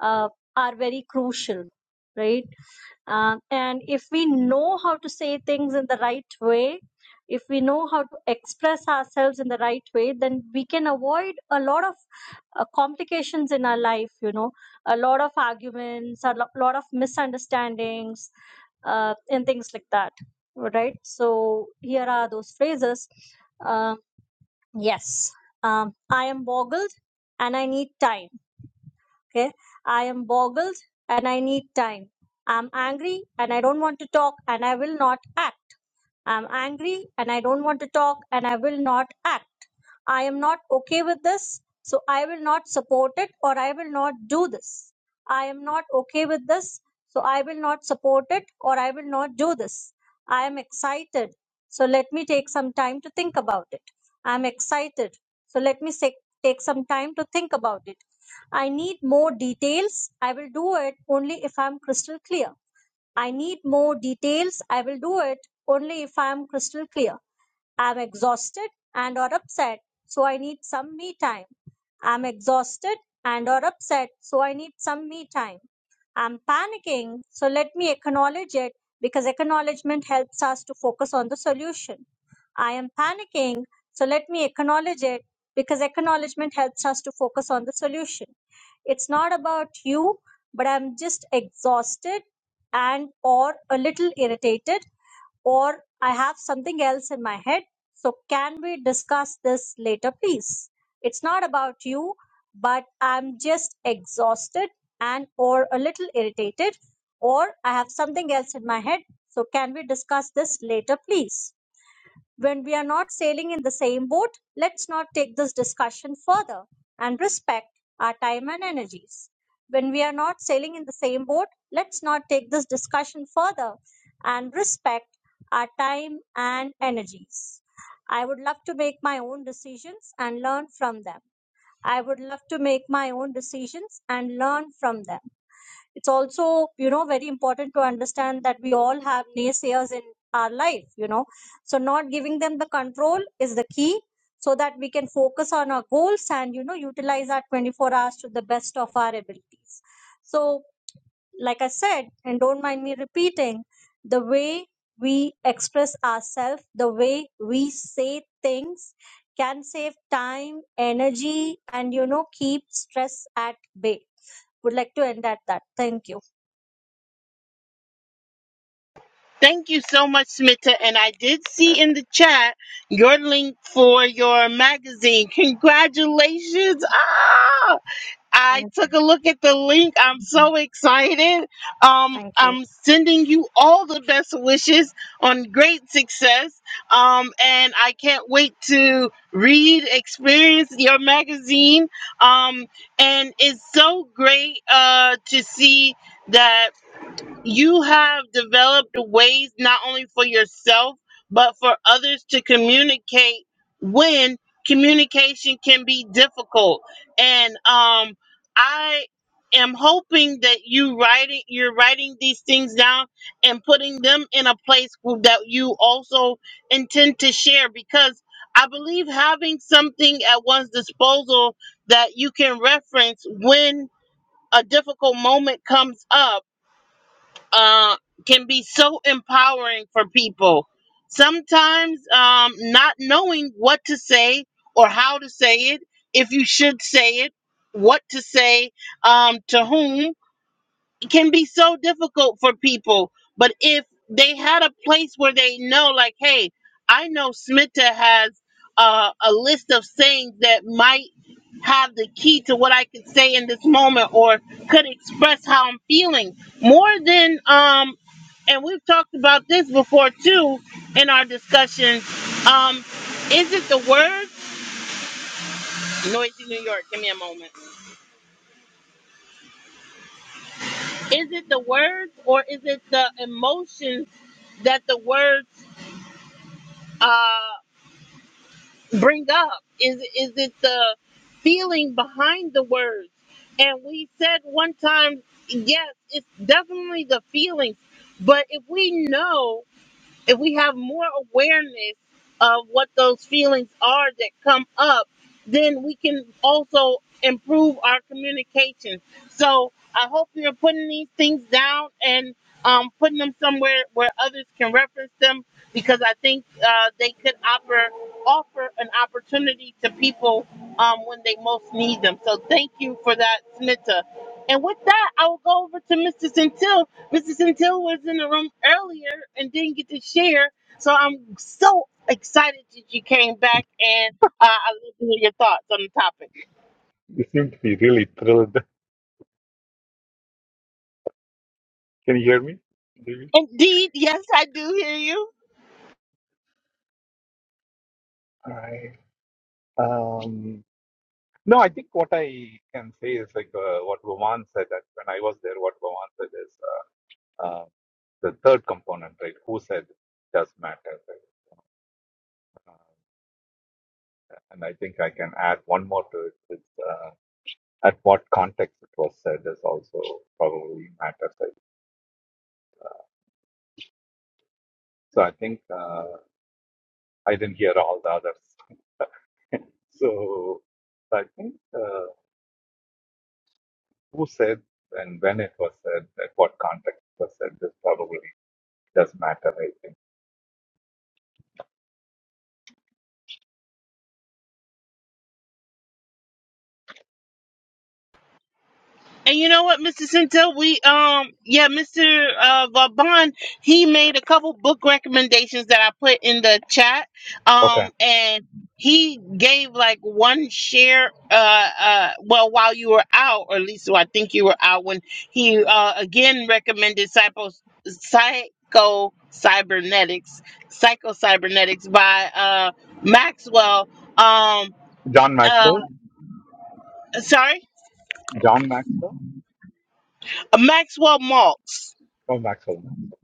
[SPEAKER 5] uh, are very crucial right Um and if we know how to say things in the right way if we know how to express ourselves in the right way then we can avoid a lot of uh, complications in our life you know a lot of arguments a lo- lot of misunderstandings uh, and things like that right so here are those phrases Um, Yes. Um, I am boggled and I need time. Okay. I am boggled and I need time. I'm angry and I don't want to talk and I will not act. I'm angry and I don't want to talk and I will not act. I am not okay with this, so I will not support it or I will not do this. I am not okay with this, so I will not support it or I will not do this. I am excited, so let me take some time to think about it. I am excited, so let me sa- take some time to think about it. I need more details. I will do it only if I am crystal clear. I need more details. I will do it only if I am crystal clear. I'm exhausted and or upset, so I need some me time. I'm exhausted and or upset, so I need some me time. I'm panicking, so let me acknowledge it because acknowledgement helps us to focus on the solution. I am panicking, so let me acknowledge it because acknowledgement helps us to focus on the solution. It's not about you, but I'm just exhausted and or a little irritated or I have something else in my head. So, can we discuss this later, please? It's not about you, but I'm just exhausted and or a little irritated, or I have something else in my head. So, can we discuss this later, please? When we are not sailing in the same boat, let's not take this discussion further and respect our time and energies. When we are not sailing in the same boat, let's not take this discussion further and respect our time and energies. I would love to make my own decisions and learn from them. I would love to make my own decisions and learn from them it's also you know very important to understand that we all have naysayers in our life you know so not giving them the control is the key so that we can focus on our goals and you know utilize our 24 hours to the best of our abilities so like i said and don't mind me repeating the way we express ourselves the way we say things can save time energy and you know keep stress at bay would like to end at that thank you
[SPEAKER 1] Thank you so much, Smita. And I did see in the chat your link for your magazine. Congratulations. Ah, I
[SPEAKER 5] Thank you.
[SPEAKER 1] took a look at the link. I'm so excited. Um,
[SPEAKER 5] Thank you.
[SPEAKER 1] I'm sending you all the best wishes on great success. Um, and I can't wait to read, experience your magazine. Um, and it's so great uh, to see that you have developed ways not only for yourself but for others to communicate when communication can be difficult and um i am hoping that you writing you're writing these things down and putting them in a place w- that you also intend to share because i believe having something at one's disposal that you can reference when a difficult moment comes up uh, can be so empowering for people. Sometimes um, not knowing what to say or how to say it, if you should say it, what to say um, to whom, it can be so difficult for people. But if they had a place where they know, like, hey, I know Smita has uh, a list of sayings that might have the key to what I could say in this moment or could express how I'm feeling more than, um, and we've talked about this before too in our discussions. Um, is it the words? Noisy New York, give me a moment. Is it the words or is it the emotions that the words? uh, bring up? Is is it the feeling behind the words? And we said one time, yes, it's definitely the feelings. But if we know if we have more awareness of what those feelings are that come up, then we can also improve our communication. So I hope you're putting these things down and um, putting them somewhere where others can reference them because I think uh, they could offer offer an opportunity to people um, when they most need them. So thank you for that, Smita. And with that, I will go over to Mr. Centil Mr. Centil was in the room earlier and didn't get to share. So I'm so excited that you came back and uh, I love to hear your thoughts on the topic.
[SPEAKER 6] You seem to be really thrilled. Can you hear me, David?
[SPEAKER 1] Indeed, yes, I do hear you.
[SPEAKER 6] I um no, I think what I can say is like uh, what Roman said that when I was there, what Roman said is uh, uh, the third component, right? Who said does matter, right? Uh, and I think I can add one more to it. Is, uh, at what context it was said is also probably matters. Right? So I think uh, I didn't hear all the others. *laughs* So I think. uh, who said and when it was said, at what context it was said, this probably does matter, I think.
[SPEAKER 1] And you know what, Mr. Cinto, we um yeah, Mr. Uh, Vaughn, he made a couple book recommendations that I put in the chat.
[SPEAKER 6] Okay.
[SPEAKER 1] Um and he gave like one share uh uh well while you were out, or at least I think you were out when he uh again recommended psycho psycho cybernetics, psycho cybernetics by uh Maxwell um
[SPEAKER 6] John
[SPEAKER 1] uh
[SPEAKER 6] Maxwell?
[SPEAKER 1] sorry,
[SPEAKER 6] John Maxwell?
[SPEAKER 1] Maxwell Maltz
[SPEAKER 6] Oh, Maxwell Maxwell.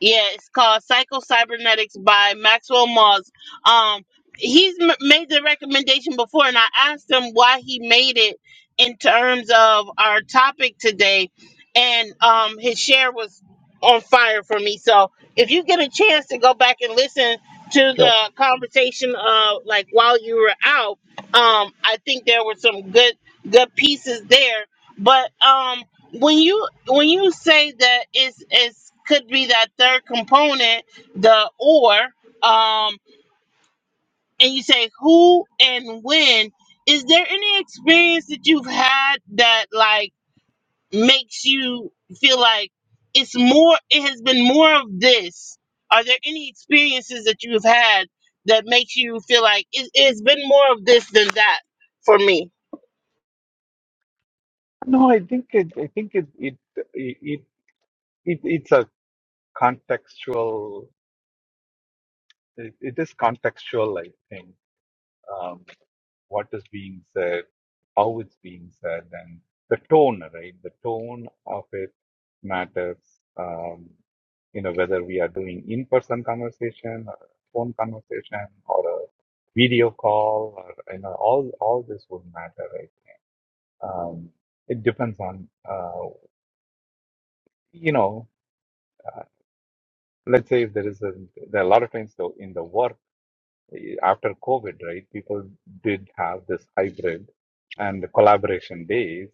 [SPEAKER 1] Yeah, it's called Psycho Cybernetics by Maxwell Moss. Um, he's m- made the recommendation before, and I asked him why he made it in terms of our topic today, and um, his share was on fire for me. So, if you get a chance to go back and listen to
[SPEAKER 6] Sure.
[SPEAKER 1] the conversation, uh, like while you were out, um, I think there were some good good pieces there. But um, when you when you say that it's it's could be that third component the or um and you say who and when is there any experience that you've had that like makes you feel like it's more it has been more of this are there any experiences that you've had that makes you feel like it, it's been more of this than that for me
[SPEAKER 6] No, I think it, I think it, it, it, it, it's a contextual, it, it is contextual, I think, um, what is being said, how it's being said, and the tone, right? The tone of it matters. Um, you know, whether we are doing in-person conversation or phone conversation or a video call or, you know, all, all this would matter, right? Um, it depends on, uh, you know, uh, let's say if there is a, there are a lot of times though in the work eh, after COVID, right? People did have this hybrid and collaboration days,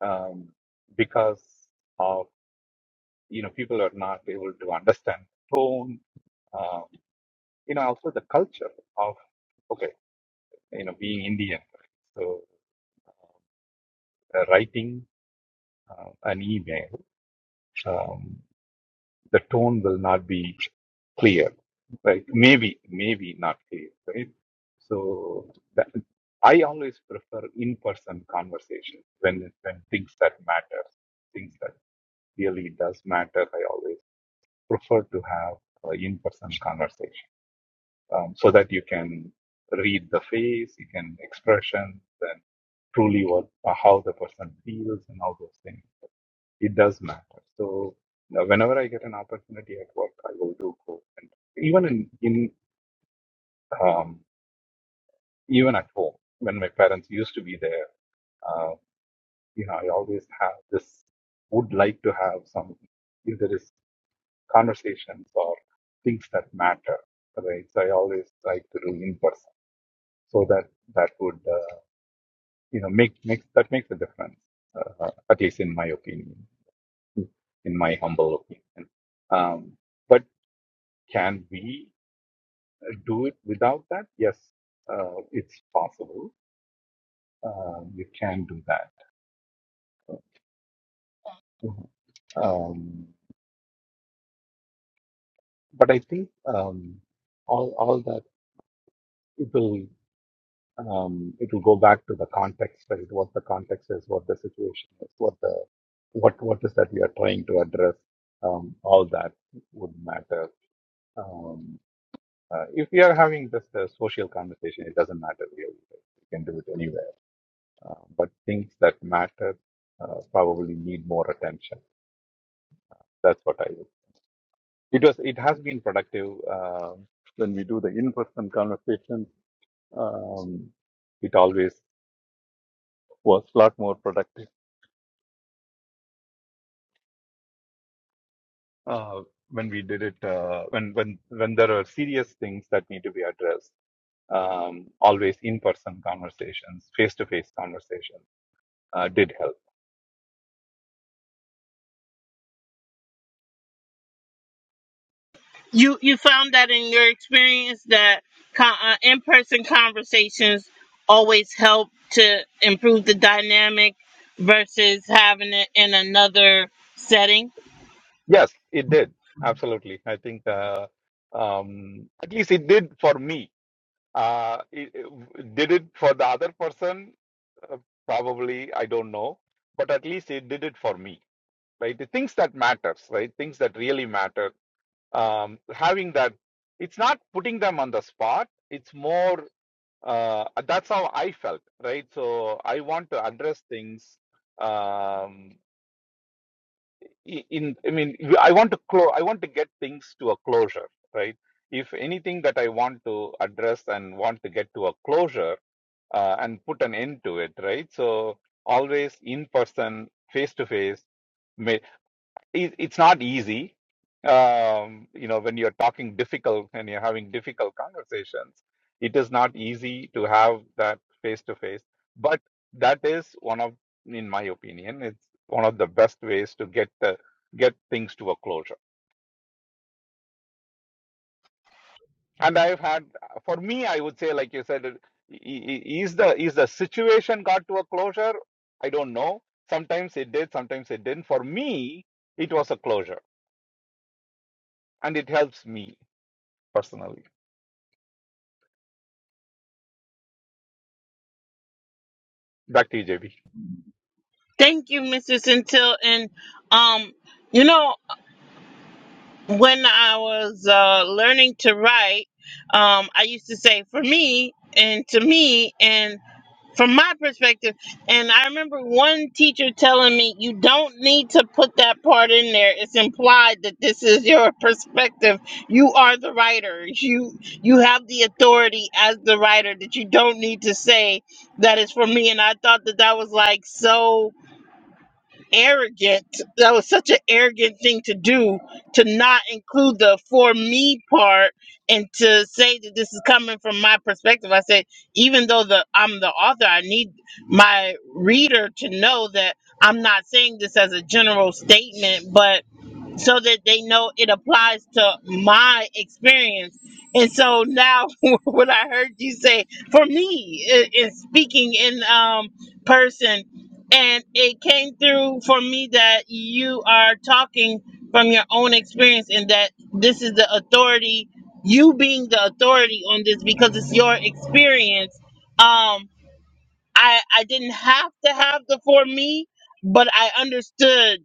[SPEAKER 6] um, because of, you know, people are not able to understand tone, um, you know, also the culture of, okay you know, being Indian, right? so uh, writing uh, an email, um, the tone will not be clear, right? Maybe, maybe not clear, right? So that, I always prefer in-person conversation when when things that matter, things that really does matter. I always prefer to have uh, in-person conversation. um, so that you can read the face, you can expressions, and truly what uh, how the person feels and all those things. It does matter. So now whenever I get an opportunity at work, I will do go and even in in um, even at home when my parents used to be there, uh, you know, I always have this would like to have some if there is conversations or things that matter, right? So I always like to do in person so that that would. uh, you know make makes that makes a difference uh, uh, at least in my opinion in my humble opinion um, but can we do it without that yes uh, it's possible uh, you can do that um, but i think um, all all that it will um, it will go back to the context right what the context is what the situation is what the what what is that we are trying to address um, all that would matter Um, uh, if we are having just a social conversation, it doesn't matter really. You can do it anywhere. Uh, but things that matter uh, probably need more attention. That's what I would. It was. It has been productive um when we do the in-person conversation. Um, it always was a lot more productive uh, when we did it. Uh, when when when there are serious things that need to be addressed. Um, always in-person conversations, face-to-face conversations uh, did help
[SPEAKER 1] You you found that in your experience that con- uh, in person conversations always help to improve the dynamic versus having it in another setting.
[SPEAKER 6] Yes, it did. Absolutely. I think uh, um, at least it did for me. Uh, it, it- did it for the other person? Uh, probably, I don't know. But at least it did it for me, right? The things that matters, right? Things that really matter. Um, having that, it's not putting them on the spot. It's more, uh, that's how I felt, right? So I want to address things. Um, i- in i mean you- i want to close i want to get things to a closure right if anything that i want to address and want to get to a closure uh, and put an end to it right so always in person face to face it, it's not easy um, you know when you're talking difficult and you're having difficult conversations it is not easy to have that face to face but that is one of in my opinion it's one of the best ways to get the get things to a closure and i've had for me i would say like you said it- i- i- is the is the situation got to a closure i don't know sometimes it did sometimes it didn't for me it was a closure and it helps me personally Back to you, JB.
[SPEAKER 1] Thank you, Mrs. Until and um, you know when I was uh, learning to write, um, I used to say for me and to me and from my perspective. And I remember one teacher telling me, you don't need to put that part in there. It's implied that this is your perspective. You are the writer. You you have the authority as the writer that you don't need to say that is for me. And I thought that that was like so arrogant. That was such an arrogant thing to do to not include the for me part and to say that this is coming from my perspective. I said, even though the I'm the author, I need my reader to know that I'm not saying this as a general statement, but so that they know it applies to my experience. And so now, *laughs* what I heard you say for me i- is speaking in um, person, and it came through for me that you are talking from your own experience, and that this is the authority, you being the authority on this because it's your experience. Um, I I didn't have to have the for me, but I understood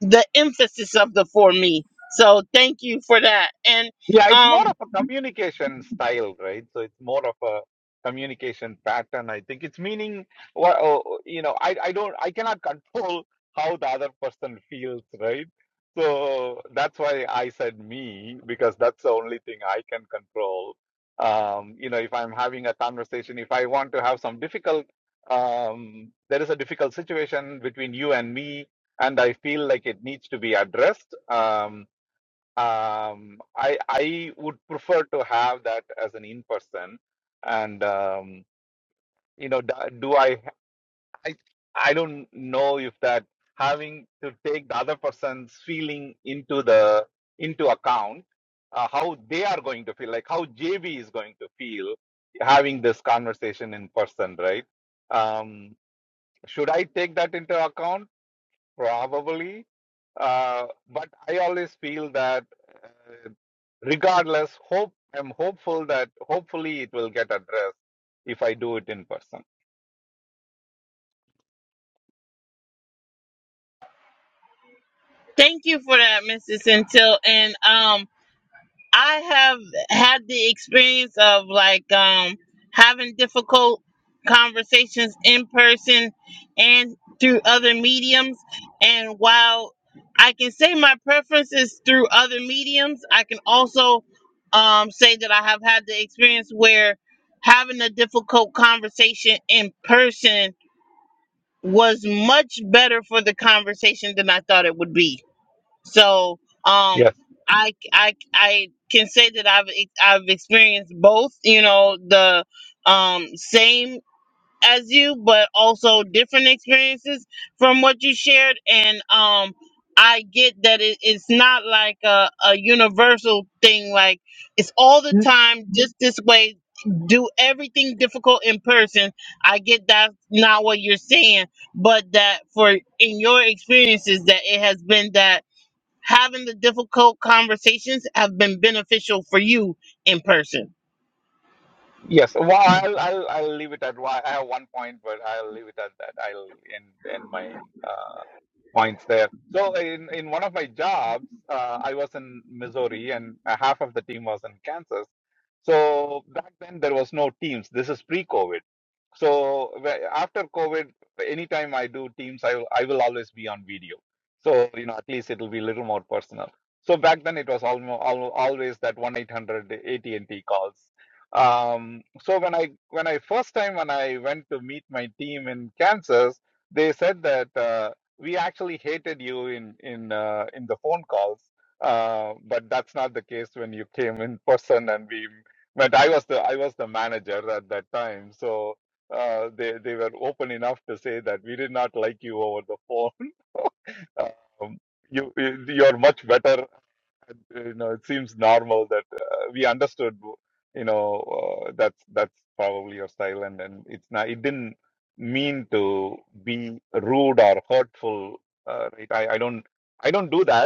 [SPEAKER 1] the emphasis of the for me. So thank you for that. And
[SPEAKER 6] Yeah, it's more
[SPEAKER 1] um
[SPEAKER 6] of a communication style, right? So it's more of a communication pattern. I think it's meaning, wha- oh, you know, I, I don't, I cannot control how the other person feels, right? So that's why I said me, because that's the only thing I can control. Um, you know, if I'm having a conversation, if I want to have some difficult, um, there is a difficult situation between you and me, and I feel like it needs to be addressed. Um, um i i would prefer to have that as an in person and um you know do, do I, I i don't know if that having to take the other person's feeling into the into account uh, how they are going to feel like how jb is going to feel having this conversation in person right um should i take that into account probably. Uh, but I always feel that, uh, regardless, hope I'm hopeful that hopefully it will get addressed if I do it in person.
[SPEAKER 1] thank you for that, Mrs. Until and um I have had the experience of like um having difficult conversations in person and through other mediums and while I can say my preference is through other mediums, I can also um say that I have had the experience where having a difficult conversation in person was much better for the conversation than I thought it would be. So, um,
[SPEAKER 6] Yes.
[SPEAKER 1] I I I can say that I've ex- I've experienced both. You know, the um same as you, but also different experiences from what you shared. And um, I get that it, it's not like a, a universal thing, like it's all the
[SPEAKER 6] Mm,
[SPEAKER 1] time, just this way. Do everything difficult in person. I get that's not what you're saying, but that for in your experiences, that it has been that having the difficult conversations have been beneficial for you in person.
[SPEAKER 6] Yes. Well, I'll I'll, I'll leave it at. why- I have one point, but I'll leave it at that. I'll end end my uh, points there. So in, in one of my jobs, uh, I was in Missouri and uh, half of the team was in Kansas. So back then there was no teams. This is pre-COVID. So wh- after COVID, anytime I do teams, I will, I will always be on video. So you know at least it'll be a little more personal. So back then it was almost always that one eight hundred AT and T calls. Um, so when I when I first time when I went to meet my team in Kansas, they said that. Uh, we actually hated you in in uh, in the phone calls uh, but that's not the case when you came in person and we met i was the i was the manager at that time so uh, they they were open enough to say that we did not like you over the phone *laughs* um, you you- you're much better you know it seems normal that uh, we understood you know uh, that's that's probably your style and and it's not it didn't mean to be rude or hurtful uh, right I, I don't I don't do that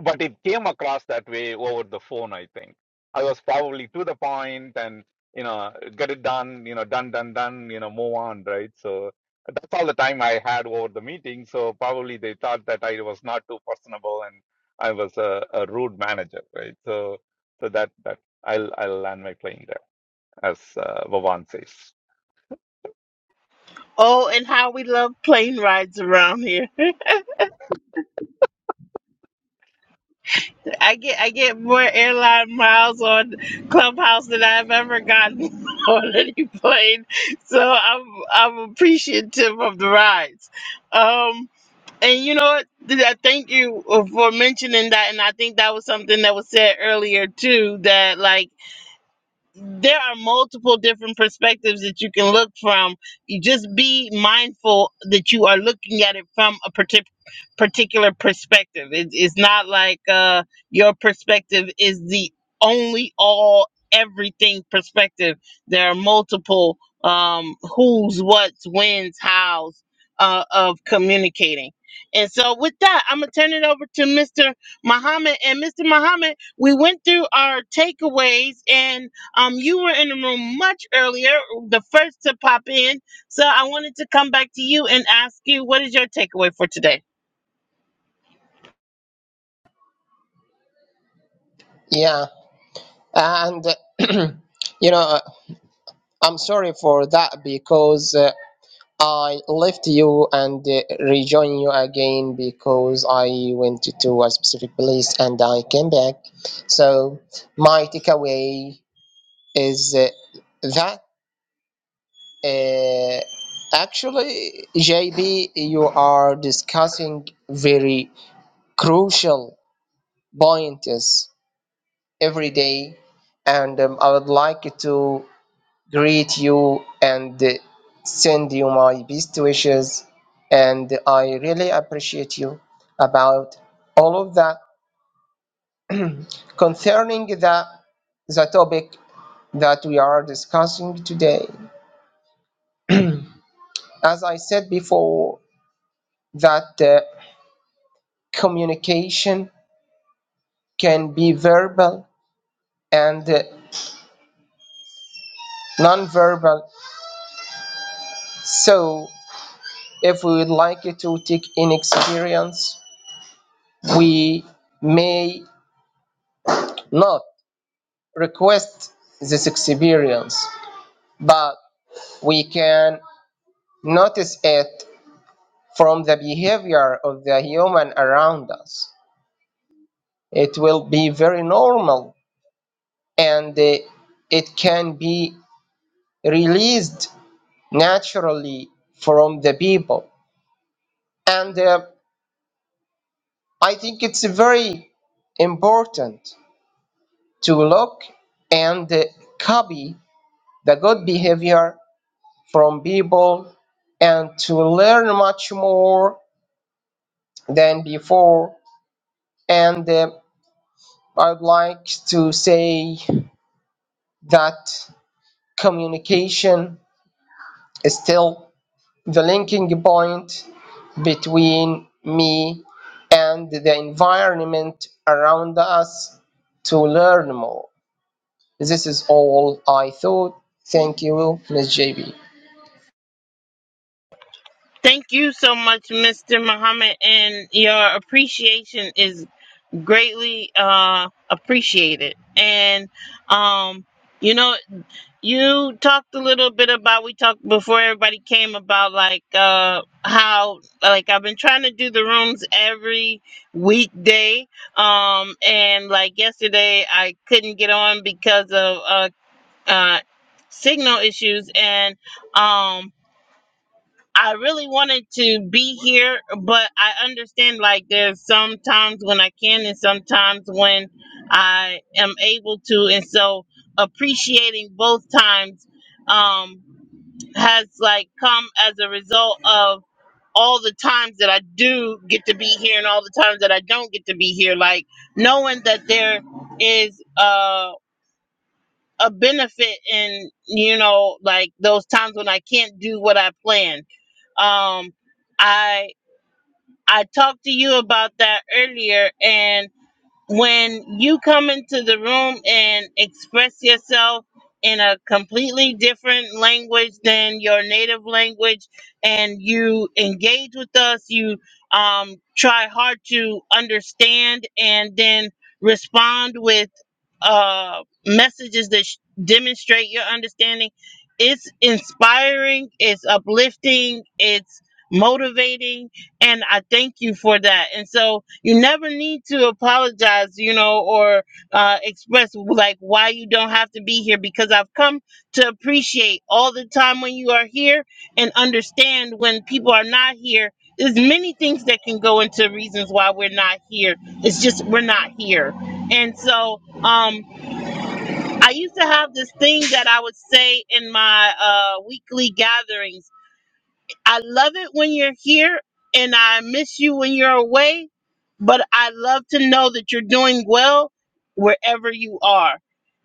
[SPEAKER 6] but it came across that way over the phone i think i was probably to the point and you know get it done you know done done done you know move on right so that's all the time i had over the meeting so probably they thought that i was not too personable and i was a, a rude manager right so so that that i'll i'll land my plane there as uh, vavan says
[SPEAKER 1] Oh, and how we love plane rides around here. I get I get more airline miles on Clubhouse than I've ever gotten *laughs* on any plane. So I'm I'm appreciative of the rides. Um and you know what? Th- I thank you for mentioning that and I think that was something that was said earlier too that like there are multiple different perspectives that you can look from. You just be mindful that you are looking at it from a partic- particular perspective. It, it's not like uh, your perspective is the only all everything perspective. There are multiple um, who's, what's, when's, how's uh, of communicating. And so, with that, I'm gonna turn it over to Mr. Muhammad. And Mr. Muhammad, we went through our takeaways and um, you were in the room much earlier, the first to pop in. So I wanted to come back to you and ask you what is your takeaway for today?
[SPEAKER 2] Yeah. And, *clears throat* you know, uh, I'm sorry for that because uh, I left you and uh, rejoined you again because I went to, a specific place and I came back. So, my takeaway is uh, that uh, actually, JB, you are discussing very crucial points every day. And um, I would like to greet you and send you my best wishes and i really appreciate you about all of that concerning the the topic that we are discussing today as i said before that uh, communication can be verbal and uh, non-verbal so if we would like to take in experience we may not request this experience, but we can notice it from the behavior of the human around us. It will be very normal and uh, it can be released naturally from the people. And uh, I think it's very important to look and uh, copy the good behavior from people and to learn much more than before. And uh, I'd like to say that communication is still the linking point between me and the environment around us to learn more. This is all I thought. Thank you, Miss JB.
[SPEAKER 1] Thank you so much, Mr. Muhammad, and your appreciation is greatly uh, appreciated. And um, you know. You talked a little bit about we talked before everybody came about like uh how like I've been trying to do the rooms every weekday um and like yesterday I couldn't get on because of uh uh signal issues and um I really wanted to be here, but I understand like there's some times when I can and sometimes when I am able to. And so appreciating both times um, has like come as a result of all the times that I do get to be here and all the times that I don't get to be here. Like knowing that there is uh, a benefit in, you know, like those times when I can't do what I planned. Um, I I talked to you about that earlier. And when you come into the room and express yourself in a completely different language than your native language, and you engage with us, you um, try hard to understand and then respond with uh, messages that sh- demonstrate your understanding. It's inspiring, it's uplifting, it's motivating and I thank you for that. And so you never need to apologize, you know, or uh, express like why you don't have to be here because I've come to appreciate all the time when you are here and understand when people are not here. There's many things that can go into reasons why we're not here. It's just we're not here. And so um, I used to have this thing that I would say in my uh, weekly gatherings I love it when you're here and I miss you when you're away, but I love to know that you're doing well wherever you are.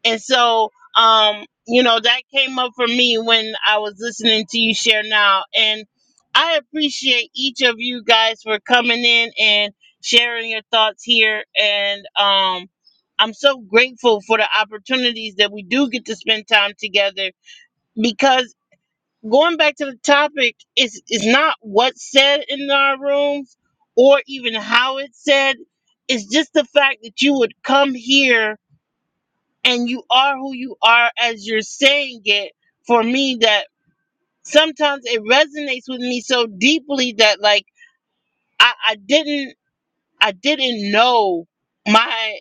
[SPEAKER 1] And so, um, you know, that came up for me when I was listening to you share now. And I appreciate each of you guys for coming in and sharing your thoughts here. And um, I'm so grateful for the opportunities that we do get to spend time together because going back to the topic is is not what's said in our rooms or even how it's said it's just the fact that you would come here and you are who you are as you're saying it for me that sometimes it resonates with me so deeply that like i, I didn't i didn't know my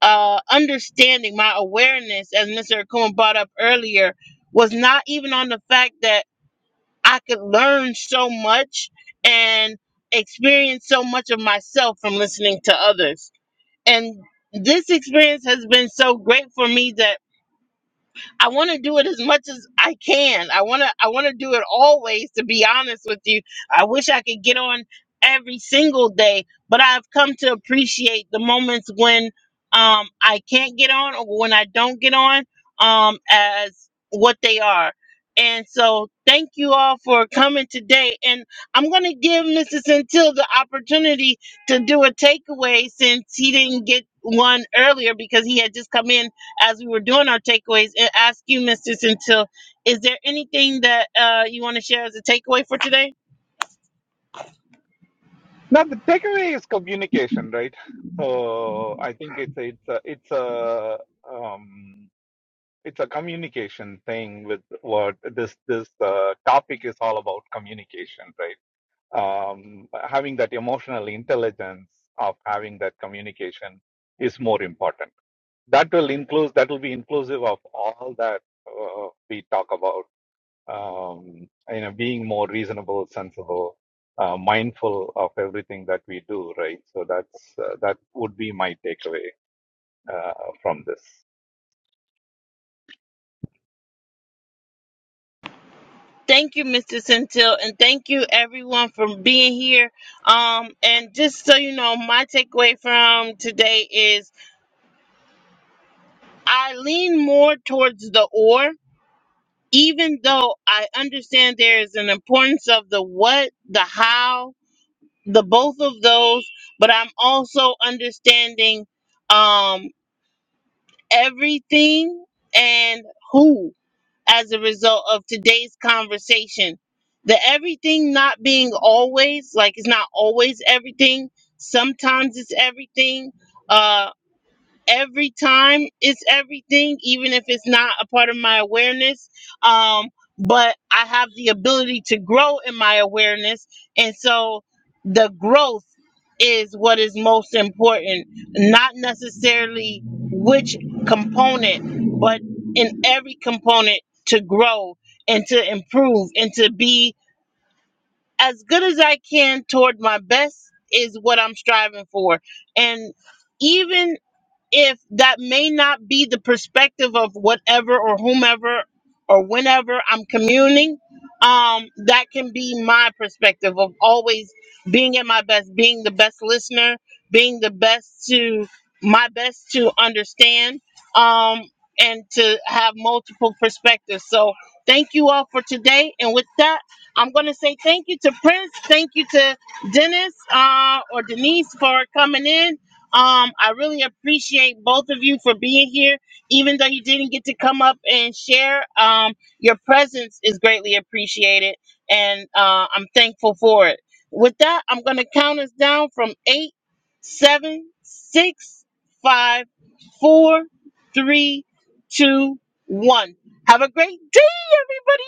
[SPEAKER 1] uh understanding my awareness as mr akuma brought up earlier was not even on the fact that I could learn so much and experience so much of myself from listening to others. And this experience has been so great for me that I want to do it as much as I can. I want to I want to do it always to be honest with you. I wish I could get on every single day, but I've come to appreciate the moments when um I can't get on or when I don't get on um as what they are. And so thank you all for coming today and I'm going to give Mr. Centil the opportunity to do a takeaway since he didn't get one earlier because he had just come in as we were doing our takeaways and ask you, Mr. Centil, is there anything that uh, you want to share as a takeaway for today?
[SPEAKER 6] now the takeaway is communication right so i think it's it's a, it's a um it's a communication thing with what this this uh, topic is all about communication right um, having that emotional intelligence of having that communication is more important that will include that will be inclusive of all that uh, we talk about um, you know being more reasonable sensible uh, mindful of everything that we do right so that's uh, that would be my takeaway uh, from this
[SPEAKER 1] Thank you, Mr. Centil, and thank you everyone for being here. Um, and just so you know, my takeaway from today is I lean more towards the or, even though I understand there is an importance of the what, the how, the both of those, but I'm also understanding um everything and who as a result of today's conversation. The everything not being always, like it's not always everything. Sometimes it's everything. Uh every time it's everything, even if it's not a part of my awareness. Um, but I have the ability to grow in my awareness. And so the growth is what is most important, not necessarily which component, but in every component to grow and to improve and to be as good as I can toward my best is what I'm striving for. And even if that may not be the perspective of whatever or whomever or whenever I'm communing, um, that can be my perspective of always being at my best, being the best listener, being the best to my best to understand, um, and to have multiple perspectives. So thank you all for today. And with that, I'm gonna say thank you to Prince, thank you to Dennis uh, or Denise for coming in um, I really appreciate both of you for being here, even though you didn't get to come up and share. Um, your presence is greatly appreciated, and uh, I'm thankful for it. With that, I'm going to count us down from eight, seven, six, five, four, three, two, one. Have a great day, everybody.